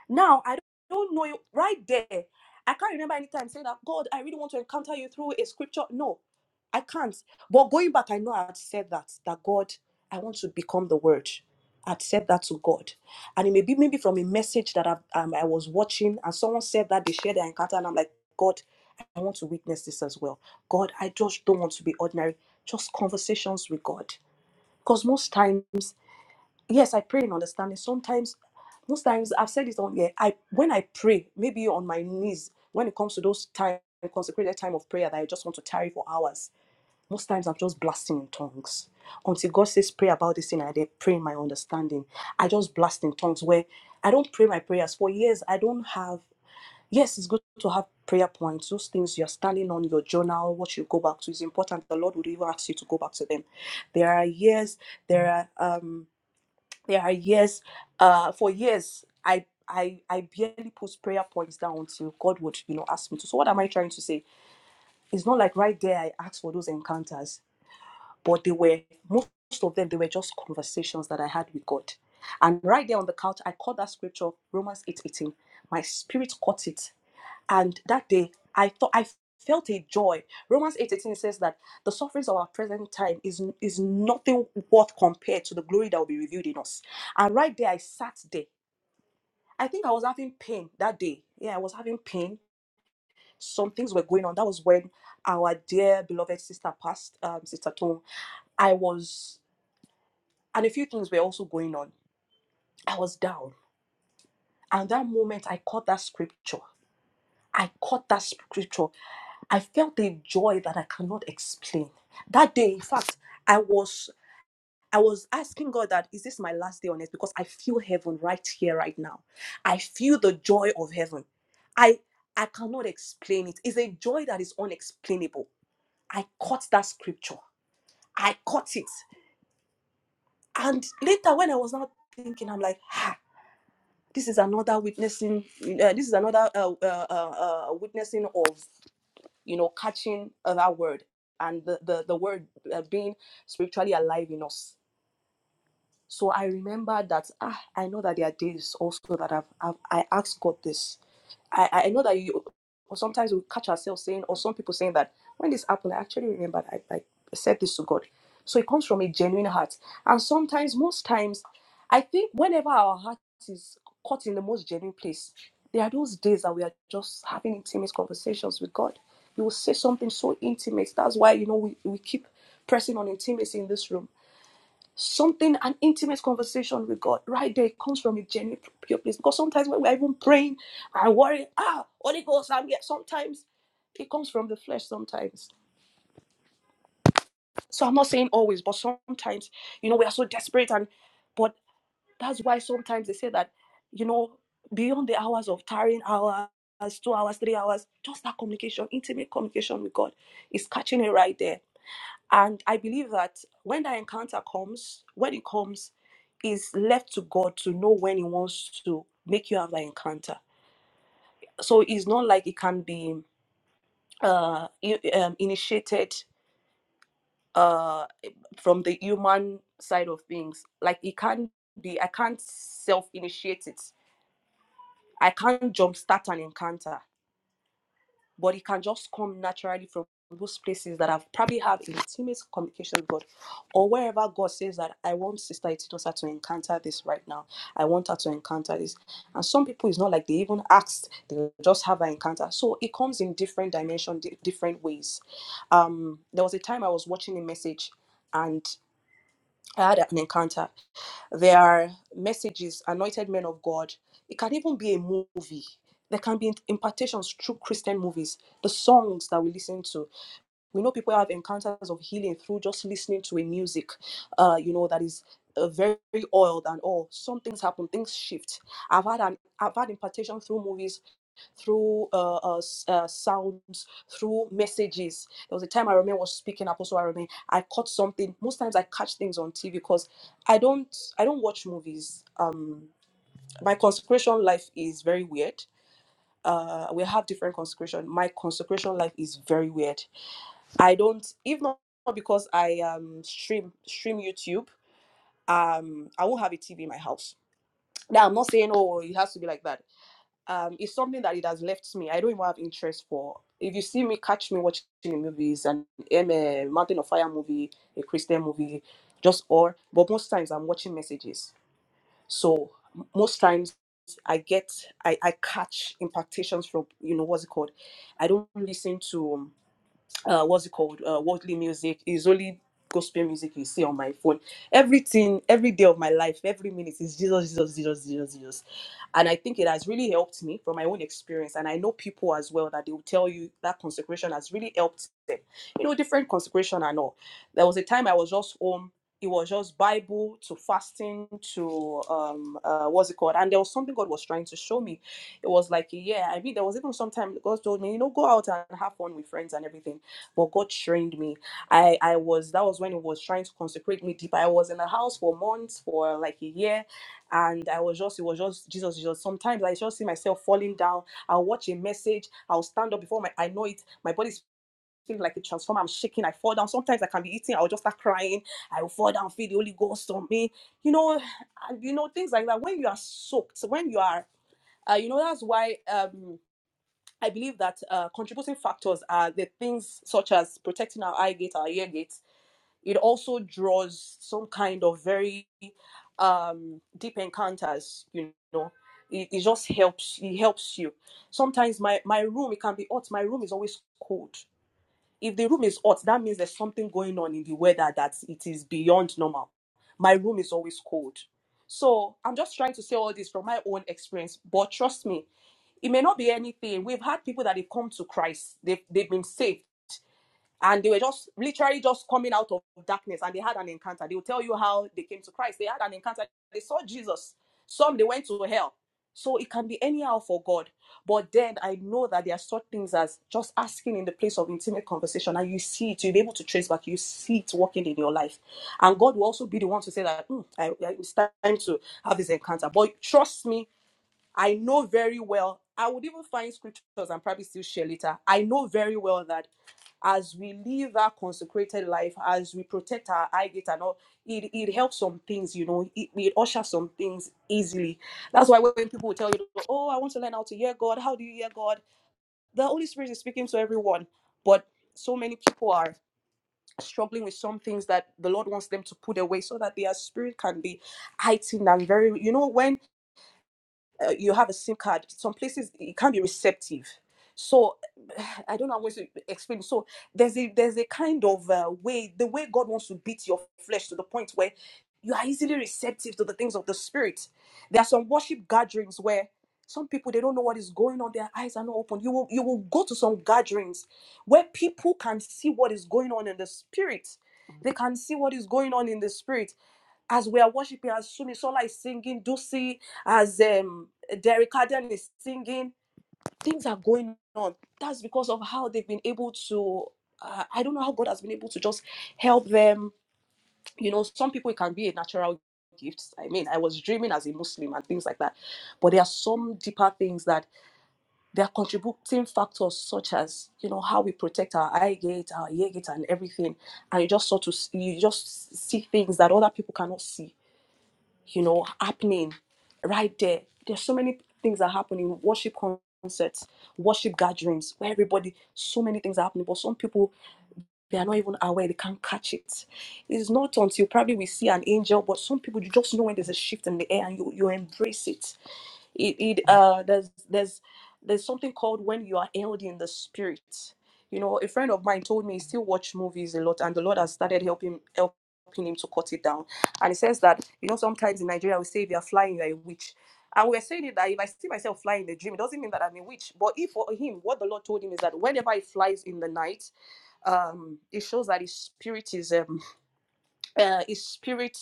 Now, I don't know, right there, I can't remember any time saying that, God, I really want to encounter you through a scripture. No, I can't. But going back, I know I had said that, that God, I want to become the Word. I'd said that to God. And it may be maybe from a message that I, um, I was watching, and someone said that they shared their encounter, and I'm like, God, I want to witness this as well. God, I just don't want to be ordinary. Just conversations with God. Because most times, yes, I pray in understanding. Sometimes, most times, I've said this on here, I when I pray, maybe on my knees, when it comes to those time, consecrated time of prayer that I just want to tarry for hours, most times I'm just blasting in tongues. Until God says, pray about this thing, I then pray in my understanding. I just blast in tongues where I don't pray my prayers. For years, I don't have. Yes, it's good to have prayer points. Those things you're standing on your journal, what you go back to is important. The Lord would even ask you to go back to them. There are years, there are um there are years, uh for years I I, I barely put prayer points down until God would, you know, ask me to. So what am I trying to say? It's not like right there I asked for those encounters but they were most of them they were just conversations that I had with God. And right there on the couch, I caught that scripture, Romans 8 18. My spirit caught it. And that day I thought I felt a joy. Romans 8 18 says that the sufferings of our present time is is nothing worth compared to the glory that will be revealed in us. And right there I sat there. I think I was having pain that day. Yeah, I was having pain. Some things were going on. That was when our dear beloved sister passed, um, Sister Tone. I was. and a few things were also going on. I was down. And that moment, I caught that scripture. I caught that scripture. I felt a joy that I cannot explain. That day, in fact, I was I was asking God that is this my last day on earth? Because I feel heaven right here, right now. I feel the joy of heaven. I I cannot explain it. It's a joy that is unexplainable. I caught that scripture. I caught it. And later, when I was now thinking, I'm like, "Ha, this is another witnessing uh, this is another uh, uh, uh, uh, witnessing of you know catching of our word and the the, the word uh, being spiritually alive in us so I remember that ah, I know that there are days also that I've, I've I asked God this. I, I know that you or sometimes we catch ourselves saying, or some people saying that when this happened, I actually remembered I, I said this to God. So it comes from a genuine heart. And sometimes, most times, I think whenever our heart is caught in the most genuine place, there are those days that we are just having intimate conversations with God. You will say something so intimate. That's why you know we, we keep pressing on intimacy in this room something an intimate conversation with god right there it comes from a genuine pure place because sometimes when we're even praying i worry ah holy ghost i'm here sometimes it comes from the flesh sometimes so i'm not saying always but sometimes you know we are so desperate and but that's why sometimes they say that you know beyond the hours of tiring hours two hours three hours just that communication intimate communication with god is catching it right there and I believe that when that encounter comes, when it comes, it's left to God to know when He wants to make you have that encounter. So it's not like it can be uh, i- um, initiated uh, from the human side of things. Like it can't be, I can't self initiate it. I can't jumpstart an encounter. but it can just come naturally from those places that i have probably have intimate communication with God or wherever God says that I want Sister Ititosa to encounter this right now. I want her to encounter this. And some people it's not like they even asked, they just have an encounter. So it comes in different dimension, different ways. Um there was a time I was watching a message and. I had an encounter. There are messages, anointed men of God. It can even be a movie. There can be impartations through Christian movies, the songs that we listen to. We know people have encounters of healing through just listening to a music, uh, you know, that is uh, very, very oiled and all. Some things happen, things shift. I've had an I've had impartation through movies through uh, uh, uh, sounds, through messages. There was a time I remember was speaking, Apostle I remember I caught something. Most times I catch things on TV because I don't I don't watch movies. Um, my consecration life is very weird. Uh, we have different consecration. My consecration life is very weird. I don't, if not because I um stream stream YouTube, um, I won't have a TV in my house. Now I'm not saying oh it has to be like that um, it's something that it has left me. I don't even have interest for. If you see me, catch me watching the movies and I'm a Mountain of Fire movie, a Christian movie, just all. But most times I'm watching messages. So m- most times I get, I, I catch impactations from, you know, what's it called? I don't listen to. um, uh what's it called uh worldly music is only gospel music you see on my phone everything every day of my life every minute is jesus jesus jesus jesus jesus and i think it has really helped me from my own experience and i know people as well that they will tell you that consecration has really helped them you know different consecration and all there was a time i was just home it was just bible to fasting to um uh, what's it called and there was something god was trying to show me it was like yeah i mean there was even sometimes god told me you know go out and have fun with friends and everything but God trained me. I I was that was when it was trying to consecrate me deep. I was in the house for months, for like a year, and I was just it was just Jesus. Jesus. Sometimes I just see myself falling down. I'll watch a message. I'll stand up before my I know it. My body's feeling like a transformer. I'm shaking. I fall down. Sometimes I can be eating. I'll just start crying. I will fall down. Feel the Holy Ghost on me. You know, and you know things like that. When you are soaked, when you are, uh, you know that's why um I believe that uh, contributing factors are the things such as protecting our eye gate, our ear gate. It also draws some kind of very um, deep encounters. You know, it, it just helps. It helps you. Sometimes my my room it can be hot. My room is always cold. If the room is hot, that means there's something going on in the weather that it is beyond normal. My room is always cold. So I'm just trying to say all this from my own experience. But trust me, it may not be anything. We've had people that have come to Christ, they've, they've been saved, and they were just literally just coming out of darkness and they had an encounter. They'll tell you how they came to Christ. They had an encounter, they saw Jesus. Some they went to hell. So it can be anyhow for God. But then I know that there are such things as just asking in the place of intimate conversation, and you see it, you'll be able to trace back, you see it working in your life. And God will also be the one to say that "Hmm, I, I- it's time to have this encounter. But trust me, I know very well, I would even find scriptures and probably still share later. I know very well that as we live our consecrated life, as we protect our eye gate and all, it, it helps some things, you know, it, it ushers some things easily. That's why when people will tell you, oh, I want to learn how to hear God, how do you hear God? The Holy Spirit is speaking to everyone, but so many people are struggling with some things that the Lord wants them to put away so that their spirit can be heightened and very, you know, when uh, you have a SIM card. Some places it can't be receptive. So I don't know how to explain. So there's a there's a kind of uh, way the way God wants to beat your flesh to the point where you are easily receptive to the things of the spirit. There are some worship gatherings where some people they don't know what is going on. Their eyes are not open. You will you will go to some gatherings where people can see what is going on in the spirit. They can see what is going on in the spirit as we are worshiping, as Sumisola is singing, Dusi, as um, Derek Aden is singing, things are going on. That's because of how they've been able to. Uh, I don't know how God has been able to just help them. You know, some people it can be a natural gift. I mean, I was dreaming as a Muslim and things like that. But there are some deeper things that there are contributing factors, such as you know how we protect our eye gate, our ear gate, and everything. And you just sort of you just see things that other people cannot see you know, happening right there. There's so many things that happen in worship concerts, worship gatherings, where everybody, so many things are happening, but some people, they are not even aware, they can't catch it. It's not until probably we see an angel, but some people, you just know when there's a shift in the air and you, you embrace it it, it uh there's there's there's something called when you are held in the spirit you know a friend of mine told me he still watch movies a lot and the lord has started helping helping him to cut it down and he says that you know sometimes in nigeria we say if you're flying you're a witch and we're saying it that if i see myself flying in a dream it doesn't mean that i'm a witch but if for him what the lord told him is that whenever he flies in the night um it shows that his spirit is um uh, his spirit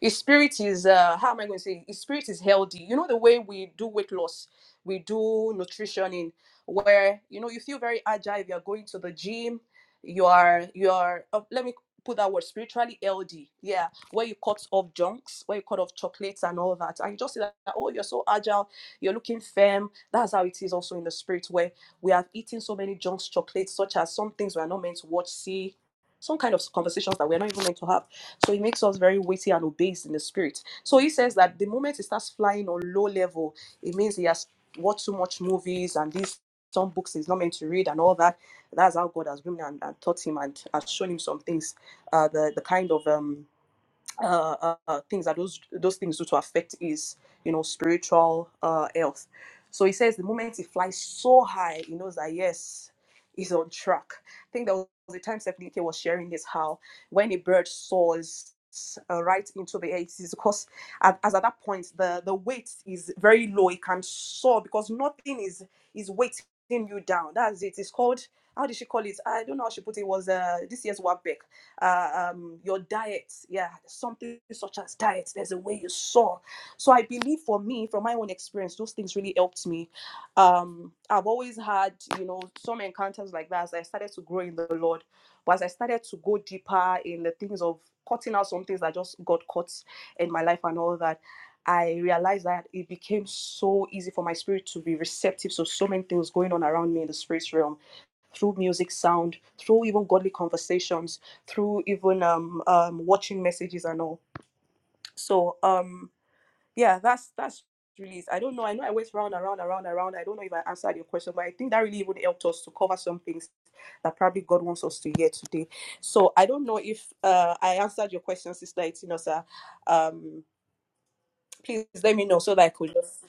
his spirit is uh how am i going to say his spirit is healthy you know the way we do weight loss we do nutritioning where you know you feel very agile If you're going to the gym you are you are uh, let me put that word spiritually healthy yeah where you cut off junks where you cut off chocolates and all that and you just see that oh you're so agile you're looking firm that's how it is also in the spirit where we have eaten so many junks chocolates such as some things we are not meant to watch see some kind of conversations that we're not even meant to have so he makes us very weighty and obese in the spirit. So he says that the moment he starts flying on low level, it means he has watched too much movies and these some books he's not meant to read and all that. That's how God has grown and, and taught him and has shown him some things. Uh, the the kind of um uh, uh, uh, things that those those things do to affect his you know spiritual uh, health. So he says the moment he flies so high, he knows that yes, he's on track. I think there was a time Stephanie K was sharing this how when a bird soars. Uh, right into the air it is because at, as at that point the the weight is very low it can soar because nothing is is weighting you down that's it it's called how did she call it i don't know how she put it, it was uh this year's work uh, um, your diet. Yeah, something such as diet. There's a way you saw. So I believe for me, from my own experience, those things really helped me. Um, I've always had, you know, some encounters like that as I started to grow in the Lord. But as I started to go deeper in the things of cutting out some things that just got caught in my life and all that, I realized that it became so easy for my spirit to be receptive to so so many things going on around me in the spirit realm through music, sound, through even godly conversations through even um, um watching messages and all. So um yeah, that's that's really it. I don't know. I know I went round and round and round and round. I don't know if I answered your question, but I think that really even helped us to cover some things that probably God wants us to hear today. So I don't know if uh I answered your question, Sister Itinosa. Um please let me know so that I could just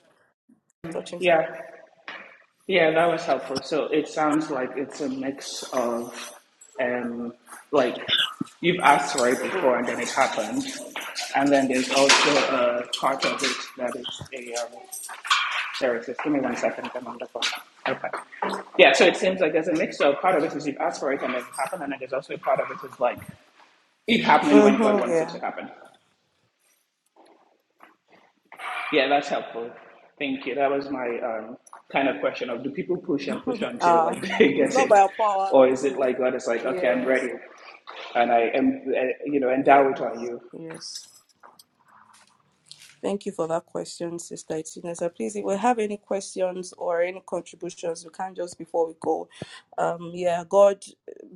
touch into Yeah, yeah, that was helpful. So it sounds like it's a mix of um like you've asked for it before and then it happened, and then there's also a part of it that is a um, services. Give me one second. I'm on the phone. Okay. Yeah, so it seems like there's a mix. So part of it is you've asked for it and it's happened, and then there's also a part of it is like it happening when God mm-hmm, wants it yeah. to happen. Yeah, that's helpful. Thank you. That was my um, kind of question of do people push and push until like Uh they it's get not by it, our power, or is it really. like God is like okay, I'm Yes, ready, and I am uh, you know endow it yes, on you. yes. Thank you for that question, Sister Itinesa. Please, if we have any questions or any contributions, we can just before we go. Um, yeah, God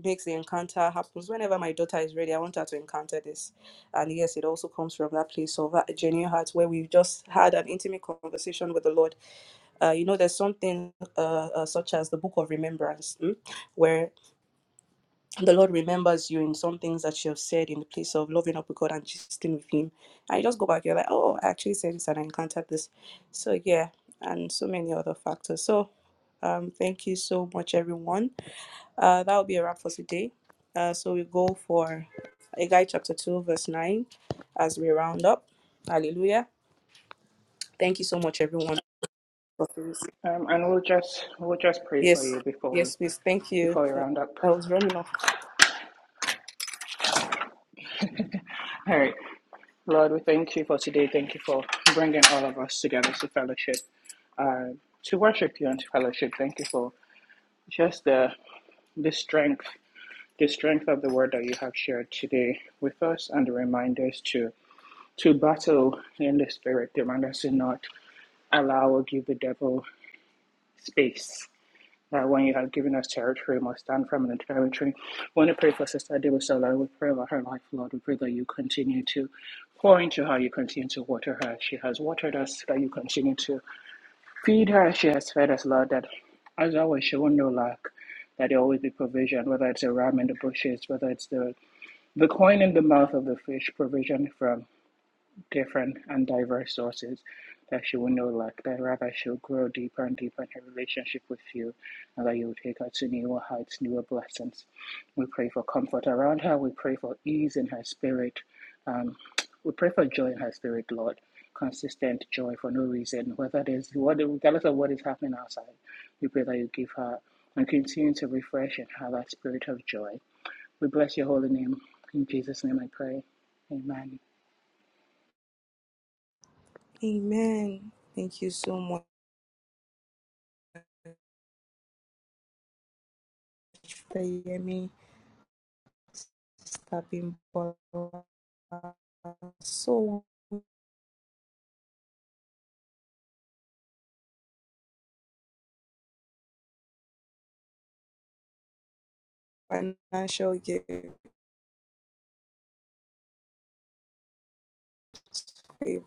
makes the encounter happens whenever my daughter is ready. I want her to encounter this, and yes, it also comes from that place of that genuine heart where we've just had an intimate conversation with the Lord. Uh, you know, there's something uh, uh, such as the Book of Remembrance, mm, where the Lord remembers you in some things that you have said in the place of loving up with God and gisting with Him. And you just go back, you're like, oh, I actually said this and I encountered this. So, yeah, and so many other factors. So, um, thank you so much, everyone. Uh, that will be a wrap for today. Uh, so, we go for Haggai chapter 2, verse 9 as we round up. Hallelujah. Thank you so much, everyone. for this. Um, and we'll just we'll just pray for Yes, you before we yes, please. Thank you. before we round up. I was running off. All right. Lord, we thank you for today. Thank you for bringing all of us together to fellowship, uh, to worship you and to fellowship. Thank you for just the, the strength, the strength of the word that you have shared today with us and the reminders to, to battle in the spirit, the reminders to not allow or give the devil space that when you have given us territory, we must stand firm in the territory. When to pray for Sister Debusala, we pray about her life, Lord. We pray that you continue to pour into her, you continue to water her. She has watered us, that you continue to feed her. She has fed us, Lord, that as always, she will know lack, that there will always be provision, whether it's a ram in the bushes, whether it's the the coin in the mouth of the fish, provision from different and diverse sources that she will no lack, that rather she'll grow deeper and deeper in her relationship with you, and that you'll take her to newer heights, newer blessings. We pray for comfort around her. We pray for ease in her spirit. Um, we pray for joy in her spirit, Lord. Consistent joy for no reason, whether it is what, regardless of what is happening outside. We pray that you give her and continue to refresh and have that spirit of joy. We bless your holy name. In Jesus' name I pray. Amen. Amen. Thank you so much, Fayemi. tapping for so financial gifts, favor,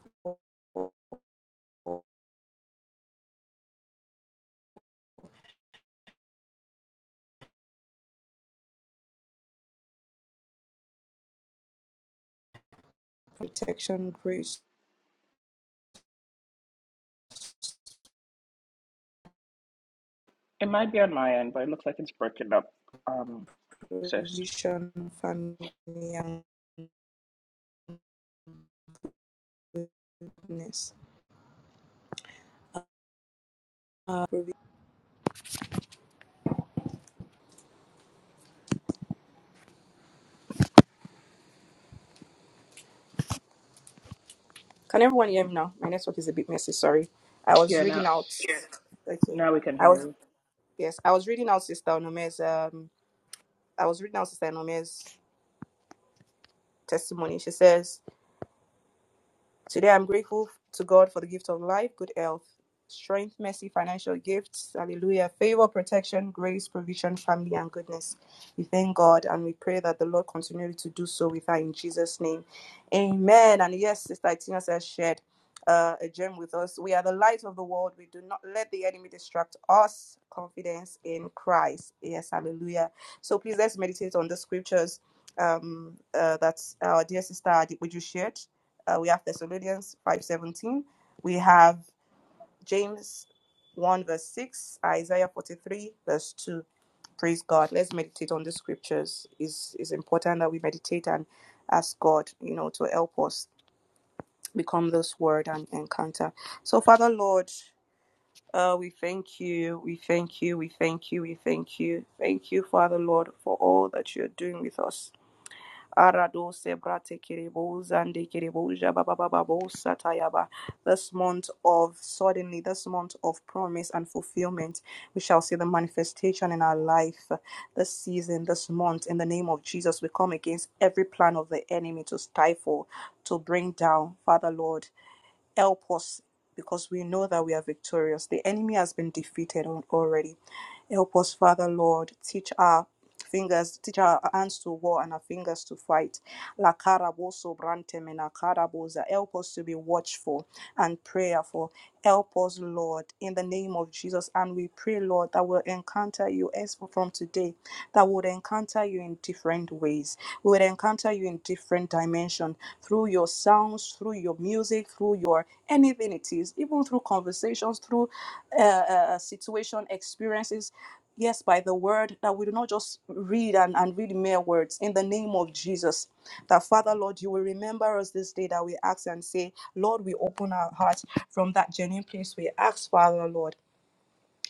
protection, grace, It might be on my end, but it looks like it's broken up. Um, sis. provision, family, and goodness. Uh, Can everyone hear me now? My network is a bit messy. Sorry, I was Yeah, reading now out. Yes, Okay, now we can I was hear yes, I was reading out Sister Onome's. Um, I was reading out Sister Onome's testimony. She says. Today, I'm grateful to God for the gift of life, good health, strength, mercy, financial gifts, hallelujah, favor, protection, grace, provision, family, and goodness. We thank God and we pray that the Lord continually to do so with her in Jesus' name. Amen. And yes, Sister Itina has shared uh, a gem with us. We are the light of the world. We do not let the enemy distract us. Confidence in Christ. Yes, hallelujah. So please let's meditate on the scriptures um, uh, that our dear sister would Adibuju shared. Uh, we have Thessalonians 5.17. We have James 1 verse 6, Isaiah 43 verse 2. Praise God. Let's meditate on the scriptures. It's, it's important that we meditate and ask God, you know, to help us become this word and encounter. So, Father Lord, uh, we thank you, we thank you, we thank you, we thank you. Thank you, Father Lord, for all that you're doing with us. Arado sebrate kerebo zande kerebo jababababo satayaba. This month of suddenly, this month of promise and fulfillment, we shall see the manifestation in our life this season, this month. In the name of Jesus, we come against every plan of the enemy to stifle, to bring down, Father Lord help us because we know that we are victorious. The enemy has been defeated already. Help us, Father Lord. Teach our fingers, teach our hands to war and our fingers to fight. La karaboso brantemena karabosa. Help us to be watchful and prayerful. Help us, Lord, in the name of Jesus. And we pray, Lord, that we'll encounter you as from today, that we'll encounter you in different ways. We will encounter you in different dimension through your sounds, through your music, through your anything it is, even through conversations, through uh, uh, uh, situation experiences, yes, by the word, that we do not just read and, and read mere words in the name of Jesus. That Father, Lord, you will remember us this day that we ask and say, Lord, we open our hearts from that genuine place. We ask, Father, Lord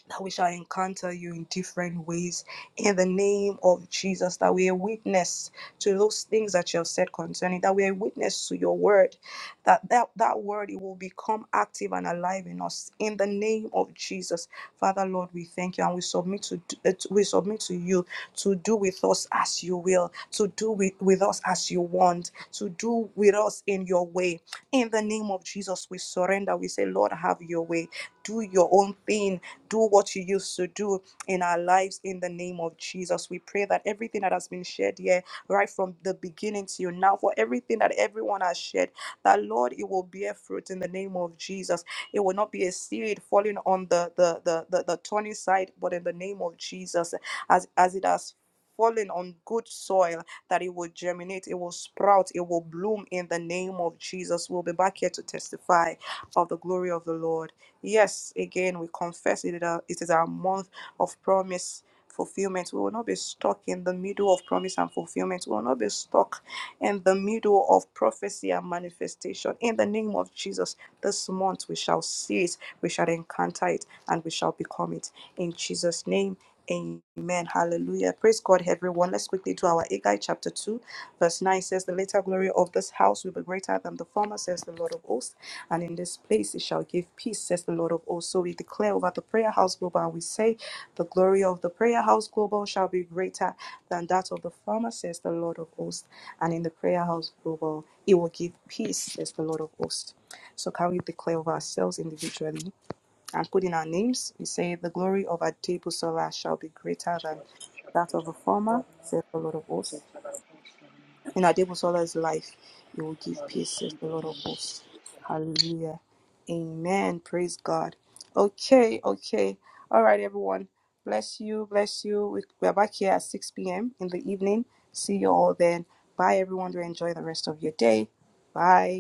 that we shall encounter you in different ways in the name of Jesus, that we are witness to those things that you have said concerning, that we are witness to your word, that, that that word it will become active and alive in us in the name of Jesus. Father Lord, we thank you and we submit to uh, to- we submit to you to do with us as you will, to do with, with us as you want, to do with us in your way. In the name of Jesus, we surrender. We say, Lord, have your way. Do your own thing do what you used to do in our lives in the name of Jesus. We pray that everything that has been shared here, right from the beginning to you now, for everything that everyone has shared, that Lord, it will bear fruit in the name of Jesus. It will not be a seed falling on the the the the, the thorny side, but in the name of Jesus, as as it has fallen on good soil that it will germinate it will sprout it will bloom in the name of jesus we'll be back here to testify of the glory of the lord Yes, again, we confess it, is our- it is our month of promise fulfillment. We will not be stuck in the middle of promise and fulfillment. We will not be stuck in the middle of prophecy and manifestation. In the name of Jesus, this month we shall see it, we shall encounter it, and we shall become it. In Jesus' name, amen. Hallelujah. Praise God, everyone. Let's quickly do our Agai chapter 2, verse 9 says, The later glory of this house will be greater than the former, says the Lord of hosts. And in this place it shall give peace, says the Lord of hosts. So we declare over the prayer house global and we say, The glory of the prayer house global shall be greater than that of the former, says the Lord of hosts. And in the prayer house global, it will give peace, says the Lord of hosts. So can we declare over ourselves individually and put in our names? We say, The glory of our Sola shall be greater than that of the former, says the Lord of hosts in Adebusola's life, you will give peace, says the Lord of you. hosts. Hallelujah. Amen. Praise God. Okay, okay. All right, everyone. Bless you. Bless you. We- We're back here at 6 p.m. in the evening. See you all then. Bye, everyone. Do enjoy the rest of your day. Bye.